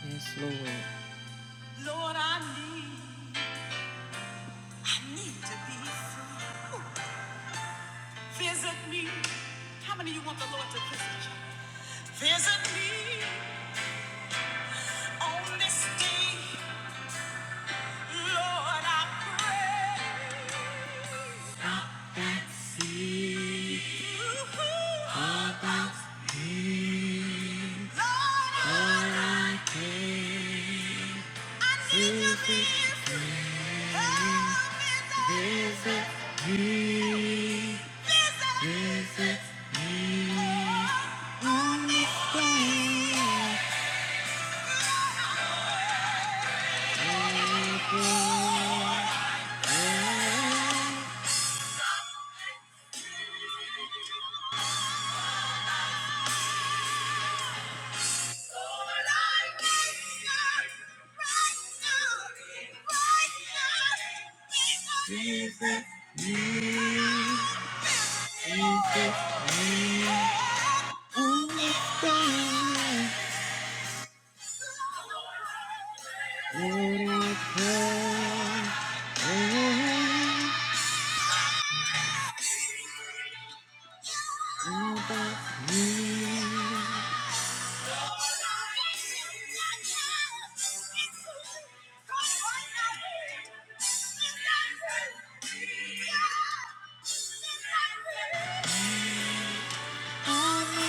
Yes, Lord. Lord, I need, I need to be free. Ooh. Visit me. How many of you want the Lord to visit you? Visit me on this day, Lord, I pray. Yeah.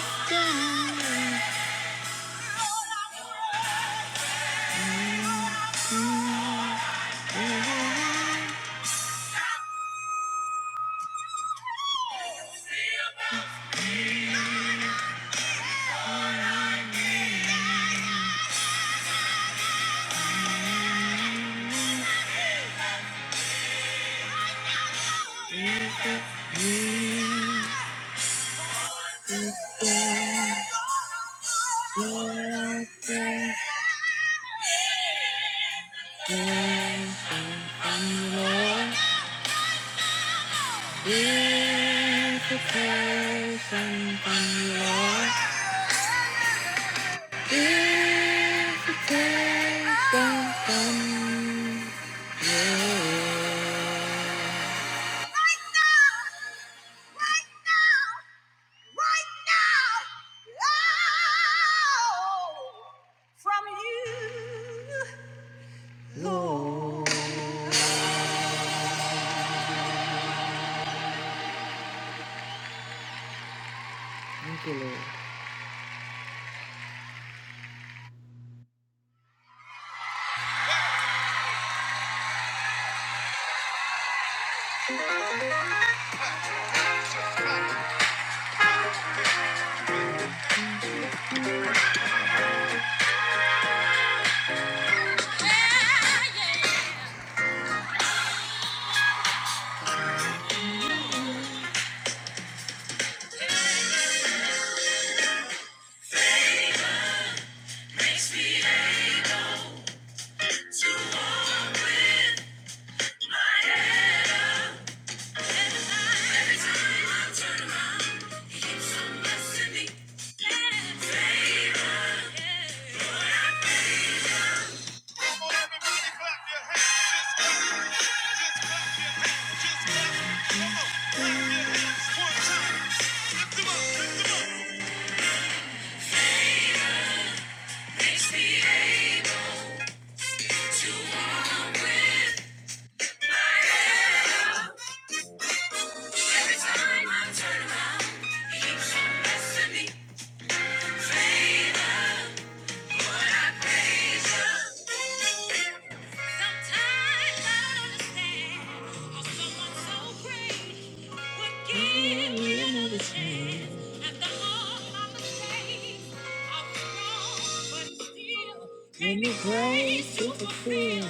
<laughs> Makes me able to walk with Every time I turn around, he keeps on messing me. Fade out. Give me grace to fulfill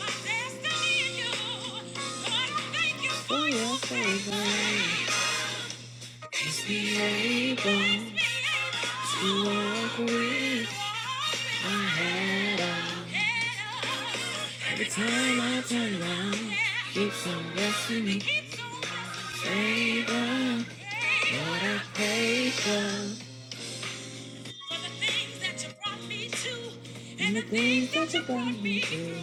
my destiny in you. Lord, I thank you for your favor. Just be able to walk with my head up. The time I turn around keeps on blessing me. Favor, what I pray for. For the things that you brought me to, and the things that you brought me through.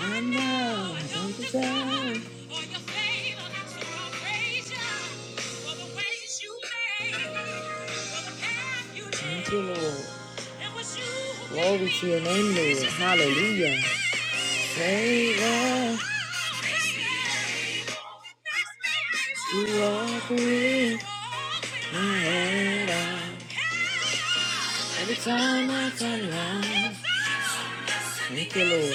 I know I don't deserve all your favor. That's why I praise you for the ways you made, for the path you laid. Thank you, Lord. It was you who Glory to your name, Lord. Hallelujah. Favor, you are good. Every time I turn around, thank you, Lord.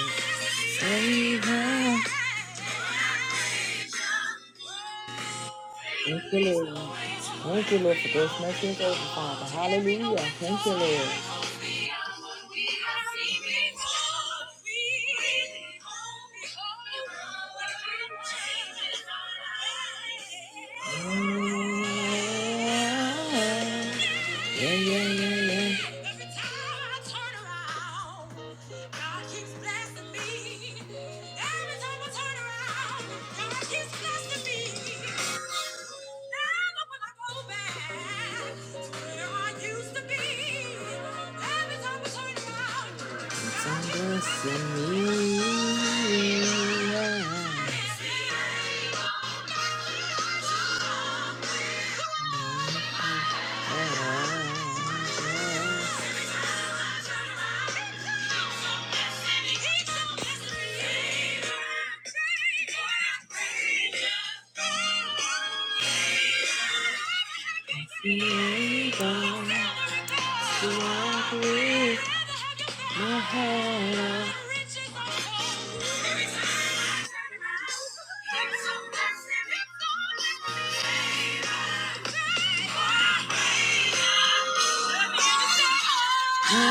Thank you, Thank you, Lord. Thank Lord, for grace, mercy, and favor, Father. Hallelujah. Thank you, Lord. Oh. Yeah, yeah, yeah, yeah. Every time I turn around, God keeps blessing me. Every time I turn around, God keeps blessing me. Never will I go back to where I used to be. Every time I turn around, God keeps blessing me. blessing me. Yeah. Be able to walk with my Yeah.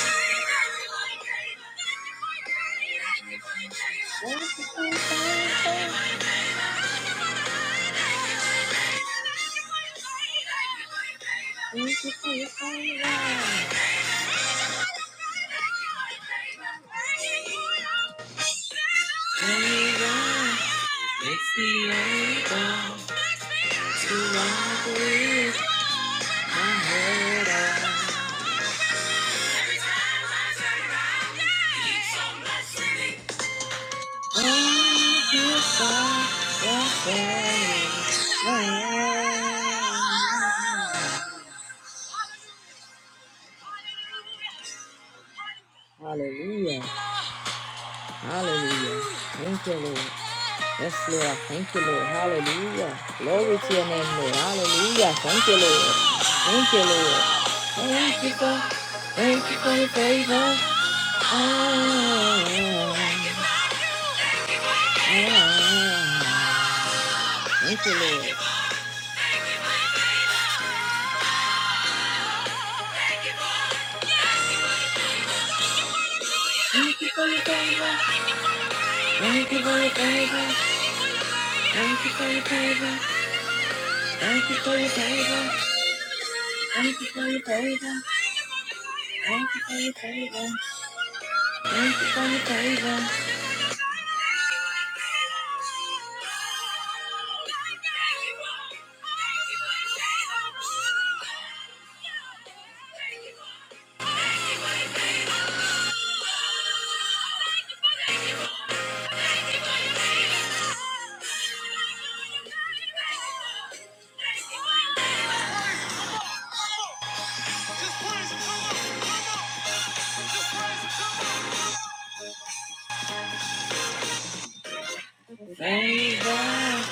Every time I turn around, yeah. Keep on blessing me. Hallelujah. Hallelujah. Thank you, Lord. Yes, Lord. Thank you, Lord. Hallelujah. Glory to your name, Lord. Hallelujah. Thank you, Lord. Thank you, Lord. Thank you for, thank you for your favor. Ah, ah, ah. Thank you, Lord. Thank you for your favor. Thank you for your favor. Thank you for your favor. Thank you for your favor. Thank you for your favor. Thank you for your favor. Thank you for your favor. Just Thank God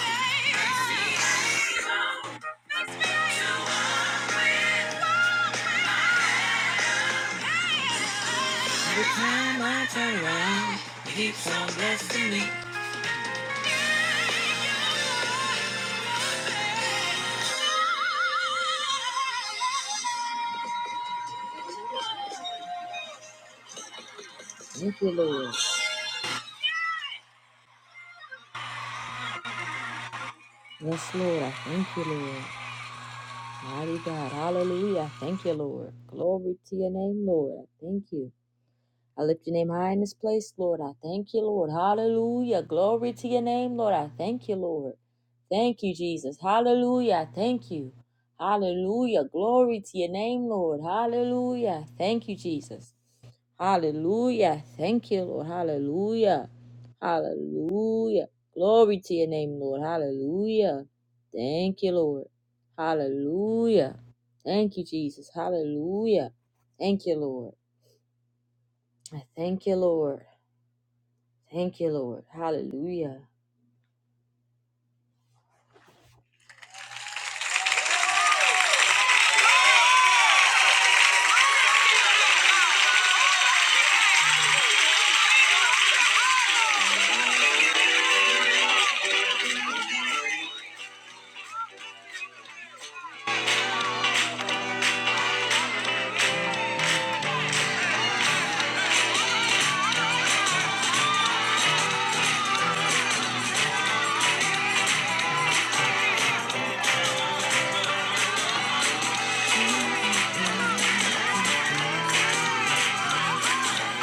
every time I turn around, He keeps on blessing me. Thank you, Lord. Yes, Lord. I thank you, Lord. Mighty God. Hallelujah. I thank you, Lord. Glory to your name, Lord. I thank you. I lift your name high in this place, Lord. I thank you, Lord. Hallelujah. Glory to your name, Lord. I thank you, Lord. Thank you, Jesus. Hallelujah. I Thank you. Hallelujah. Glory to your name, Lord. Hallelujah. Thank you, Jesus. Hallelujah. Thank you, Lord. Hallelujah. Hallelujah. Glory to your name, Lord. Hallelujah. Thank you, Lord. Hallelujah. Thank you, Jesus. Hallelujah. Thank you, Lord. I thank you, Lord. Thank you, Lord. Hallelujah.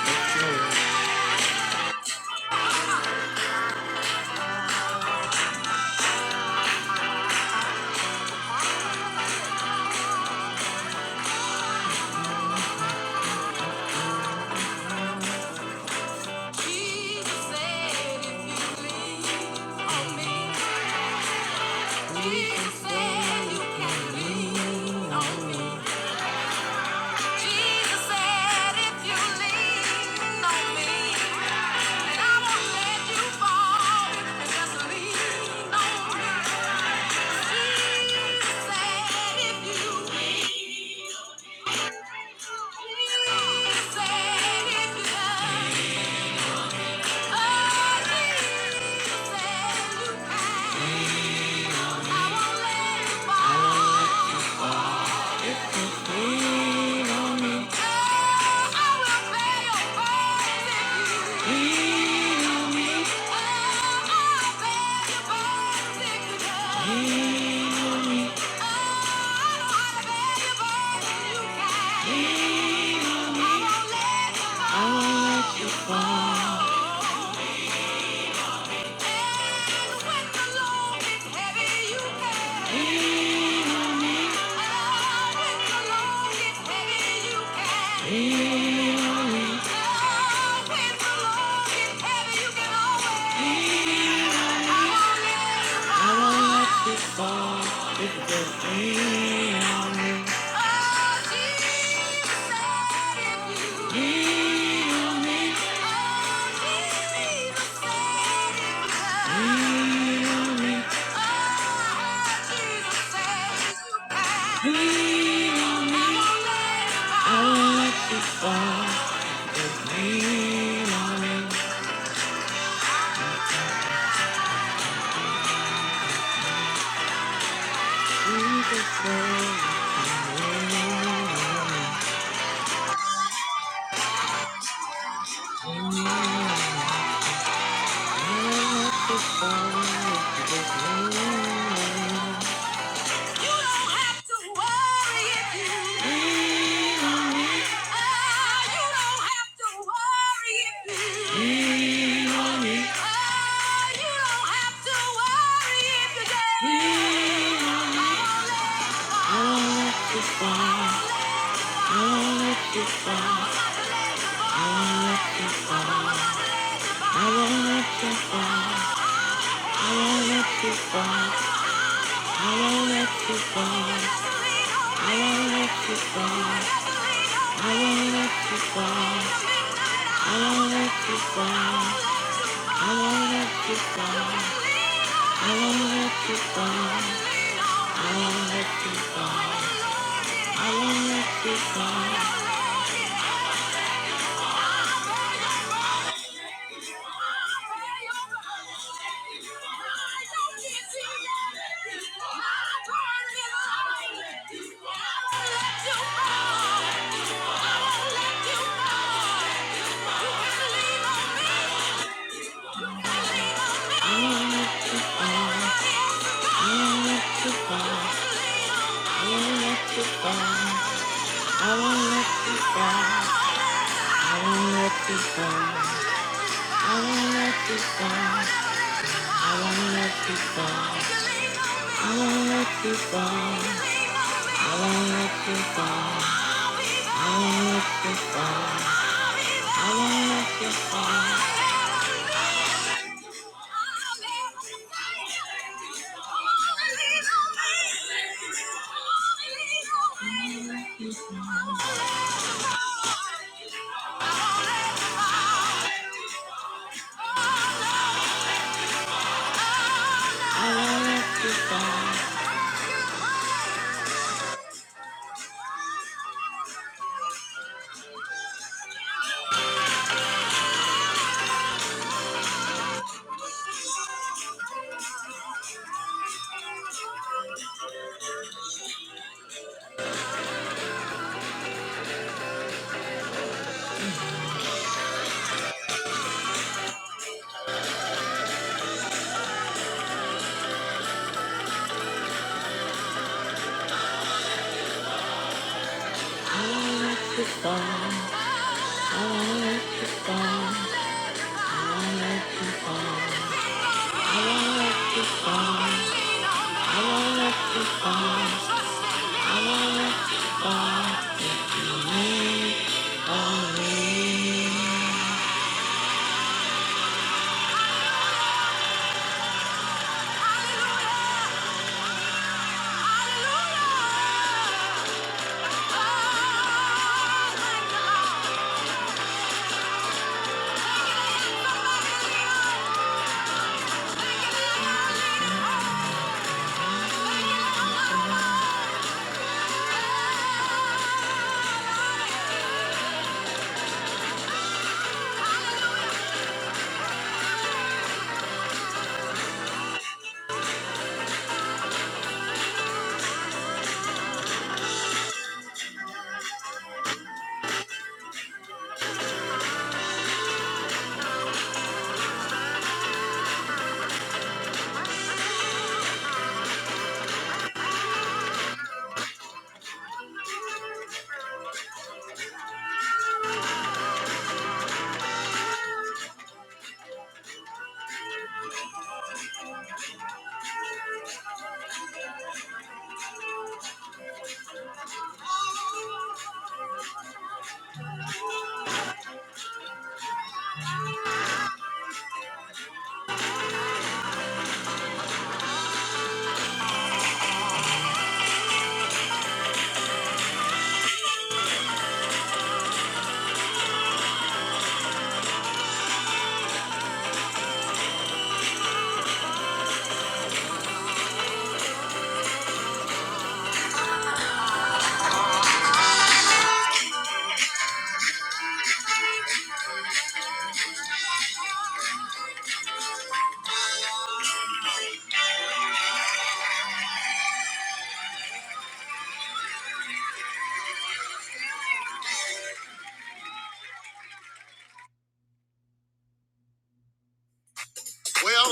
Glory. Thank you. I'll won't let Oh, Jesus, I won't let you fall. I won't let you fall. I won't let you fall. I won't let you go. I won't let you go. I won't let you go. I won't let you go. I won't let you go. I won't let you go. I won't let you go. I won't let you go. I won't let you go. I won't let you go. I won't let you go. I won't let you go. I won't let you go. I won't let you go. I won't let you go. I won't let you go. I won't let you go. I won't let you go. Well,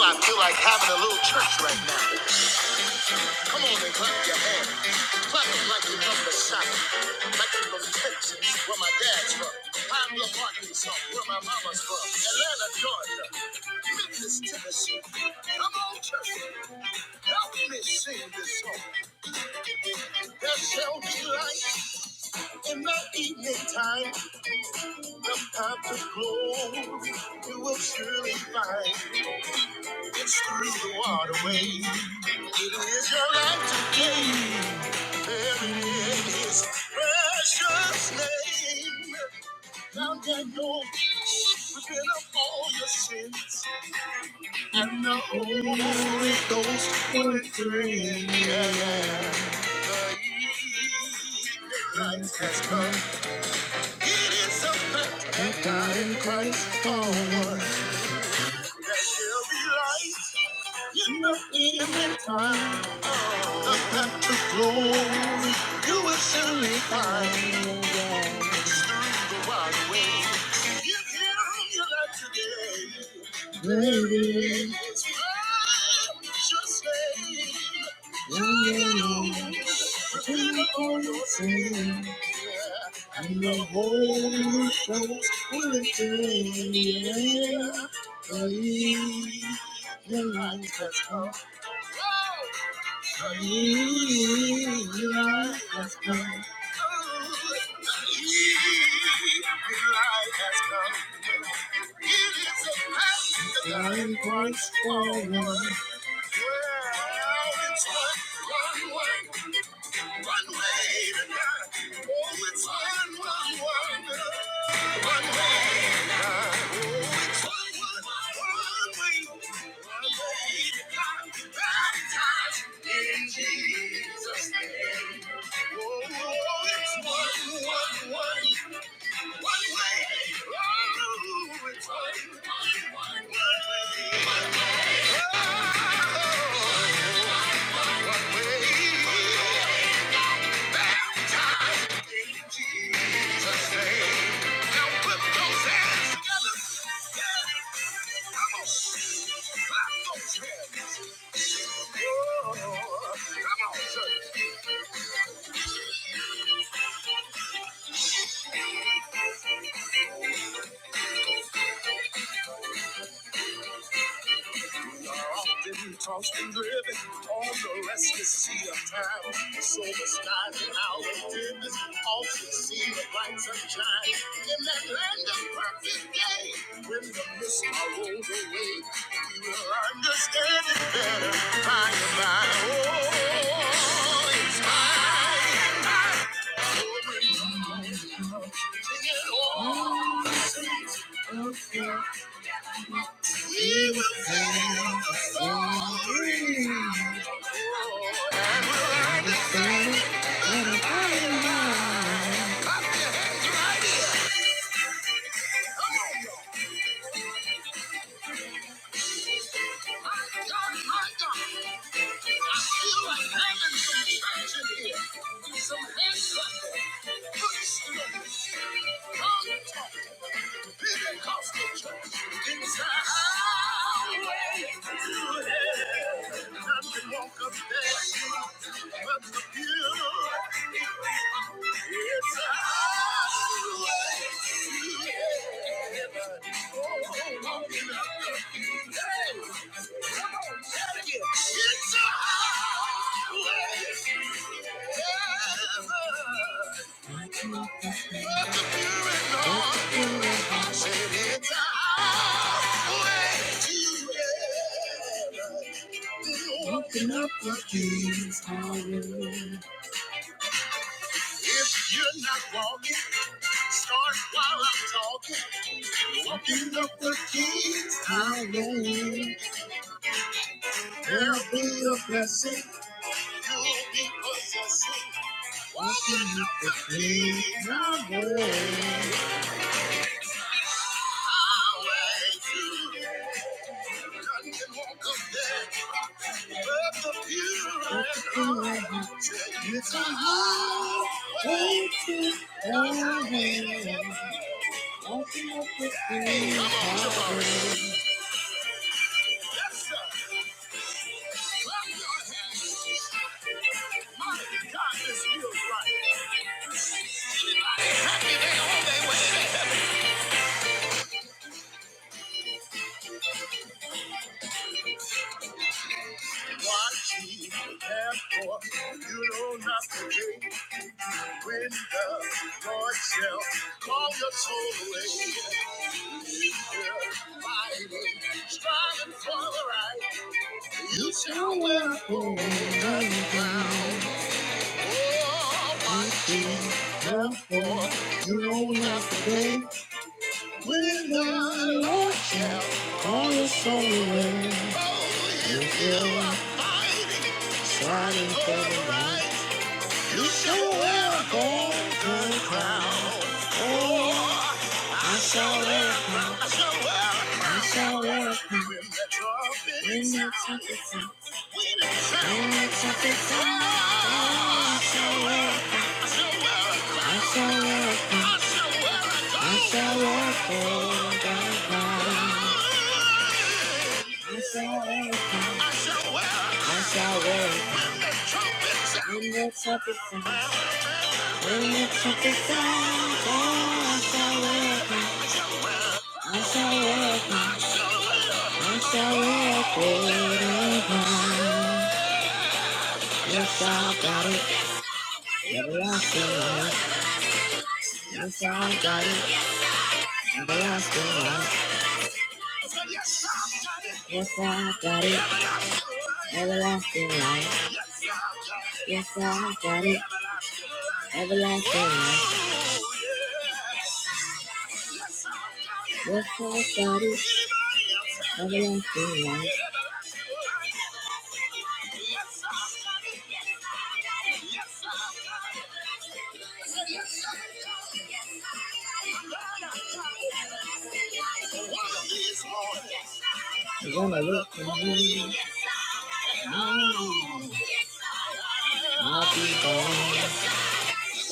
I feel like having a little church right now. Come on and clap your hands. clap them like you're from the south. Like you're from Texas, where my dad's from. Pablo, Arkansas, where my mama's from. Atlanta, Georgia, Memphis, Tennessee. Help me sing this song. There shall be light in the evening time. Time to glow, you will surely find. It's through the waterway. It is your light today. There is precious name. and go repent of all your sins and the Holy Ghost will bring. Yeah, yeah. Christ has come, he died in Christ for us. There shall be light in the evening time. Give him your life today. It's time righteous faith. Repent of all your sins. and the Holy Ghost will bring. Yeah, yeah. One way to God. Oh, it's one, one, one, one way. Jesus' name. I don't care. Come on, church. Been tossed and driven on the restless sea of time. So the skies and how they did this fight's right here. Come on, y'all. My God, my God. I feel a heaven's attraction here. Some hand clapping, foot stomping, tongue talking, Pentecostal church. It's a highway to hell. Time to walk up there, but the view. It's a highway Open up the keys, hallelujah. You're not walking, start while I'm talking. Walking up the keys, hallelujah. There'll be a blessing I'm Thank you. I saw you. I shall work for I shall work I shall work in the toughest times. In the toughest times, oh, I shall work I shall work I shall work for Yes, I got it. Everlasting life. Yes, I got it. Everlasting life. Yes, I got it. Everlasting life. Yes, I got it. Everlasting life. Yes, Lord, God is everlasting life. We're gonna look to him. Oh, I'll be born.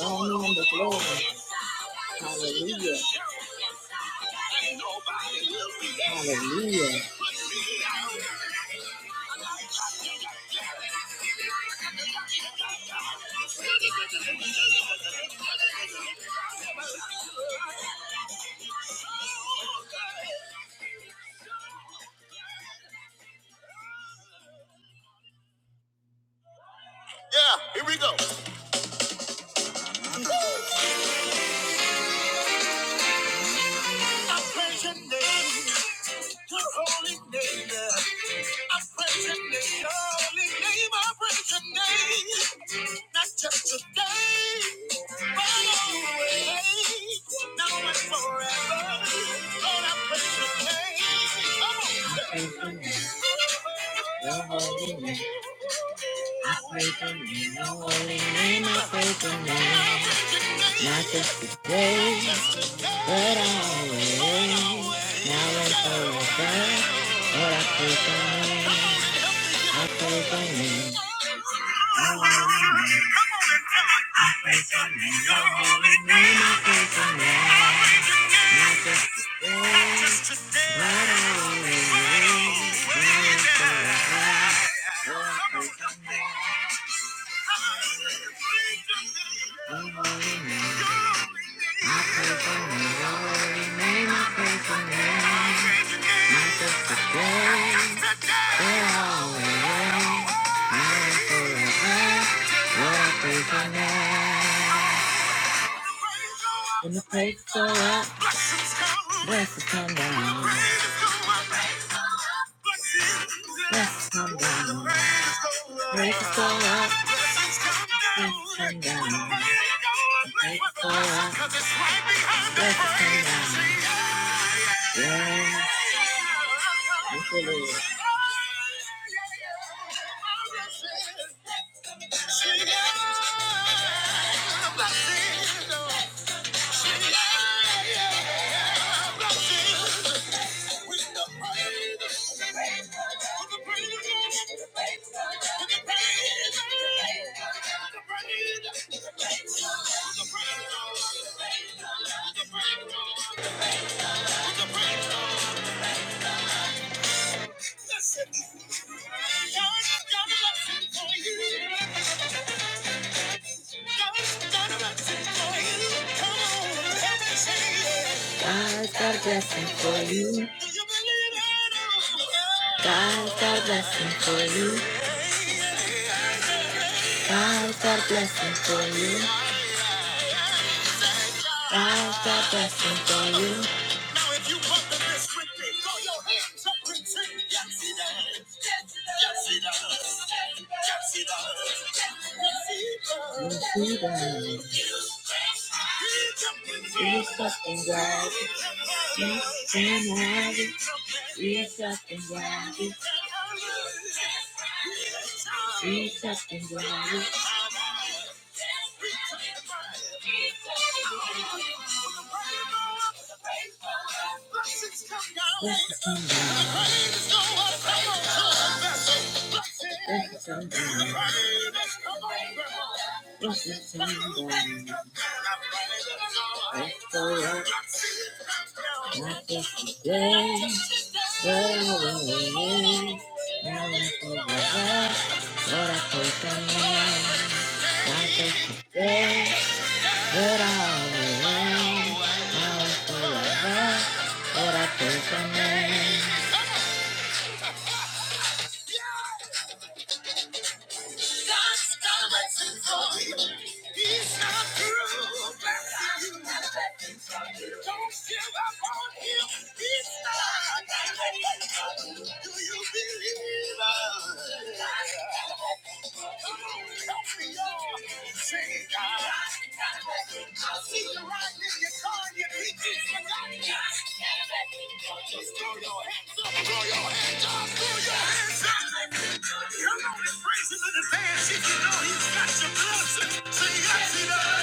All him the glory. Hallelujah. Hallelujah. I praise your name, your holy name. I praise your name, holy name, I praise your name. Not just today, but always, now and forever. Lord, I praise your name. Come on. Your holy name, I praise your name, your holy name, I praise your name. Not just today, but always, now and forever. Lord, I praise your name. Come on. I pray for him, Lord, in name I pray for him. Not just today, but always, now and forever. Lord, I pray for now. When the praise go up, blessings come down. Blessings come down. Praises go up, blessings come down. Praises go up, Cause it's right behind the praise. Yeah. Thank you, Lord. She with the breakthrough. God's got a lesson for you. God's got a lesson for you. Come on, help me say God's got a blessing for you. Do you believe it? God's got a blessing for you. God's got a blessing for you. God's got blessings for you. Now if you want the list with me, throw your hands up and sing. Yes, he does. Yes, he does. Yes, he does. Yes, he does. You're something God. Yes, and have You're something God. You're something God. Thank you. But I will love forever. But I praise your name. God's coming for you. He's not through. but I'm not letting from you. Don't give up on him. He's not. letting from you. Do you believe? Come on and praise him in advance if you know he's got your blessing. Sing, I see the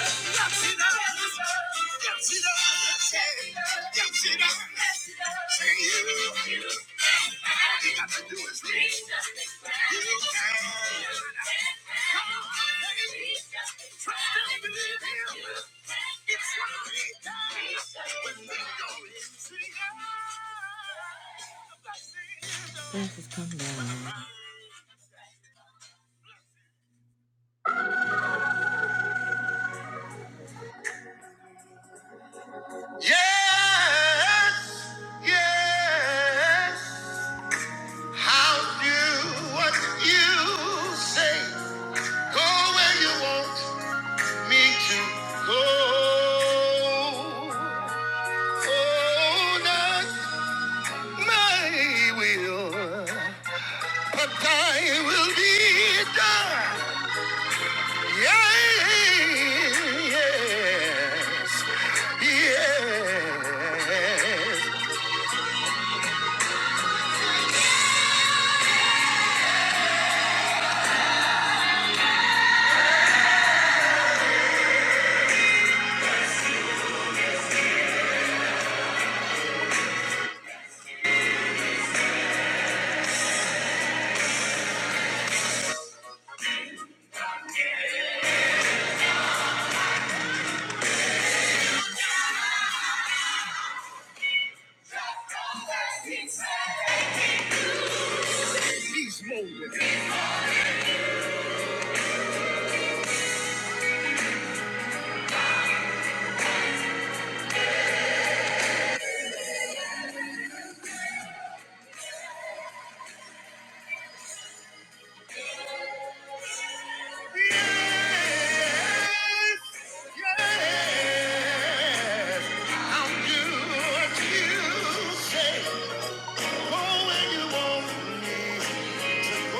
this is come down. Yes, yes. How do what you say? Go where you want me to go. Oh, not my will, but thy will be done. Yes, Yes, yes. Yes, yes, I'll do what you say. Oh, when you want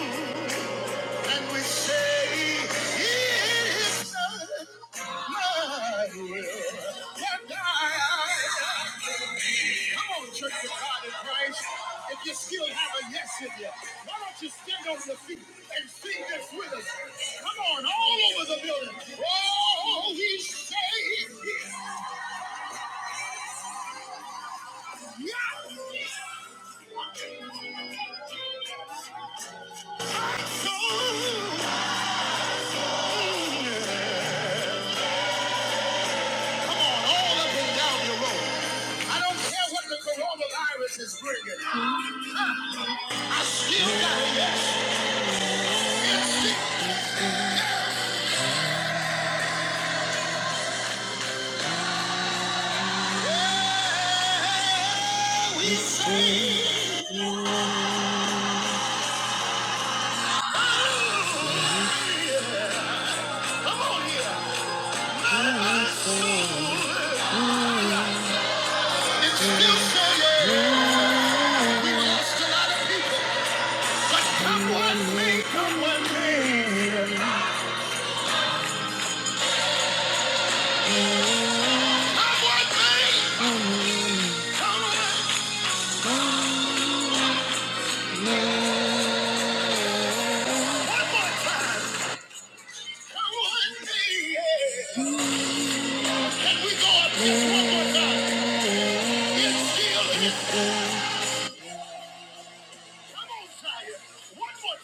me, oh. And we say, It is done, my will. And I, Come on, church of God in Christ. If you still have a yes in you, why don't you stand on your feet and sing this with us? Come on, all over the building. Oh, he saved me. Yeah. So, all up and down your road. I don't care what the coronavirus is bringing. I still got it. It's still said, come one thing, come one thing, one more time. Come one thing, yeah. Can we go up just one more time? It's still, it's Come on, Zion. One more.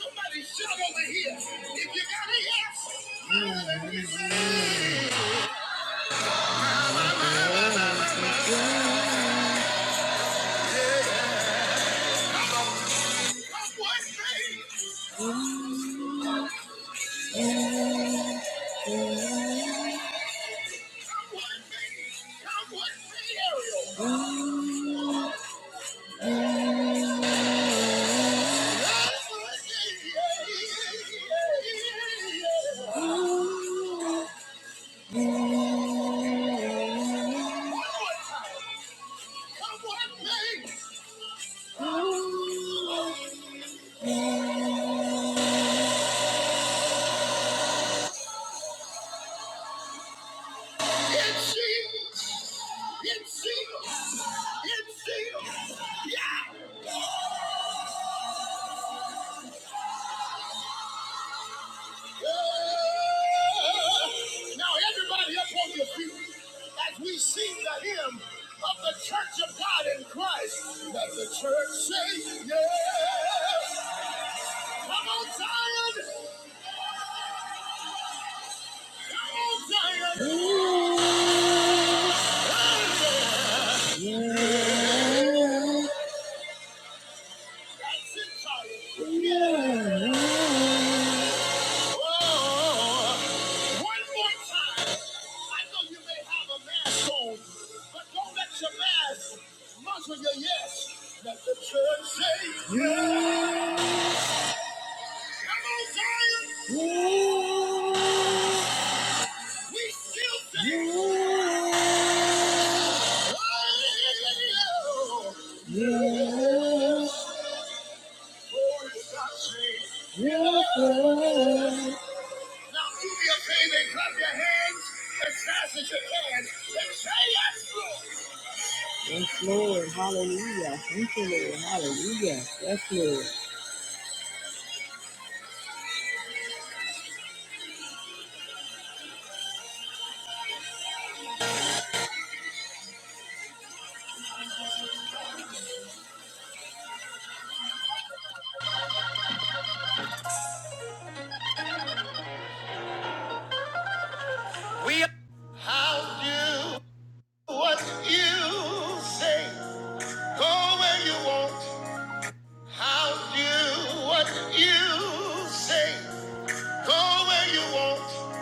Somebody shout over here. If you got a yes, come with me. Come with me, Ariel. Now everybody up on your feet as we sing the hymn of the Church of God in Christ. Let the church say yes. Come on, Zion! Come on, Zion! Ooh. That's it, Zion. Yeah. Oh, one more time. I know you may have a mask on. Oh. Yeah. Yeah. Yeah. Yeah. Yeah. Do me a favor, clap your hands. Yes, Lord. Hallelujah. Thank you, Lord. Hallelujah. Yes, Lord. We how do what you say. Go where you want. How do what you say. Go where you want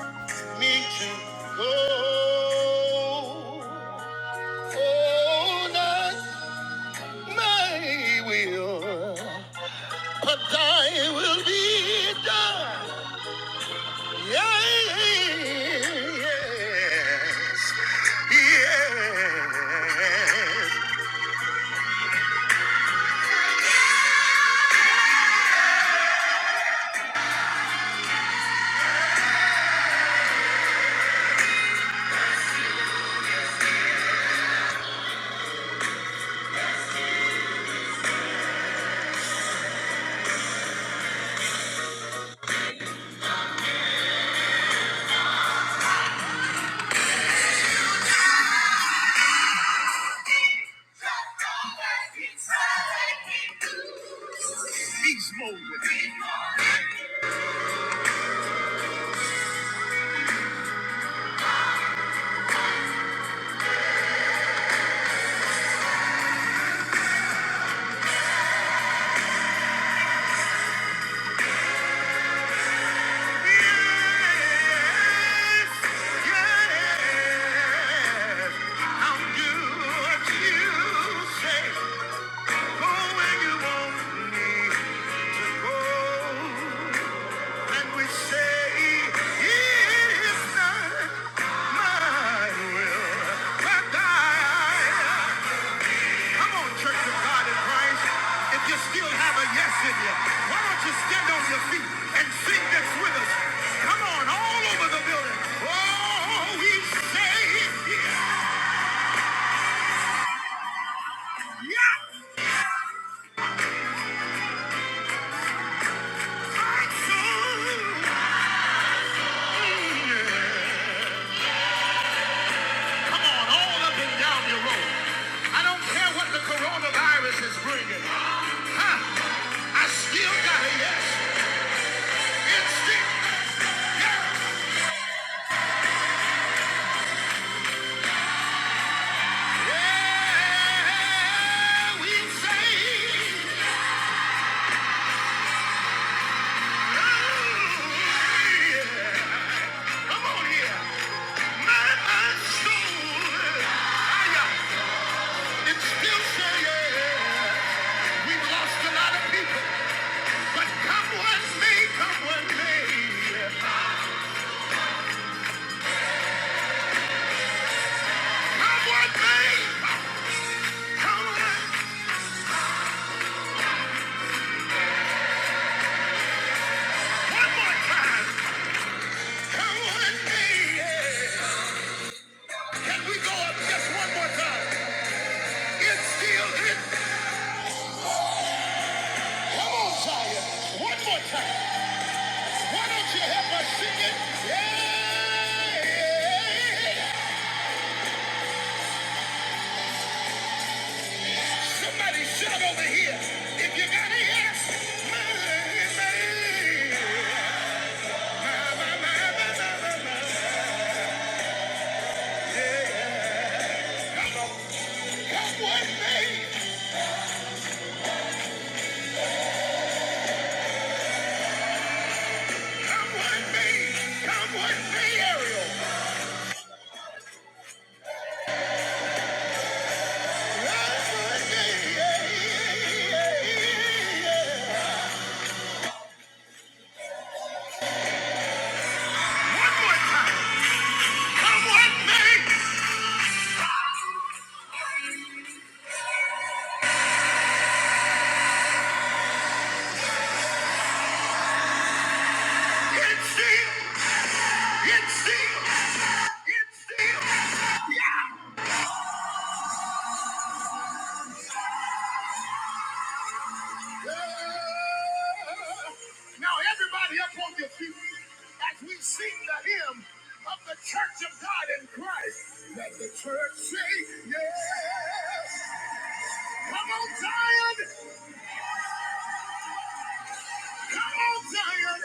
me to go. Oh, not my will, but thy will be done. Yes. Yeah. Beast mode. with me. Yes, yes. I'll do what you say. Go where you want me to go. And we say, "It's not mine." your God in Christ, if you still have a yes in you, why don't you stand on your feet and sing this with us? Come on, all over the building. Oh, we say yes. Come on, all up and down your road. I don't care what the coronavirus is bringing. Huh? I still got a yes. It's still yes. Yeah, we say yes. Let's make- One more time. Come on, me. Can we go up just one more time? It's still in. Come on, Zion. One more time. Why don't you help us sing it? Yeah. Somebody shout over here. If you got it, yes. My, my, my, my, my, my, Yeah. Come on. Come with me. Come with me. Come with me, Ariel. One more time. Someone make it still, it still, it still. Yeah. Yeah. Now everybody up on your feet as we sing the hymn of the Church of God in Christ. Let the church say yes. Come on, Zion. Come on, Zion.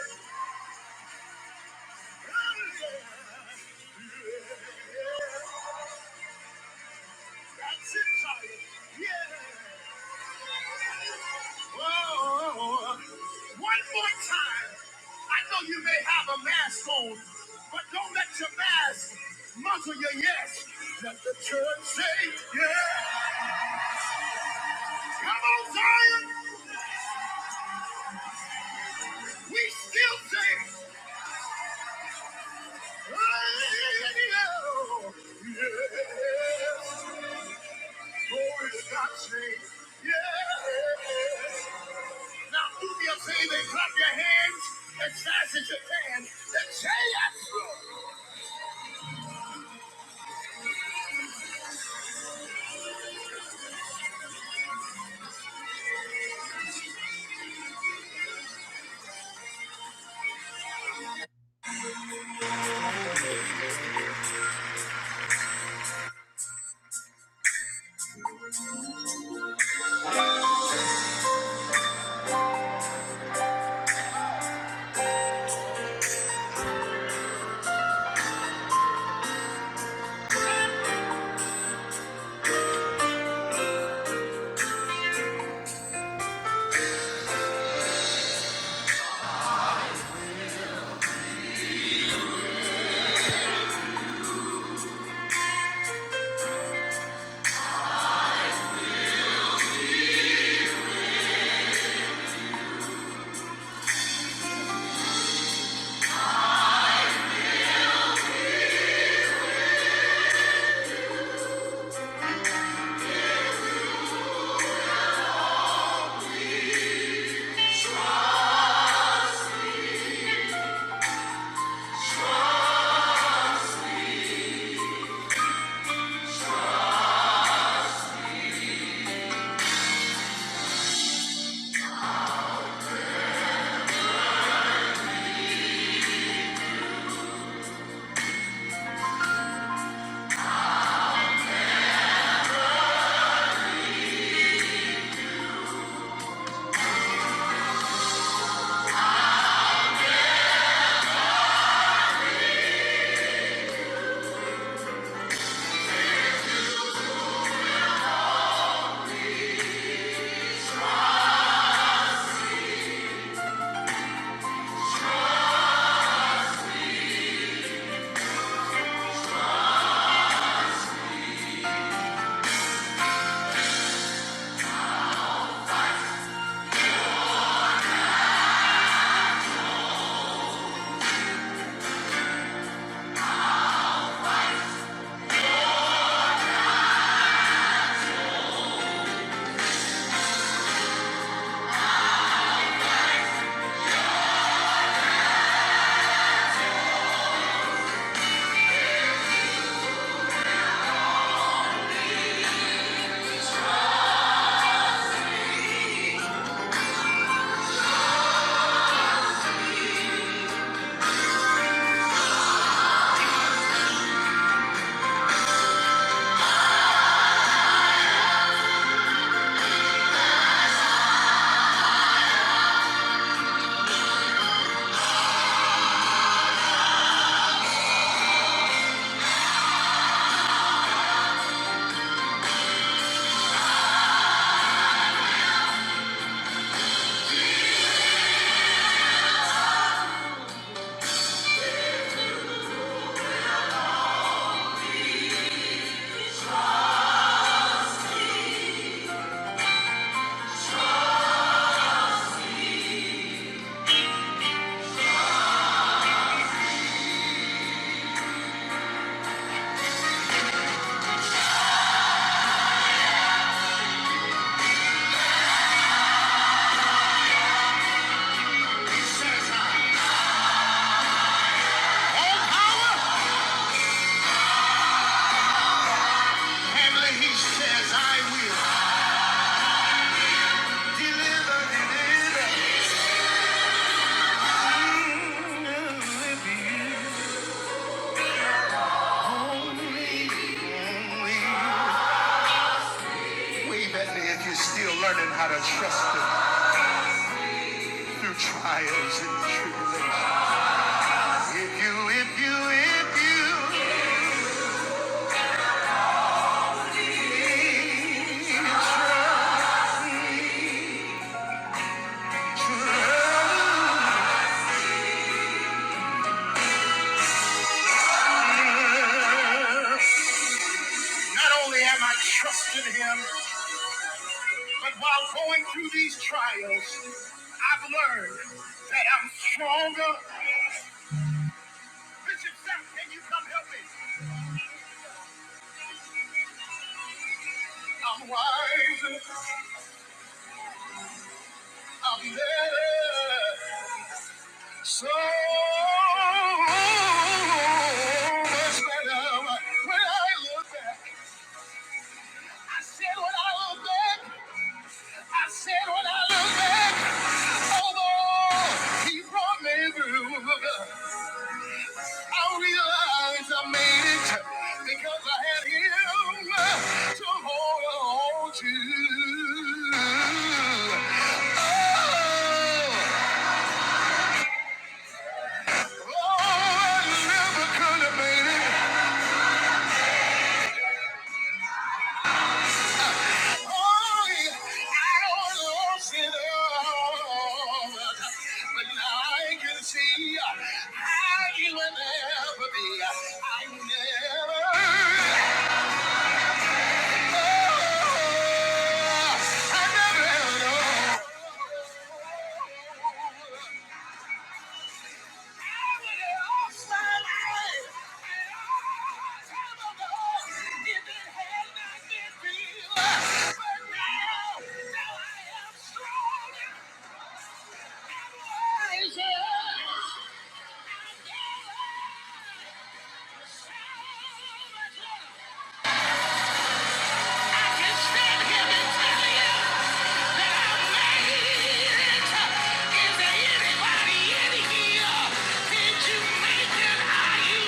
That's it, Zion. Yeah. Oh, one more time. I know you may have a mask on, but don't let your mask muzzle your yes. Let the church say, yeah. Come on, Zion. We still say, yeah. oh, yes. Glory to God, say, yes. Now do me a favor clap your hands as fast as you can and say yes, All power, he says, I will. Way better if you're still learning how to trust him through trials and tribulations. If you, if you, if you, not only am I trusting him, but while going through these trials, I've learned that I'm stronger. Bishop Sapp, can you come help me? I'm wiser. I'm better. So much better when I look back. I said when I look back, I said when I look back, although he brought me through. I realized I made it because I had him to hold on to. Oh, oh, I never could have made it. I never know. Did you make it? Are you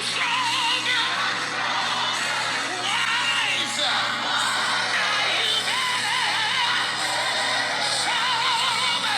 strong?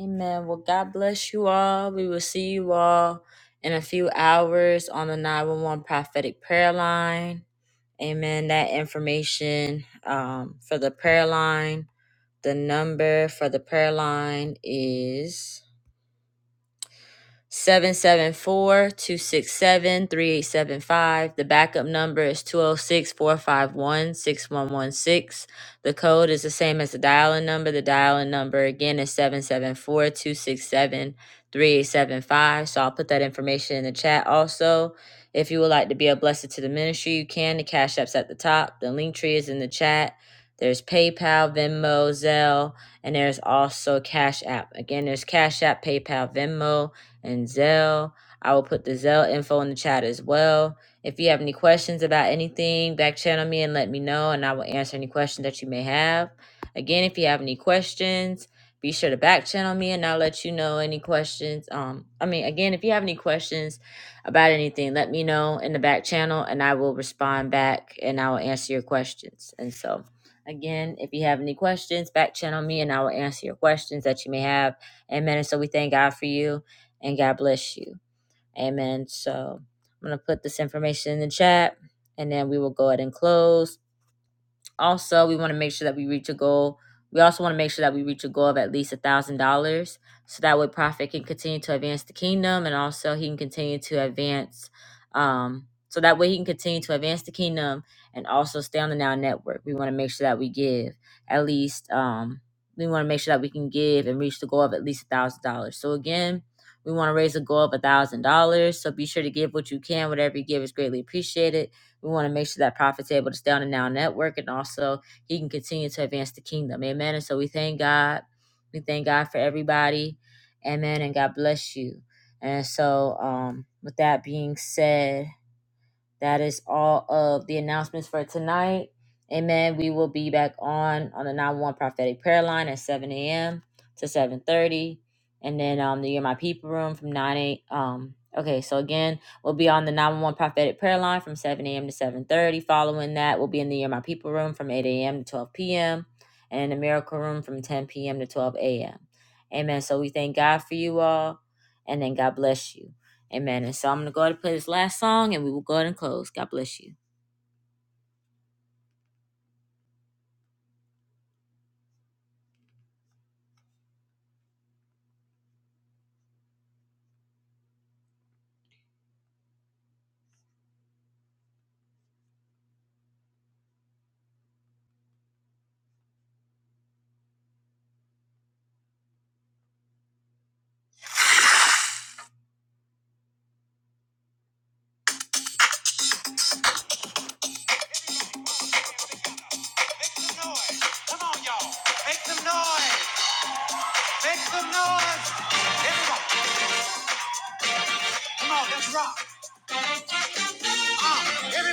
Amen. Well, God bless you all. We will see you all in a few hours on the 911 prophetic prayer line. Amen. That information um, for the prayer line, the number for the prayer line is Seven seven four two six seven three eight seven five. The backup number is two zero six four five one six one one six. The code is the same as the dial-in number. The dial-in number again is seven seven four two six seven three eight seven five. So I'll put that information in the chat also. If you would like to be a blessing to the ministry, you can. The cash app's at the top. The link tree is in the chat. There's PayPal, Venmo, Zelle, and there's also Cash App. Again, there's Cash App, PayPal, Venmo and Zell. I will put the Zell info in the chat as well. If you have any questions about anything, back channel me and let me know, and I will answer any questions that you may have. Again, if you have any questions, be sure to back channel me and I'll let you know any questions. Um, I mean, again, if you have any questions about anything, let me know in the back channel and I will respond back and I will answer your questions. And so, again, if you have any questions, back channel me and I will answer your questions that you may have. Amen. And so we thank God for you and God bless you. Amen. So I'm going to put this information in the chat and then we will go ahead and close. Also, we want to make sure that we reach a goal. We also want to make sure that we reach a goal of at least a thousand dollars, so that way Prophet can continue to advance the kingdom, and also he can continue to advance. Um, so that way he can continue to advance the kingdom and also stay on the Now Network. We want to make sure that we give at least. Um, we want to make sure that we can give and reach the goal of at least a thousand dollars. So again, we want to raise a goal of a thousand dollars. So be sure to give what you can. Whatever you give is greatly appreciated we want to make sure that prophet's able to stay on the now network and also he can continue to advance the kingdom. Amen. And so we thank God. We thank God for everybody. Amen. And God bless you. And so, um, with that being said, that is all of the announcements for tonight. Amen. We will be back on on the 9-1 prophetic prayer line at 7 a.m. to 7.30. And then um the You're My People room from 9 a.m. Um, okay, so again, we'll be on the nine one one prophetic prayer line from 7 a.m. to 7.30. Following that, we'll be in the You're My People room from 8 a.m. to 12 p.m. And in the Miracle room from 10 p.m. to 12 a.m. Amen. So we thank God for you all. And then God bless you. Amen. And so I'm gonna go ahead and play this last song and we will go ahead and close. God bless you.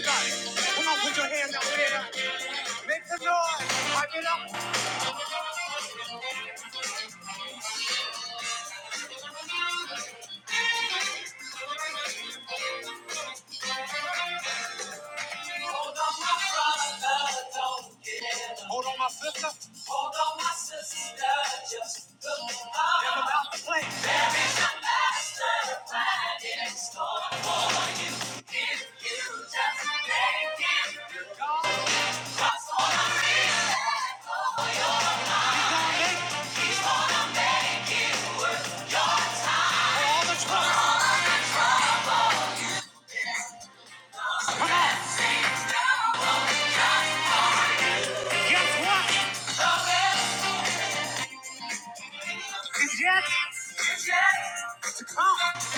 Come on, put your hand out there. Give the I get up for my sister. Although my sister just looked on. Never about to play. Master plan is gone for you. If you just make it, you go. That's all I need. It's a Come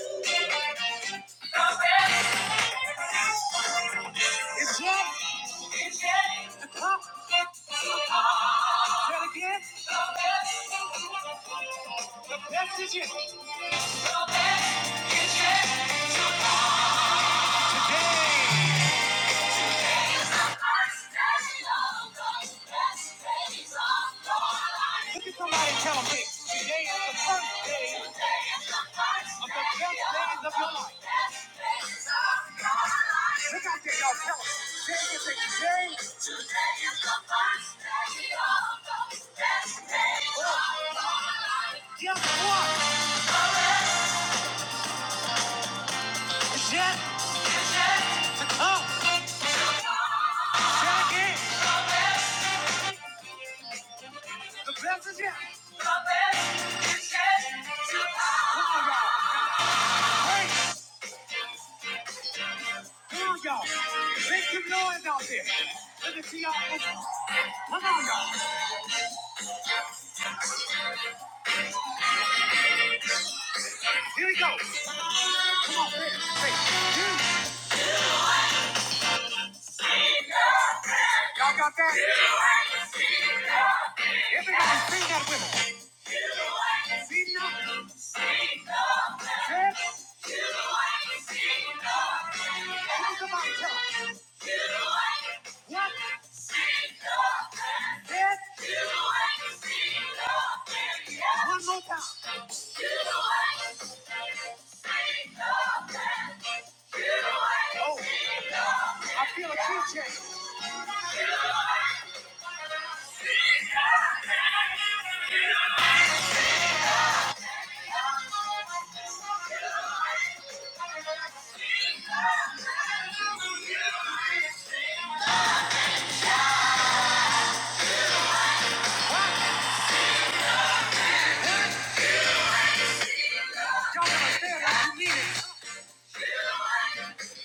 It's yet. It's yet. To come. Say it again. That's the One more time. like Huh?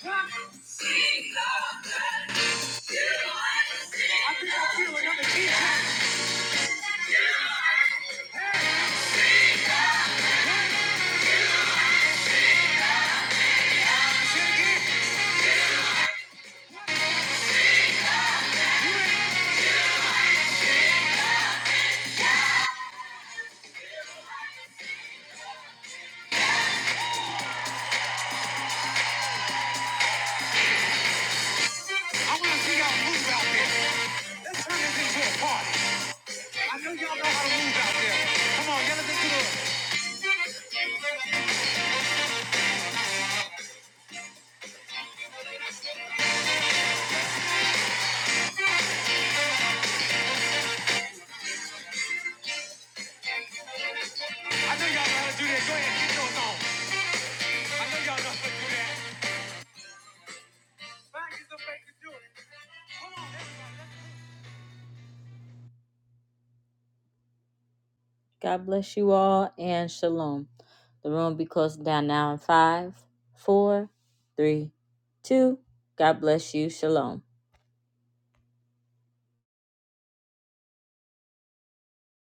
God bless you all and shalom. The room will be closing down now in five, four, three, two. God bless you. Shalom.